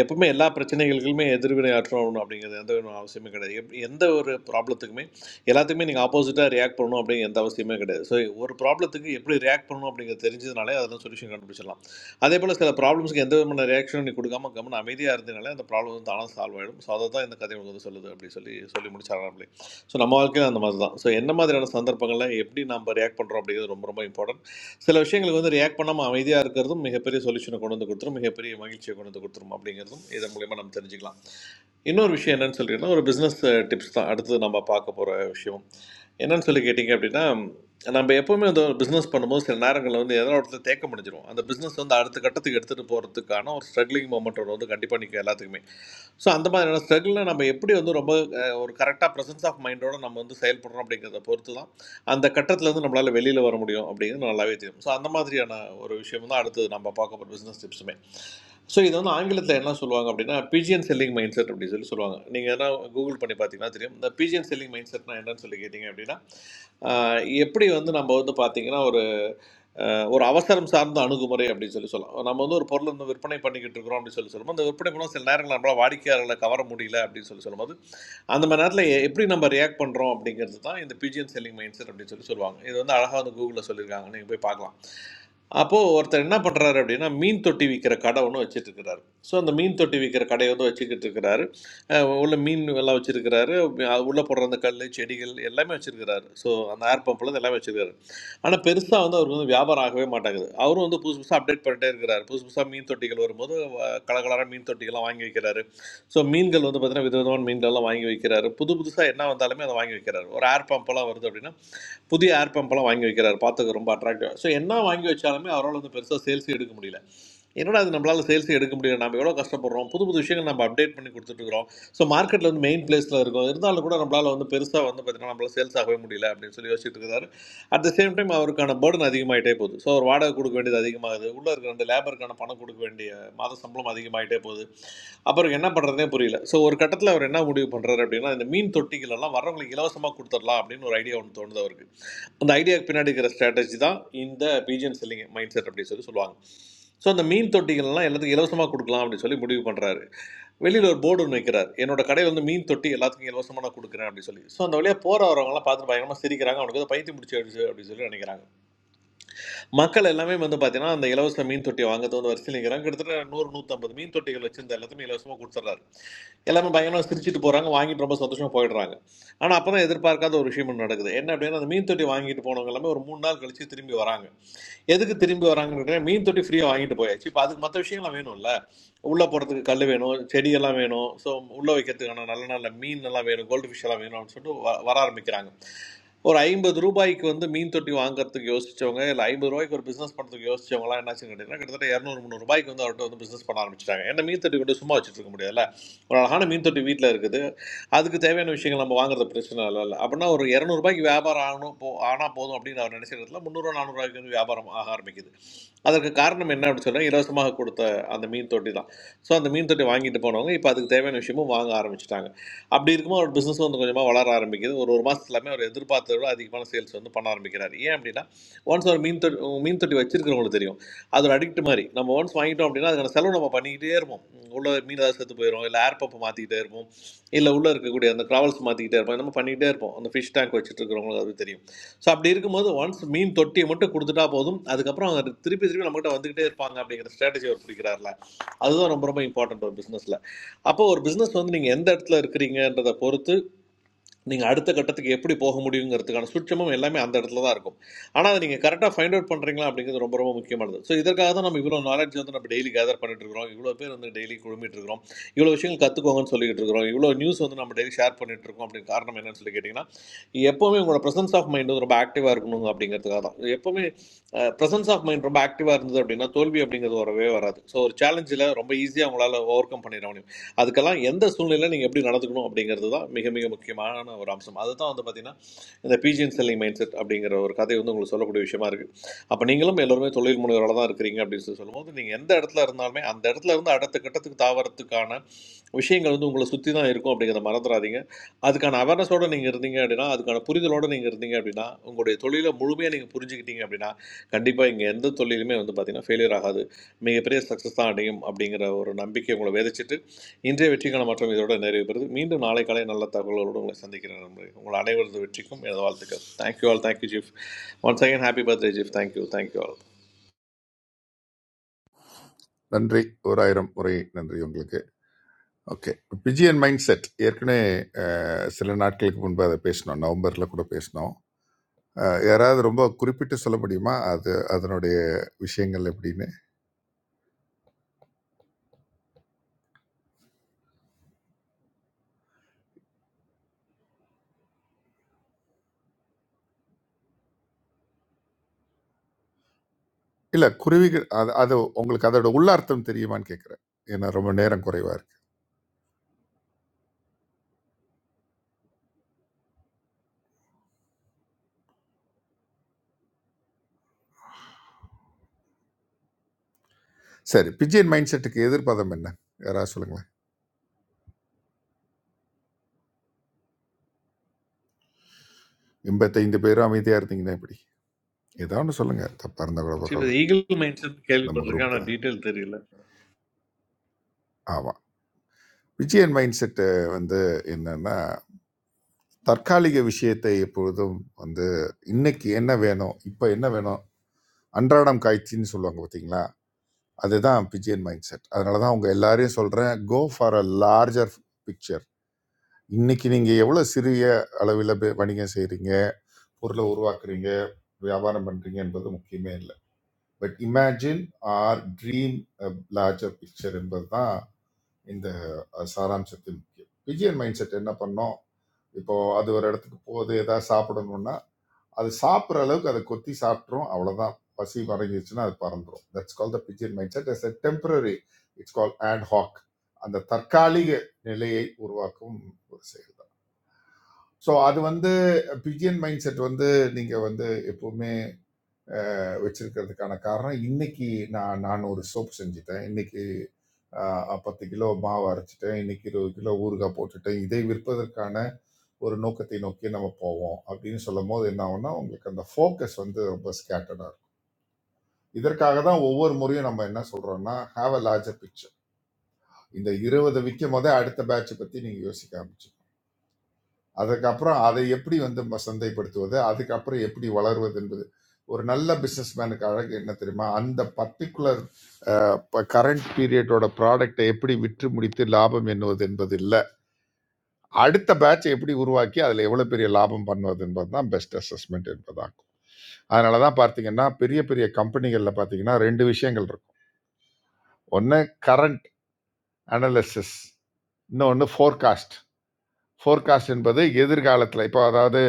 [SPEAKER 16] எப்பவுமே எல்லா பிரச்சனைகளுக்குமே எதிர்வினை ஆற்றணும் அப்படிங்கிறது எந்த ஒரு அவசியமே கிடையாது எப் எந்த ஒரு ப்ராப்ளத்துக்குமே எல்லாத்துக்குமே நீங்கள் ஆப்போசிட்டாக ரியாக்ட் பண்ணணும் அப்படிங்கிற எந்த அவசியமே கிடையாது ஸோ ஒரு ப்ராப்ளத்துக்கு எப்படி ரியாக்ட் பண்ணணும் அப்படிங்கிறது தெரிஞ்சதுனாலே அதில் சொல்யூஷன் கண்டுபிடிச்சிடலாம் அதே போல் சில ப்ராப்ளம்ஸ்க்கு எந்த விதமான ரியாக்ஷனும் நீ கொடுக்காம கவனம் அமைதியாக இருந்ததுனாலே அந்த ப்ராப்ளம் வந்து தானாக சால்வ் ஆகிடும் ஸோ அதை தான் இந்த கதை உங்களுக்கு வந்து சொல்லுது அப்படி சொல்லி சொல்லி முடிச்சாராம் ஸோ நம்ம வாழ்க்கையில் அந்த மாதிரி தான் ஸோ என்ன மாதிரியான சந்தர்ப்பங்களில் எப்படி நம்ம ரியாக்ட் பண்ணுறோம் அப்படிங்கிறது ரொம்ப ரொம்ப இம்பார்ட்டன்ட் சில விஷயங்களுக்கு வந்து ரியாக்ட் பண்ணாமல் அமைதியாக இருக்கிறதும் மிகப்பெரிய சொல்யூஷனை கொண்டு வந்து கொடுத்துரும் மிகப்பெரிய மகிழ்ச்சியை கொண்டு வந்து கொடுத்துரும் அப்படிங்கிறதும் இதன் மூலயமா நம்ம தெரிஞ்சுக்கலாம் இன்னொரு விஷயம் என்னன்னு சொல்லிட்டுனா ஒரு பிஸ்னஸ் டிப்ஸ் தான் அடுத்தது நம்ம பார்க்க போகிற விஷயம் என்னன்னு சொல்லி கேட்டிங்க அப்படின்னா நம்ம எப்போவுமே அந்த ஒரு பிஸ்னஸ் பண்ணும்போது சில நேரங்களில் வந்து எதனா ஒரு இடத்துல தேக்க முடிஞ்சிடும் அந்த பிஸ்னஸ் வந்து அடுத்த கட்டத்துக்கு எடுத்துகிட்டு போகிறதுக்கான ஒரு ஸ்ட்ரகிளிங் மூமெண்ட் ஒன்று வந்து கண்டிப்பாக நிற்கும் எல்லாத்துக்குமே ஸோ அந்த மாதிரியான ஸ்ட்ரகிளில் நம்ம எப்படி வந்து ரொம்ப அஹ், ஒரு கரெக்டாக ப்ரெசன்ஸ் ஆஃப் மைண்டோட நம்ம வந்து செயல்படுறோம் அப்படிங்கிறத பொறுத்து தான் அந்த கட்டத்துலேருந்து நம்மளால் வெளியில் வர முடியும் அப்படிங்கிறது நல்லாவே தெரியும் ஸோ அந்த மாதிரியான ஒரு விஷயம் தான் அடுத்து நம்ம பார்க்க போகிற பிஸ்னஸ் டிப்ஸுமே ஸோ இது வந்து ஆங்கிலத்தில் என்ன சொல்லுவாங்க அப்படின்னா பிஜிஎன் செல்லிங் மைண்ட் செட் அப்படின்னு சொல்லி சொல்லுவாங்க நீங்கள் எதனா கூகுள் பண்ணி பார்த்தீங்கன்னா தெரியும் இந்த பிஜிஎன் செல்லிங் மைண்ட் செட்னா என்னன்னு சொல்லி கேட்டிங்க அப்படின்னா ஆஹ் எப்படி வந்து நம்ம வந்து பார்த்தீங்கன்னா ஒரு ஆஹ் ஒரு அவசரம் சார்ந்த அணுகுமுறை அப்படின்னு சொல்லி சொல்லலாம் நம்ம வந்து ஒரு பொருள் வந்து விற்பனை பண்ணிக்கிட்டு இருக்கிறோம் அப்படின்னு சொல்லி சொல்லும்போது அந்த விற்பனை மூலம் சில நேரங்கள் நம்மளால் வாடிக்கையாளர்களை கவர முடியல அப்படின்னு சொல்லி சொல்லும்போது அந்த மாதிரி நேரத்தில் எப்படி நம்ம ரியாக்ட் பண்ணுறோம் அப்படிங்கிறது தான் இந்த பிஜிஎன் செல்லிங் மைண்ட் செட் அப்படின்னு சொல்லி சொல்லுவாங்க இது வந்து அழகாக வந்து கூகுளில் சொல்லியிருக்காங்க நீங்கள் போய் பார்க்கலாம் அப்போது ஒருத்தர் என்ன பண்ணுறாரு அப்படின்னா மீன் தொட்டி விற்கிற கடை ஒன்று வச்சுட்டு இருக்கிறாரு ஸோ அந்த மீன் தொட்டி விற்கிற கடையை வந்து வச்சுக்கிட்டு இருக்கிறாரு அஹ் உள்ள மீன் எல்லாம் வச்சுருக்கிறாரு உள்ளே போடுற அந்த கல் செடிகள் எல்லாமே வச்சுருக்கிறாரு ஸோ அந்த ஏர் பம்பில் எல்லாமே வச்சுருக்காரு ஆனால் பெருசாக வந்து அவருக்கு வந்து வியாபாரம் ஆகவே மாட்டேங்குது அவரும் வந்து புதுசு புதுசாக அப்டேட் பண்ணிட்டே இருக்கிறாரு புதுசு புதுசாக மீன் தொட்டிகள் வரும்போது அஹ், கலகலரான மீன் தொட்டிகள்லாம் வாங்கி வைக்கிறாரு ஸோ மீன்கள் வந்து பார்த்தீங்கன்னா விதவிதமான மீன்கள்லாம் வாங்கி வைக்கிறாரு புது புதுசாக என்ன வந்தாலுமே அதை வாங்கி வைக்கிறாரு ஒரு ஏர் பம்பெல்லாம் வருது அப்படின்னா புதிய ஏர் பம்பெல்லாம் வாங்கி வைக்கிறாரு பார்த்துக்க ரொம்ப அட்ராக்டிவாக ஸோ என்ன வாங்கி வச்சாலுமே அவரால் வந்து பெருசாக சேல்ஸ் எடுக்க முடியல என்னடா அது நம்மளால் சேல்ஸ் எடுக்க முடியல நம்ம எவ்வளோ கஷ்டப்படுறோம் புது புது விஷயங்கள் நம்ம அப்டேட் பண்ணி கொடுத்துட்ருக்குறோம் ஸோ மார்க்கெட்டில் வந்து மெயின் பிளேஸில் இருக்கும் இருந்தாலும் கூட நம்மளால் வந்து பெருசாக வந்து பார்த்தீங்கன்னா நம்மளால் சேல்ஸ் ஆகவே முடியல அப்படின்னு சொல்லி யோசிச்சுட்டு இருக்காரு அட் த சேம் டைம் அவருக்கான பேர்டன் அதிகமாயிட்டே போகுது ஸோ அவர் வாடகை கொடுக்க வேண்டியது அதிகமாகுது உள்ளே இருக்கிற ரெண்டு லேபருக்கான பணம் கொடுக்க வேண்டிய மாத சம்பளம் அதிகமாயிட்டே போகுது அப்புறம் என்ன பண்ணுறதுனே புரியல ஸோ ஒரு கட்டத்தில் அவர் என்ன முடிவு பண்ணுறாரு அப்படின்னா இந்த மீன் தொட்டிகள் எல்லாம் வரவங்களுக்கு இலவசமாக கொடுத்துடலாம் அப்படின்னு ஒரு ஐடியா ஒன்று தோணுது அவருக்கு அந்த ஐடியாவுக்கு பின்னாடி இருக்கிற ஸ்ட்ராட்டஜி தான் இந்த பீஜன் செல்லிங் மைண்ட் செட் அப்படின்னு சொல்லி சொல்லுவாங்க ஸோ அந்த மீன் தொட்டிகள்லாம் எல்லாத்துக்கும் இலவசமாக கொடுக்கலாம் அப்படின்னு சொல்லி முடிவு பண்ணுறாரு வெளியில் ஒரு போர்டு ஒன்று வைக்கிறார் என்னோட கடையில் வந்து மீன் தொட்டி எல்லாத்துக்கும் இலவசமாக நான் கொடுக்குறேன் அப்படின்னு சொல்லி ஸோ அந்த வழியாக போகிற வரவங்கலாம் பார்த்து பயங்கரமாக சிரிக்கிறாங்க அவனுக்கு வந்து பைத்தியம் பிடிச்சி அப்படின்னு சொல்லி நினைக்கிறாங்க மக்கள் எல்லாமே வந்து பார்த்தீங்கன்னா அந்த இலவச மீன் தொட்டியை வாங்குறது வந்து வரிசையில் நிற்கிறாங்க கிட்டத்தட்ட நூறு நூற்றம்பது மீன் தொட்டிகள் வச்சிருந்த எல்லாத்தையுமே இலவசமாக கொடுத்துட்றாரு எல்லாமே பயங்கரமாக சிரிச்சிட்டு போகிறாங்க வாங்கிட்டு ரொம்ப சந்தோஷமாக போயிடுறாங்க ஆனால் அப்போ தான் எதிர்பார்க்காத ஒரு விஷயம் ஒண்ணு நடக்குது என்ன அப்படின்னா அந்த மீன் தொட்டி வாங்கிட்டு போனவங்க எல்லாமே ஒரு மூணு நாள் கழிச்சு திரும்பி வராங்க எதுக்கு திரும்பி வராங்கன்னு கேட்டா, மீன் தொட்டி ஃப்ரீயாக வாங்கிட்டு போயாச்சு இப்போ அதுக்கு மற்ற விஷயங்கள்லாம் வேணும்ல உள்ளே போகிறதுக்கு கல் வேணும் செடியெல்லாம் வேணும் ஸோ உள்ளே வைக்கிறதுக்கான நல்ல நல்ல மீன் எல்லாம் வேணும் கோல்டு ஃபிஷ் எல்லாம் வேணும் அப்படின்னு சொல்லிட்டு வ- வர ஆரம்பிக்கிறாங்க ஒரு 50 ரூபாய்க்கு வந்து மீன் தொட்டி வாங்குறதுக்கு யோசிச்சவங்க இல்ல 50 ரூபாய்க்கு ஒரு பிசினஸ் பண்றதுக்கு யோசிச்சவங்கலாம் என்னாச்சுன்னு கேட்டீங்கன்னா கிட்டத்தட்ட 200 300 ரூபாய்க்கு வந்து அவர்கிட்ட வந்து பிசினஸ் பண்ண ஆரம்பிச்சிட்டாங்க ஏன்னா மீன் தொட்டி கொண்டு சும்மா வச்சுட்டு இருக்க முடியாதுல்ல ஒரு அழகான மீன் தொட்டி வீட்டில் இருக்குது அதுக்கு தேவையான விஷயங்கள் நம்ம வாங்குறது பிரச்சனை இல்லை இல்லை அப்படின்னா ஒரு 200 ரூபாய்க்கு வியாபாரம் ஆகணும் போ ஆனால் போதும் அப்படின்னு அவர் நினைச்ச இடத்துல முந்நூறு நானூறுரூவாய்க்கு வந்து வியாபாரம் ஆக ஆரம்பிக்குது அதற்கு காரணம் என்ன அப்படின்னு சொன்னால் இலவசமாக கொடுத்த அந்த மீன் தொட்டி தான் ஸோ அந்த மீன் தொட்டி வாங்கிட்டு போனவங்க இப்போ அதுக்கு தேவையான விஷயமும் வாங்க ஆரம்பிச்சிட்டாங்க அப்படி இருக்கும்போது அவர் பிஸ்னஸ் வந்து கொஞ்சமாக வளர ஆரம்பிக்குது ஒரு ஒரு மாதத்துல எல்லாமே அவர் எதிர்பார்த்ததை விட அதிகமான சேல்ஸ் வந்து பண்ண ஆரம்பிக்கிறார் ஏன் அப்படின்னா ஒன்ஸ் ஒரு மீன் தொட்டி மீன் தொட்டி வச்சிருக்கிறவங்களுக்கு தெரியும் அது ஒரு அடிக்ட் மாதிரி நம்ம ஒன்ஸ் வாங்கிட்டோம் அப்படின்னா அதுக்கான செலவு நம்ம பண்ணிக்கிட்டே இருப்போம் உள்ள மீன் ஏதாவது செத்து போயிடும் இல்லை ஏர் பம்பை மாற்றிக்கிட்டே இருப்போம் இல்லை உள்ளே இருக்கக்கூடிய அந்த க்ராவல்ஸ் மாற்றிக்கிட்டே இருப்போம் நம்ம பண்ணிக்கிட்டே இருப்போம் அந்த ஃபிஷ் டேங்க் வச்சுட்டு இருக்கிறவங்களுக்கு அது தெரியும் ஸோ அப்படி இருக்கும்போது ஒன்ஸ் மீன் தொட்டியை மட்டும் கொடுத்துட்டா போதும் அதுக்கப்புறம் அவங்க திருப்பி திருப்பி நம்மகிட்ட வந்துக்கிட்டே இருப்பாங்க அப்படிங்கிற ஸ்ட்ராட்டஜி அவர் பிடிக்கிறார்ல அதுதான் ரொம்ப ரொம்ப இம்பார்ட்டன்ட் ஒரு பிஸ்னஸில் அப்போ ஒரு பிசினஸ் வந்து நீங்க எந்த இடத்துல இருக்கிறீங்கன்றதை பொறுத்து நீங்க அடுத்த கட்டத்துக்கு எப்படி போக முடியுங்கிறதுக்கான சுற்றமும் எல்லாமே அந்த இடத்துல தான் இருக்கும் ஆனா அதை நீங்க கரெக்டா ஃபைண்ட் அவுட் பண்றீங்களா அப்படிங்கிறது ரொம்ப ரொம்ப முக்கியமானது ஸோ இதற்காக தான் நம்ம இவ்வளோ நாலேஜ் வந்து நம்ம டெய்லி கேதர் பண்ணிட்டு இருக்கிறோம் இவ்வளோ பேர் வந்து டெய்லி குழுமிட்டு இருக்கிறோம் இவ்வளோ விஷயங்கள் கத்துக்கோங்கன்னு சொல்லிட்டு இருக்கிறோம் இவ்வளோ நியூஸ் வந்து நம்ம டெய்லி ஷேர் பண்ணிட்டு இருக்கோம் அப்படின்னு காரணம் என்னன்னு சொல்லி கேட்டிங்கன்னா எப்பவுமே உங்களோட பிரசன்ஸ் ஆஃப் மைண்ட் வந்து ரொம்ப ஆக்டிவா இருக்கணும் அப்படிங்கிறதுக்காக தான் எப்பவுமே பிரசன்ஸ் ஆஃப் மைண்ட் ரொம்ப ஆக்டிவா இருந்தது அப்படின்னா தோல்வி அப்படிங்கிறது வரவே வராது ஸோ ஒரு சேலஞ்சில் ரொம்ப ஈஸியாக உங்களால் ஓவர் கம் பண்ணிடணும். அதுக்கெல்லாம் எந்த சூழ்நிலையில் நீங்கள் எப்படி நடந்துக்கணும் அப்படிங்கிறது தான் மிக மிக முக்கியமான ஒரு அம்சம் அதுதான் வந்து பார்த்தீங்கன்னா இந்த பிஜிஎன் செல்லிங் மைண்ட் செட் அப்படிங்கிற ஒரு கதை வந்து உங்களுக்கு சொல்லக்கூடிய விஷயமா இருக்குது அப்போ நீங்களும் எல்லோருமே தொழில் முனைவராக தான் இருக்கிறீங்க அப்படின்னு சொல்லி சொல்லும்போது நீங்கள் எந்த இடத்துல இருந்தாலுமே அந்த இடத்துல இருந்து அடுத்த கட்டத்துக்கு தாவறதுக்கான விஷயங்கள் வந்து உங்களை சுற்றி தான் இருக்கும் அப்படிங்கிறத மறந்துடாதீங்க அதுக்கான அவேர்னஸோடு நீங்கள் இருந்தீங்க அப்படின்னா அதுக்கான புரிதலோடு நீங்கள் இருந்தீங்க அப்படின்னா உங்களுடைய தொழிலை முழுமையாக நீங்கள் புரிஞ்சுக்கிட்டீங்க அப்படின்னா கண்டிப்பாக கண்டிப்பாக இங்கே எந்த தொழிலுமே வந்து பார்த்தீங்கன்னா ஃபெயிலியர் ஆகாது மிகப்பெரிய சக்ஸஸ் தான் அடையும் அப்படிங்கிற ஒரு நம்பிக்கை உங்களை விதைச்சிட்டு இன்றைய வெற்றிக்கான மாற்றம் இதோட நிறைவு பெறுது மீண்டும் நாளை காலை நல்ல தகவல்களோடு உங்களை சந்திக்கிறேன் நண்பர்களே. உங்கள் அனைவரது வெற்றிக்கும் எனது வாழ்த்துக்கள் தேங்க்யூ ஆல் தேங்க்யூ ஜீஃப் ஒன்ஸ் அகைன் ஹாப்பி பர்த்டே ஜீஃப் தேங்க்யூ தேங்க்யூ ஆல்
[SPEAKER 5] நன்றி ஒரு ஆயிரம் முறை நன்றி உங்களுக்கு ஓகே பிஜிஎன் மைண்ட் செட் ஏற்கனவே அஹ், சில நாட்களுக்கு முன்பு அதை பேசினோம் நவம்பரில் கூட பேசினோம் அஹ், யாராவது ரொம்ப குறிப்பிட்டு சொல்ல முடியுமா அது அதனுடைய விஷயங்கள் எப்படின்னு இல்லை குருவிகள் அது அது உங்களுக்கு அதோட உள்ளார்த்தம் தெரியுமான்னு கேட்குறேன் ஏன்னா ரொம்ப நேரம் குறைவாக இருக்கு சரி பிஜிஎன் மைண்ட் செட்டுக்கு எதிர்பாதம் என்ன யாராவது சொல்லுங்களேன் எண்பத்தைந்து பேரும் அமைதியாக இருந்தீங்கன்னா எப்படி ஏதாவது ஒன்று சொல்லுங்கள் தப்பாக இருந்தால் கூட
[SPEAKER 16] ஜீஃப்
[SPEAKER 5] பரவாயில்ல
[SPEAKER 16] இது ஈகிள் மைண்ட் செட்
[SPEAKER 5] நம்ம
[SPEAKER 16] கேள்விப்பட்டிருக்கேன்
[SPEAKER 5] குரூப் தான்.
[SPEAKER 16] ஆனால் டீட்டெயில் தெரியல
[SPEAKER 5] ஆமா. விஜயன் மைண்ட் செட்டு வந்து என்னன்னா, தற்காலிக விஷயத்தை எப்பொழுதும் வந்து இன்னைக்கு என்ன வேணும்? இப்ப என்ன வேணும்? அன்றாடம் காய்ச்சின்னு சொல்லுவாங்க பார்த்தீங்களா? அதுதான் பிஜியன் மைண்ட் செட். அதனால தான் உங்க எல்லாரையும் சொல்றேன், go for a larger picture. இன்னைக்கு நீங்க எவ்வளோ சிறிய அளவில பே வணிகம் செய்றீங்க, பொருள உருவாக்குறீங்க, வியாபாரம் பண்றீங்க என்பது முக்கியமே இல்ல. But imagine or dream a larger picture என்பது தான் இந்த அஹ், சாராம்சத்தில் முக்கியம் பிஜிஎன் மைண்ட் செட் என்ன பண்ணோம் இப்போ அது ஒரு இடத்துக்கு போகுது ஏதாவது சாப்பிடணும்னா அது சாப்பிட்ற அளவுக்கு அதை கொத்தி சாப்பிட்றோம் அவ்வளோதான் பசி மறைஞ்சிருச்சுன்னா அது பறந்துடும் that's call the pigeon mind set as a temporary it's call and hawk அந்த தற்காலிக நிலையை உருவாக்கும் ஒரு செயல் தான் ஸோ அது வந்து பிஜிஎன் மைண்ட் செட் வந்து நீங்கள் வந்து எப்பவுமே வச்சிருக்கிறதுக்கான காரணம் இன்னைக்கு நான் நான் ஒரு சோப் செஞ்சுட்டேன் இன்னைக்கு ஆஹ், பத்து கிலோ மாவு அரைச்சிட்டேன் இன்னைக்கு இருபது கிலோ ஊறுகாய் போட்டுட்டேன் இதை விற்பதற்கான ஒரு நோக்கத்தை நோக்கி நம்ம போவோம் அப்படின்னு சொல்லும் போது என்ன ஆகும்னா உங்களுக்கு அந்த ஃபோக்கஸ் வந்து ரொம்ப ஸ்கேட்டர்டாக இருக்கும் இதற்காக தான் ஒவ்வொரு முறையும் நம்ம என்ன சொல்றோம்னா ஹாவ் அ லார்ஜர் பிக்சர் இந்த இருபது விற்கும் போதே அடுத்த பேட்சை பத்தி நீங்க யோசிக்க ஆரம்பிச்சிடணும். அதுக்கப்புறம் அதை எப்படி வந்து ம- சந்தைப்படுத்துவது அதுக்கப்புறம் எப்படி வளர்வது என்பது ஒரு நல்ல பிஸ்னஸ்மேனுக்கு அழகு என்ன தெரியுமா அந்த பர்டிகுலர் கரண்ட் பீரியடோட ப்ராடக்டை எப்படி விற்று முடித்து லாபம் எண்ணுவது என்பது இல்லை அடுத்த பேட்சை எப்படி உருவாக்கி அதில் எவ்வளோ பெரிய லாபம் பண்ணுவது என்பது தான் பெஸ்ட் அசஸ்மெண்ட் என்பதாகும் அதனால தான் பார்த்தீங்கன்னா பெரிய பெரிய கம்பெனிகளில் பார்த்தீங்கன்னா ரெண்டு விஷயங்கள் இருக்கும் ஒன்று கரண்ட் அனலிசிஸ் இன்னொன்று ஃபோர்காஸ்ட் ஃபோர்காஸ்ட் என்பது எதிர்காலத்தில் இப்போ அதாவது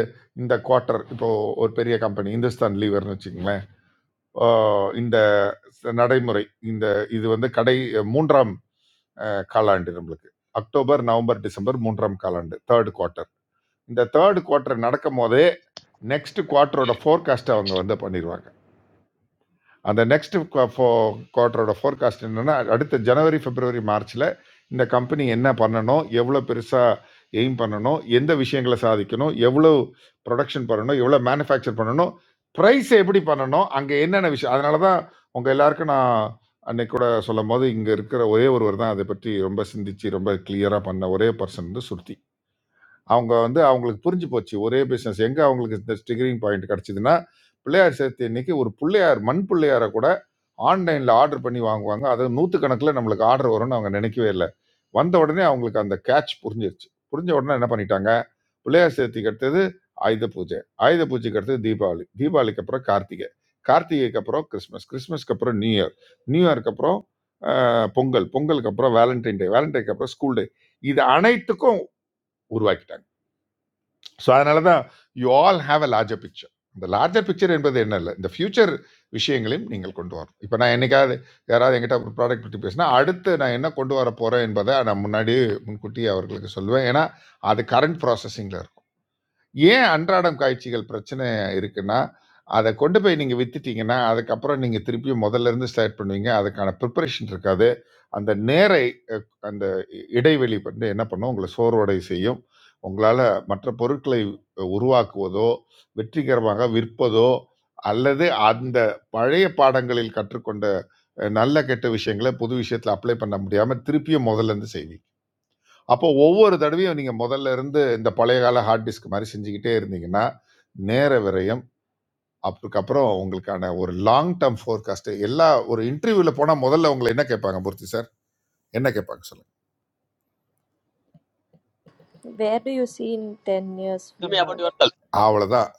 [SPEAKER 5] இந்த குவார்ட்டர் இப்போ ஒரு பெரிய கம்பெனி இந்துஸ்தான் லீவர்னு வச்சுக்கோங்களேன் ஆஹ் இந்த ச- நடைமுறை இந்த இது வந்து கடை மூன்றாம் ஆஹ் காலாண்டு நம்மளுக்கு அக்டோபர் நவம்பர் டிசம்பர் மூன்றாம் காலாண்டு தேர்ட் குவார்ட்டர் இந்த தேர்ட் குவார்ட்டர் நடக்கும் போதே நெக்ஸ்ட் குவார்ட்டரோட ஃபோர்காஸ்ட் அவங்க வந்து பண்ணிடுவாங்க அந்த நெக்ஸ்ட் ஃபோ குவார்ட்டரோட ஃபோர்காஸ்ட் என்னன்னா அடுத்த ஜனவரி பிப்ரவரி மார்ச்ல இந்த கம்பெனி என்ன பண்ணணும் எவ்வளோ பெருசா எய்ம் பண்ணணும் எந்த விஷயங்களை சாதிக்கணும் எவ்வளோ ப்ரொடக்ஷன் பண்ணணும் எவ்வளோ மேனுஃபேக்சர் பண்ணணும் ப்ரைஸ் எப்படி பண்ணணும் அங்கே என்னென்ன விஷயம் அதனால தான் உங்கள் எல்லாருக்கும் நான் அன்னைக்கு கூட சொல்லும் போது இங்கே இருக்கிற ஒரே ஒருவர் தான் அதை பற்றி ரொம்ப சிந்திச்சு ரொம்ப கிளியராக பண்ண ஒரே பர்சன் வந்து சுருதி அவங்க வந்து அவங்களுக்கு புரிஞ்சு போச்சு ஒரே பிஸ்னஸ் எங்கே அவங்களுக்கு இந்த ஸ்டிகரிங் பாயிண்ட் கிடச்சிதுன்னா பிள்ளையார் சேர்த்து இன்னைக்கு ஒரு பிள்ளையார் மண் பிள்ளையாரை கூட ஆன்லைன்ல ஆர்டர் பண்ணி வாங்குவாங்க அது நூத்துக்கணக்குல நம்மளுக்கு ஆர்டர் வரும்னு அவங்க நினைக்கவே இல்லை வந்த உடனே அவங்களுக்கு அந்த கேட்ச் புரிஞ்சிருச்சு புரிஞ்ச உடனே என்ன பண்ணிட்டாங்க பிள்ளையார் சேர்த்திக்கு அடுத்தது ஆயுத பூஜை ஆயுத பூஜைக்கு அடுத்தது தீபாவளி தீபாவளிக்கு அப்புறம் கார்த்திகை கார்த்திகைக்கு அப்புறம் கிறிஸ்மஸ் கிறிஸ்மஸ்க்கு அப்புறம் நியூ இயர் நியூ இயர்க்கு அப்புறம் ஆஹ், பொங்கல் பொங்கலுக்கு அப்புறம் வேலண்டைன் டே வேலண்டைனுக்கு அப்புறம் ஸ்கூல் டே இது அனைத்துக்கும் உருவாக்கிட்டாங்க ஸோ அதனால தான் you all have a larger picture இந்த லார்ஜர் பிக்சர் என்பது என்ன இல்லை இந்த ஃபியூச்சர் விஷயங்களையும் நீங்கள் கொண்டு வரணும் இப்போ நான் என்னைக்காவது யாராவது என்கிட்ட ஒரு ப்ராடக்ட் பற்றி பேசினா அடுத்து நான் என்ன கொண்டு வர போகிறேன் என்பதை நான் முன்னாடியே முன்கூட்டியே அவர்களுக்கு சொல்லுவேன் ஏன்னா அது கரண்ட் ப்ராசஸிங்கில் இருக்கும் ஏன் அன்றாடம் காய்ச்சிகள் பிரச்சனை இருக்குன்னா, அத கொண்டு போய் நீங்க வித்துட்டீங்கன்னா, அதுக்கப்புறம் நீங்க திருப்பியும் மொதல்லருந்து ஸ்டார்ட் பண்ணுவீங்க. அதுக்கான ப்ரிப்பரேஷன் இருக்காது. அந்த நேர அ அந்த இடைவெளி வந்து என்ன பண்ணும்? உங்கள சோர்வடைய செய்யும். உங்களால மற்ற பொருட்களை உருவாக்குவதோ, வெற்றிகரமாக விற்பதோ, அல்லது அந்த பழைய பாடங்களில் கற்றுக்கொண்ட அஹ், நல்ல, கெட்ட விஷயங்கள புது விஷயத்துல அப்ளை பண்ண முடியாம திருப்பியும் மொதல்லருந்து செய்வீங்க. அப்போ ஒவ்வொரு தடவையும் நீங்க முதல்ல இருந்து இந்த பழைய கால ஹார்ட் டிஸ்க் மாரி செஞ்சுகிட்டே இருந்தீங்கன்னா, நேர விரயம். அதுக்கப்புறம் உங்களுக்கான ஒரு லாங் டெர்ம் ஃபோர்காஸ்ட் எல்லா ஒரு இன்டர்வியூல போனா முதல்ல உங்கள என்ன கேட்பாங்க மூர்த்தி சார்? என்ன கேட்பாங்க சொல்லுங்க?
[SPEAKER 15] Where do you see in ten years from now?
[SPEAKER 10] தெரியுது
[SPEAKER 5] அவ்வளதான்.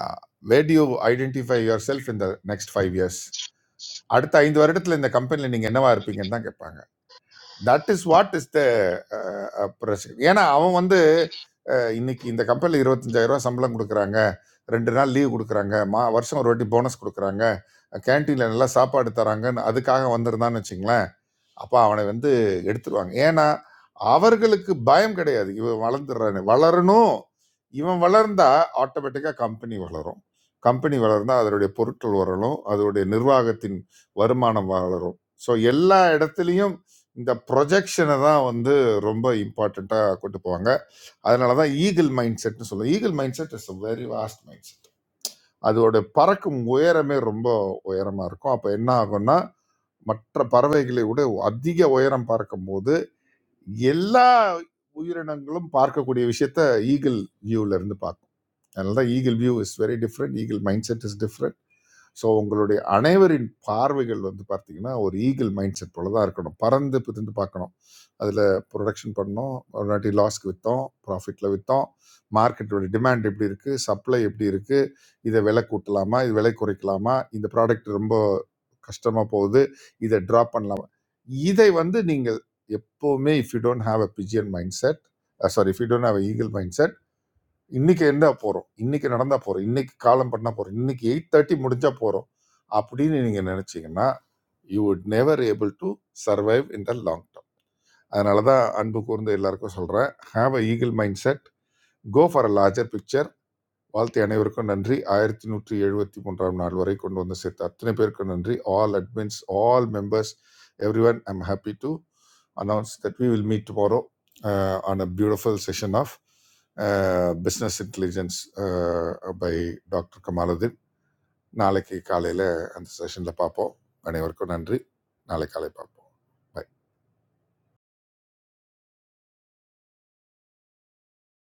[SPEAKER 5] Uh where do you identify yourself in the next 5 years? அடுத்த 5 வருடத்துல இந்த கம்பெனில நீங்க என்னவா இருப்பீங்கன்னு தான் கேட்பாங்க. That is what is the pressure ஏன்னா அவன் வந்து அஹ், இன்னைக்கு இந்த கம்பெனியில் இருபத்தஞ்சாயிரம் ரூபா சம்பளம் கொடுக்குறாங்க ரெண்டு நாள் லீவ் கொடுக்குறாங்க மா வருஷம் ஒரு வாட்டி போனஸ் கொடுக்குறாங்க கேன்டீனில் நல்லா சாப்பாடு தராங்கன்னு அதுக்காக வந்திருந்தான்னு வச்சுங்களேன் அப்போ அவனை வந்து எடுத்துருவாங்க ஏன்னா அவர்களுக்கு பயம் கிடையாது இவன் வளர்ந்துடுறானு வளரணும் இவன் வளர்ந்தா ஆட்டோமேட்டிக்காக கம்பெனி வளரும் கம்பெனி வளர்ந்தா அதனுடைய பொருட்கள் வளரும் அதனுடைய நிர்வாகத்தின் வருமானம் வளரும் ஸோ எல்லா இடத்துலையும் இந்த ப்ரொஜெக்ஷனை தான் வந்து ரொம்ப இம்பார்ட்டண்ட்டாக கொண்டு போவாங்க அதனால தான் ஈகிள் மைண்ட் செட்னு சொல்லுவோம் eagle mind set is a very vast mind set அதோட பறக்கும் உயரமே ரொம்ப உயரமாக இருக்கும் அப்போ என்ன ஆகும்னா மற்ற பறவைகளை விட அதிக உயரம் பார்க்கும்போது எல்லா உயிரினங்களும் பார்க்கக்கூடிய விஷயத்த ஈகிள் வியூல இருந்து பார்க்கும் அதனால தான் eagle view is very different eagle mind set is so உங்களுடைய அனைவரின் பார்வைகள் வந்து பார்த்தீங்கன்னா, ஒரு ஈகிள் மைண்ட் செட் போல தான் இருக்கணும். பறந்து பிரிந்து பார்க்கணும். அதில புரொடக்ஷன் பண்ணோம், இல்லாட்டி லாஸ்க்கு வித்தோம், ப்ராஃபிட்ல வித்தோம். மார்க்கெட்டோட டிமாண்ட் எப்படி இருக்கு? சப்ளை எப்படி இருக்கு? இத விலை கூட்டலாமா? இது விலை குறைக்கலாமா? இந்த ப்ராடக்ட் ரொம்ப கஷ்டமா போகுது. இத ட்ராப் பண்ணலாமா? இதை வந்து நீங்கள் எப்பவுமே if you don't have a pigeon mind set sorry if you don't have a eagle mind set இன்னைக்கு என்ன போறோம் இன்னைக்கு நடந்தா போறோம் இன்னைக்கு காலம் பண்ணா போறோம் இன்னைக்கு எயிட் தேர்ட்டி முடிஞ்சா போறோம் அப்படின்னு நீங்க நினைச்சீங்கன்னா you would never able to survive in the long term அதனால தான் அன்பு கூர்ந்து எல்லாருக்கும் சொல்றேன் have a eagle mind set go for a larger picture வாழ்த்தி அனைவருக்கும் நன்றி ஆயிரத்தி நூற்றி எழுபத்தி மூன்றாம் நாள் வரை கொண்டு வந்து சேர்த்த அத்தனை பேருக்கும் நன்றி all admins all members everyone I'm happy to announce that we will meet tomorrow on a beautiful session of business intelligence by doctor Kamaludeen நாளைக்கு காலையில் அந்த செஷனில் பார்ப்போம் அனைவருக்கும் நன்றி நாளை காலை பார்ப்போம் Bye.